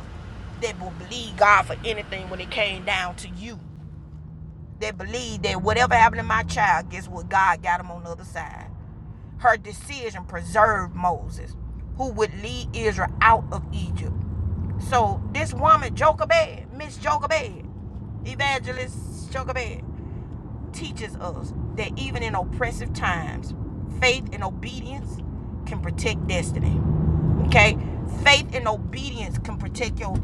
Speaker 1: that would believe God for anything when it came down to you. That believed that whatever happened to my child, guess what? God got him on the other side. Her decision preserved Moses, who would lead Israel out of Egypt. So this woman, Jochebed, Miss Jochebed, evangelist Jochebed. teaches us that even in oppressive times, faith and obedience can protect destiny. Okay? Faith and obedience can protect your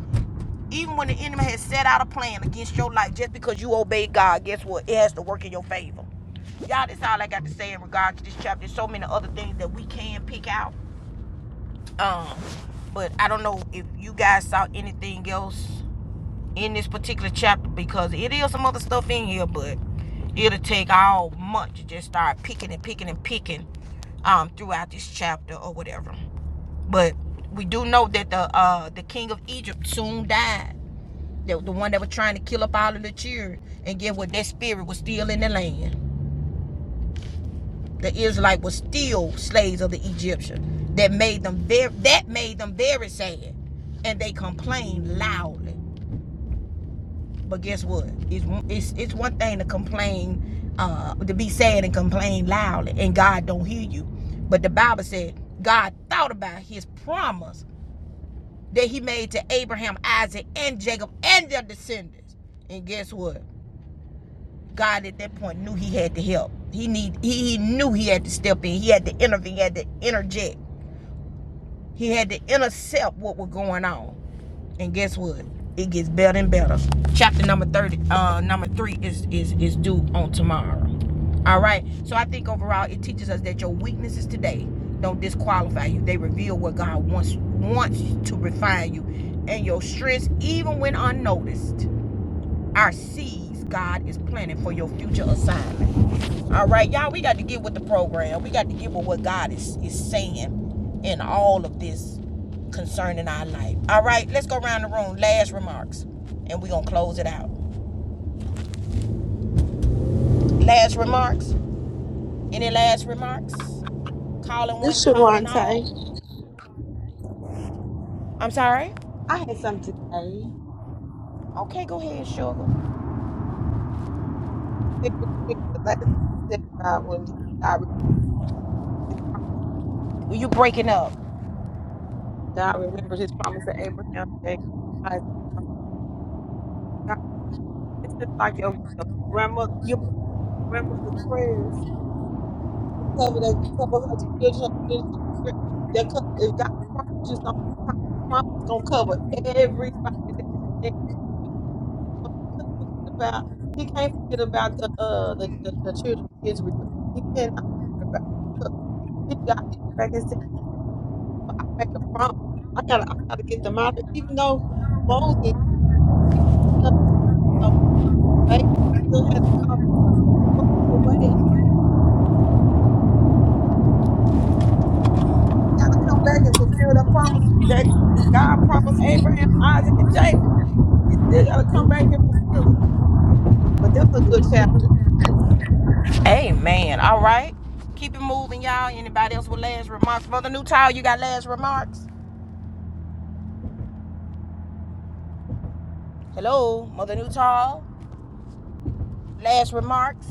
Speaker 1: even when the enemy has set out a plan against your life just because you obey God, guess what? It has to work in your favor. Y'all, that's all I got to say in regard to this chapter. There's so many other things that we can pick out. Um, but I don't know if you guys saw anything else in this particular chapter because it is some other stuff in here, but it'll take all month to just start picking and picking and picking um throughout this chapter or whatever. But we do know that the uh the king of Egypt soon died. The, the one that was trying to kill up all of the children. And get what? That spirit was still in the land. The Israelite was still slaves of the Egyptian. That made them very that made them very sad. And they complained loudly. But guess what? It's it's it's one thing to complain, uh, to be sad and complain loudly, and God don't hear you. But the Bible said God thought about His promise that He made to Abraham, Isaac, and Jacob, and their descendants. And guess what? God at that point knew He had to help. He need He, he knew He had to step in. He had to intervene. He had to interject. He had to intercept what was going on. And guess what? It gets better and better. Chapter number 30, uh, number three is, is, is due on tomorrow. All right. So I think overall it teaches us that your weaknesses today don't disqualify you. They reveal what God wants wants to refine you and your strengths even when unnoticed our seeds God is planting for your future assignment. All right, y'all, we got to get with the program. We got to get with what God is, is saying in all of this concerning our life. All right, let's go around the room. Last remarks, and we're going to close it out. Last remarks? Any last remarks? Calling
Speaker 6: This
Speaker 1: one,
Speaker 6: is
Speaker 1: calling
Speaker 6: Sharante.
Speaker 1: all. I'm sorry?
Speaker 6: I had something to say.
Speaker 1: Okay, go ahead, sugar. Well,
Speaker 6: Think what you think the last thing he said about when he God, re- his prom-
Speaker 1: you breaking up.
Speaker 6: God remembered his promise to Abraham, Jacob, Isaac. God, this is like your, your grandmother,
Speaker 1: You
Speaker 6: grandmother's prayers. to Cover that, cover her children. children, children. That co- if God promised you something, that promise gonna cover everybody that's connected to you. So he can't forget about he can't forget about the uh the, the, the children of Israel. He cannot forget about. He got back and said, "Well, I made a promise. I gotta I gotta get them out of here. even though Moses he was up, you know, baby still had a promise to run away. He gotta come back and fulfill that promise that God promised Abraham, Isaac, and Jacob. He still gotta come back and fulfill it. But this is a good chapter.
Speaker 1: Amen. All right. Keep it moving, y'all. Anybody else with last remarks? Mother Newtall, you got last remarks? Hello, Mother Newtall. Last remarks.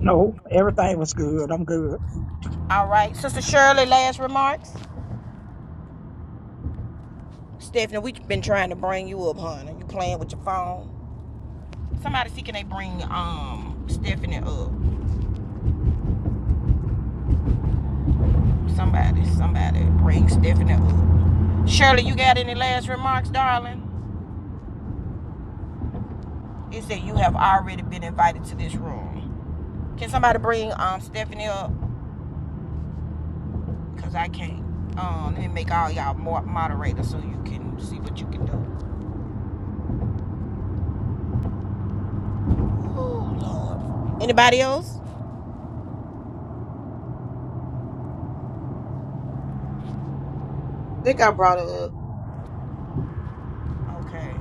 Speaker 2: No, everything was good. I'm good.
Speaker 1: All right. Sister Shirley, last remarks. Stephanie, we have been trying to bring you up, honey. You playing with your phone. Somebody see can they bring um Stephanie up. Somebody, somebody bring Stephanie up. Shirley, you got any last remarks, darling? It said you have already been invited to this room. Can somebody bring um Stephanie up? Cause I can't. Um, let me make all y'all more moderators so you can see what you can do. Ooh, Anybody else?
Speaker 6: I think I brought it up.
Speaker 1: Okay.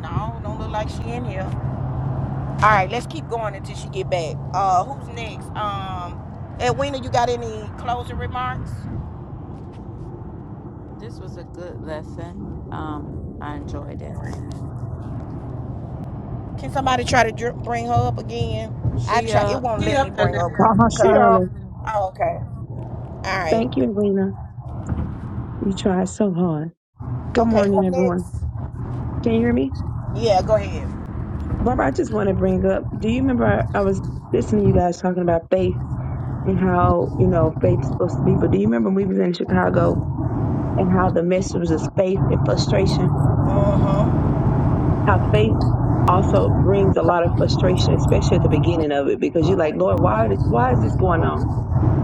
Speaker 1: No, don't look like she in here. All right, let's keep going until she get back. Uh, who's next? Um, Edwina, you got any closing remarks?
Speaker 3: This was a good lesson. Um, I enjoyed it. Amen.
Speaker 1: Can somebody try to dr- bring her up again? I try. It
Speaker 3: Shia.
Speaker 1: won't
Speaker 6: She
Speaker 1: let me
Speaker 6: up there
Speaker 1: bring
Speaker 6: now.
Speaker 2: Uh
Speaker 1: her up
Speaker 2: huh.
Speaker 1: because
Speaker 2: She
Speaker 1: I.
Speaker 2: up.
Speaker 7: Finally,
Speaker 1: Oh, okay. All right.
Speaker 7: thank you, Alina. You tried so hard. Good
Speaker 1: Okay.
Speaker 7: morning,
Speaker 1: Who next?
Speaker 7: everyone. Can you hear me?
Speaker 1: Yeah. Go ahead.
Speaker 7: Barbara, I just want to bring up do you remember I, I was listening to you guys talking about faith and how, you know, faith's supposed to be, but do you remember when we was in Chicago and how the message was faith and frustration?
Speaker 1: Uh huh.
Speaker 7: How faith also brings a lot of frustration, especially at the beginning of it, because you're like, Lord, why why is this going on?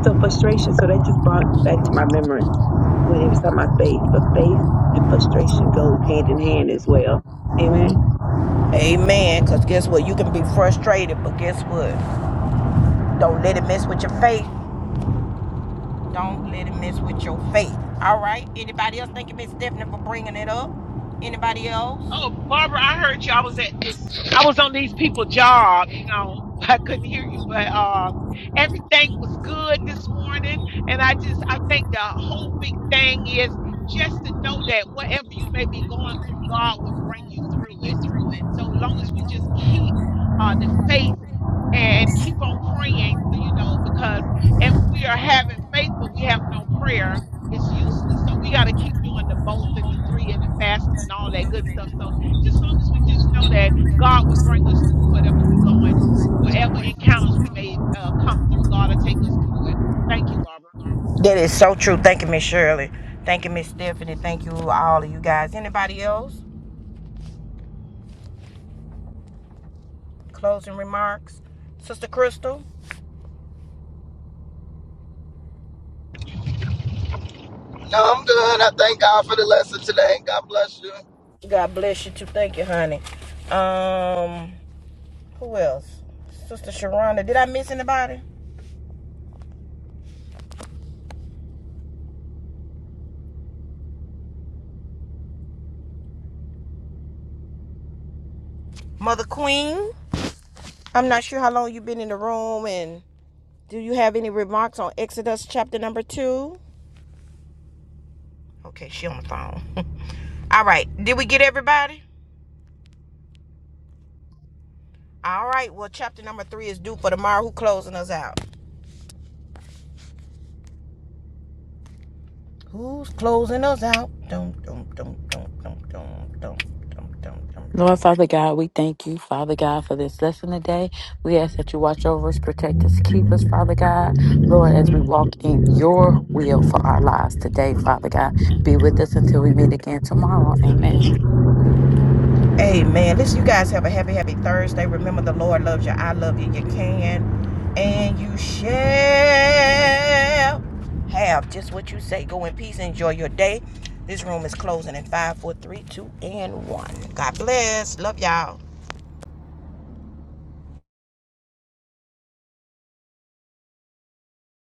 Speaker 7: So frustration. So that just brought back to my remembrance when he was talking about faith. But faith and frustration goes hand in hand as well. Amen.
Speaker 1: Amen. Because guess what? You can be frustrated, but guess what? Don't let it mess with your faith. Don't let it mess with your faith. All right. Anybody else? Thank you, Miss Stephanie, for bringing it up. Anybody else?
Speaker 5: Oh, Barbara, I heard you. I was at this. I was on these people' job. You know, [laughs] I couldn't hear you, but uh, everything was good this morning. And I just, I think the whole big thing is just to know that whatever you may be going through, God will bring you through it. So long as we just keep uh, the faith and, and keep on praying, you know, because if we are having faith but we have no prayer, it's useless. So we got to keep doing the both and the three and the fasting and all that good stuff. So just as long as we just know that God will bring us through whatever we are going, whatever encounters we may uh, come through, God will take us through it. Thank you, Barbara.
Speaker 1: That is so true. Thank you, Miss Shirley. Thank you, Miss Stephanie. Thank you, all of you guys. Anybody else? Closing remarks, Sister Crystal.
Speaker 4: No, I'm good. I thank God for the lesson today. God bless you.
Speaker 1: God bless you too. Thank you, honey. Um, who else? Sister Sharonda. Did I miss anybody? Mother Queen. I'm not sure how long you've been in the room and Do you have any remarks on Exodus chapter number two? Okay, she on the phone. [laughs] All right, did we get everybody? All right, well, chapter number three is due for tomorrow. Who closing us out? Who's closing us out? Dum dum dum dum dum dum dum dum dum dum. dum.
Speaker 3: Lord Father God, we thank you, Father God, for this lesson today. We ask that you watch over us, protect us, keep us, Father God. Lord, as we walk in your will for our lives today, Father God, be with us until we meet again tomorrow. Amen.
Speaker 1: Amen. Listen, you guys have a happy, happy Thursday. Remember, the Lord loves you. I love you. You can and you shall have just what you say. Go in peace. Enjoy your day. This room is closing in five, four, three, two, and 1. God bless. Love y'all.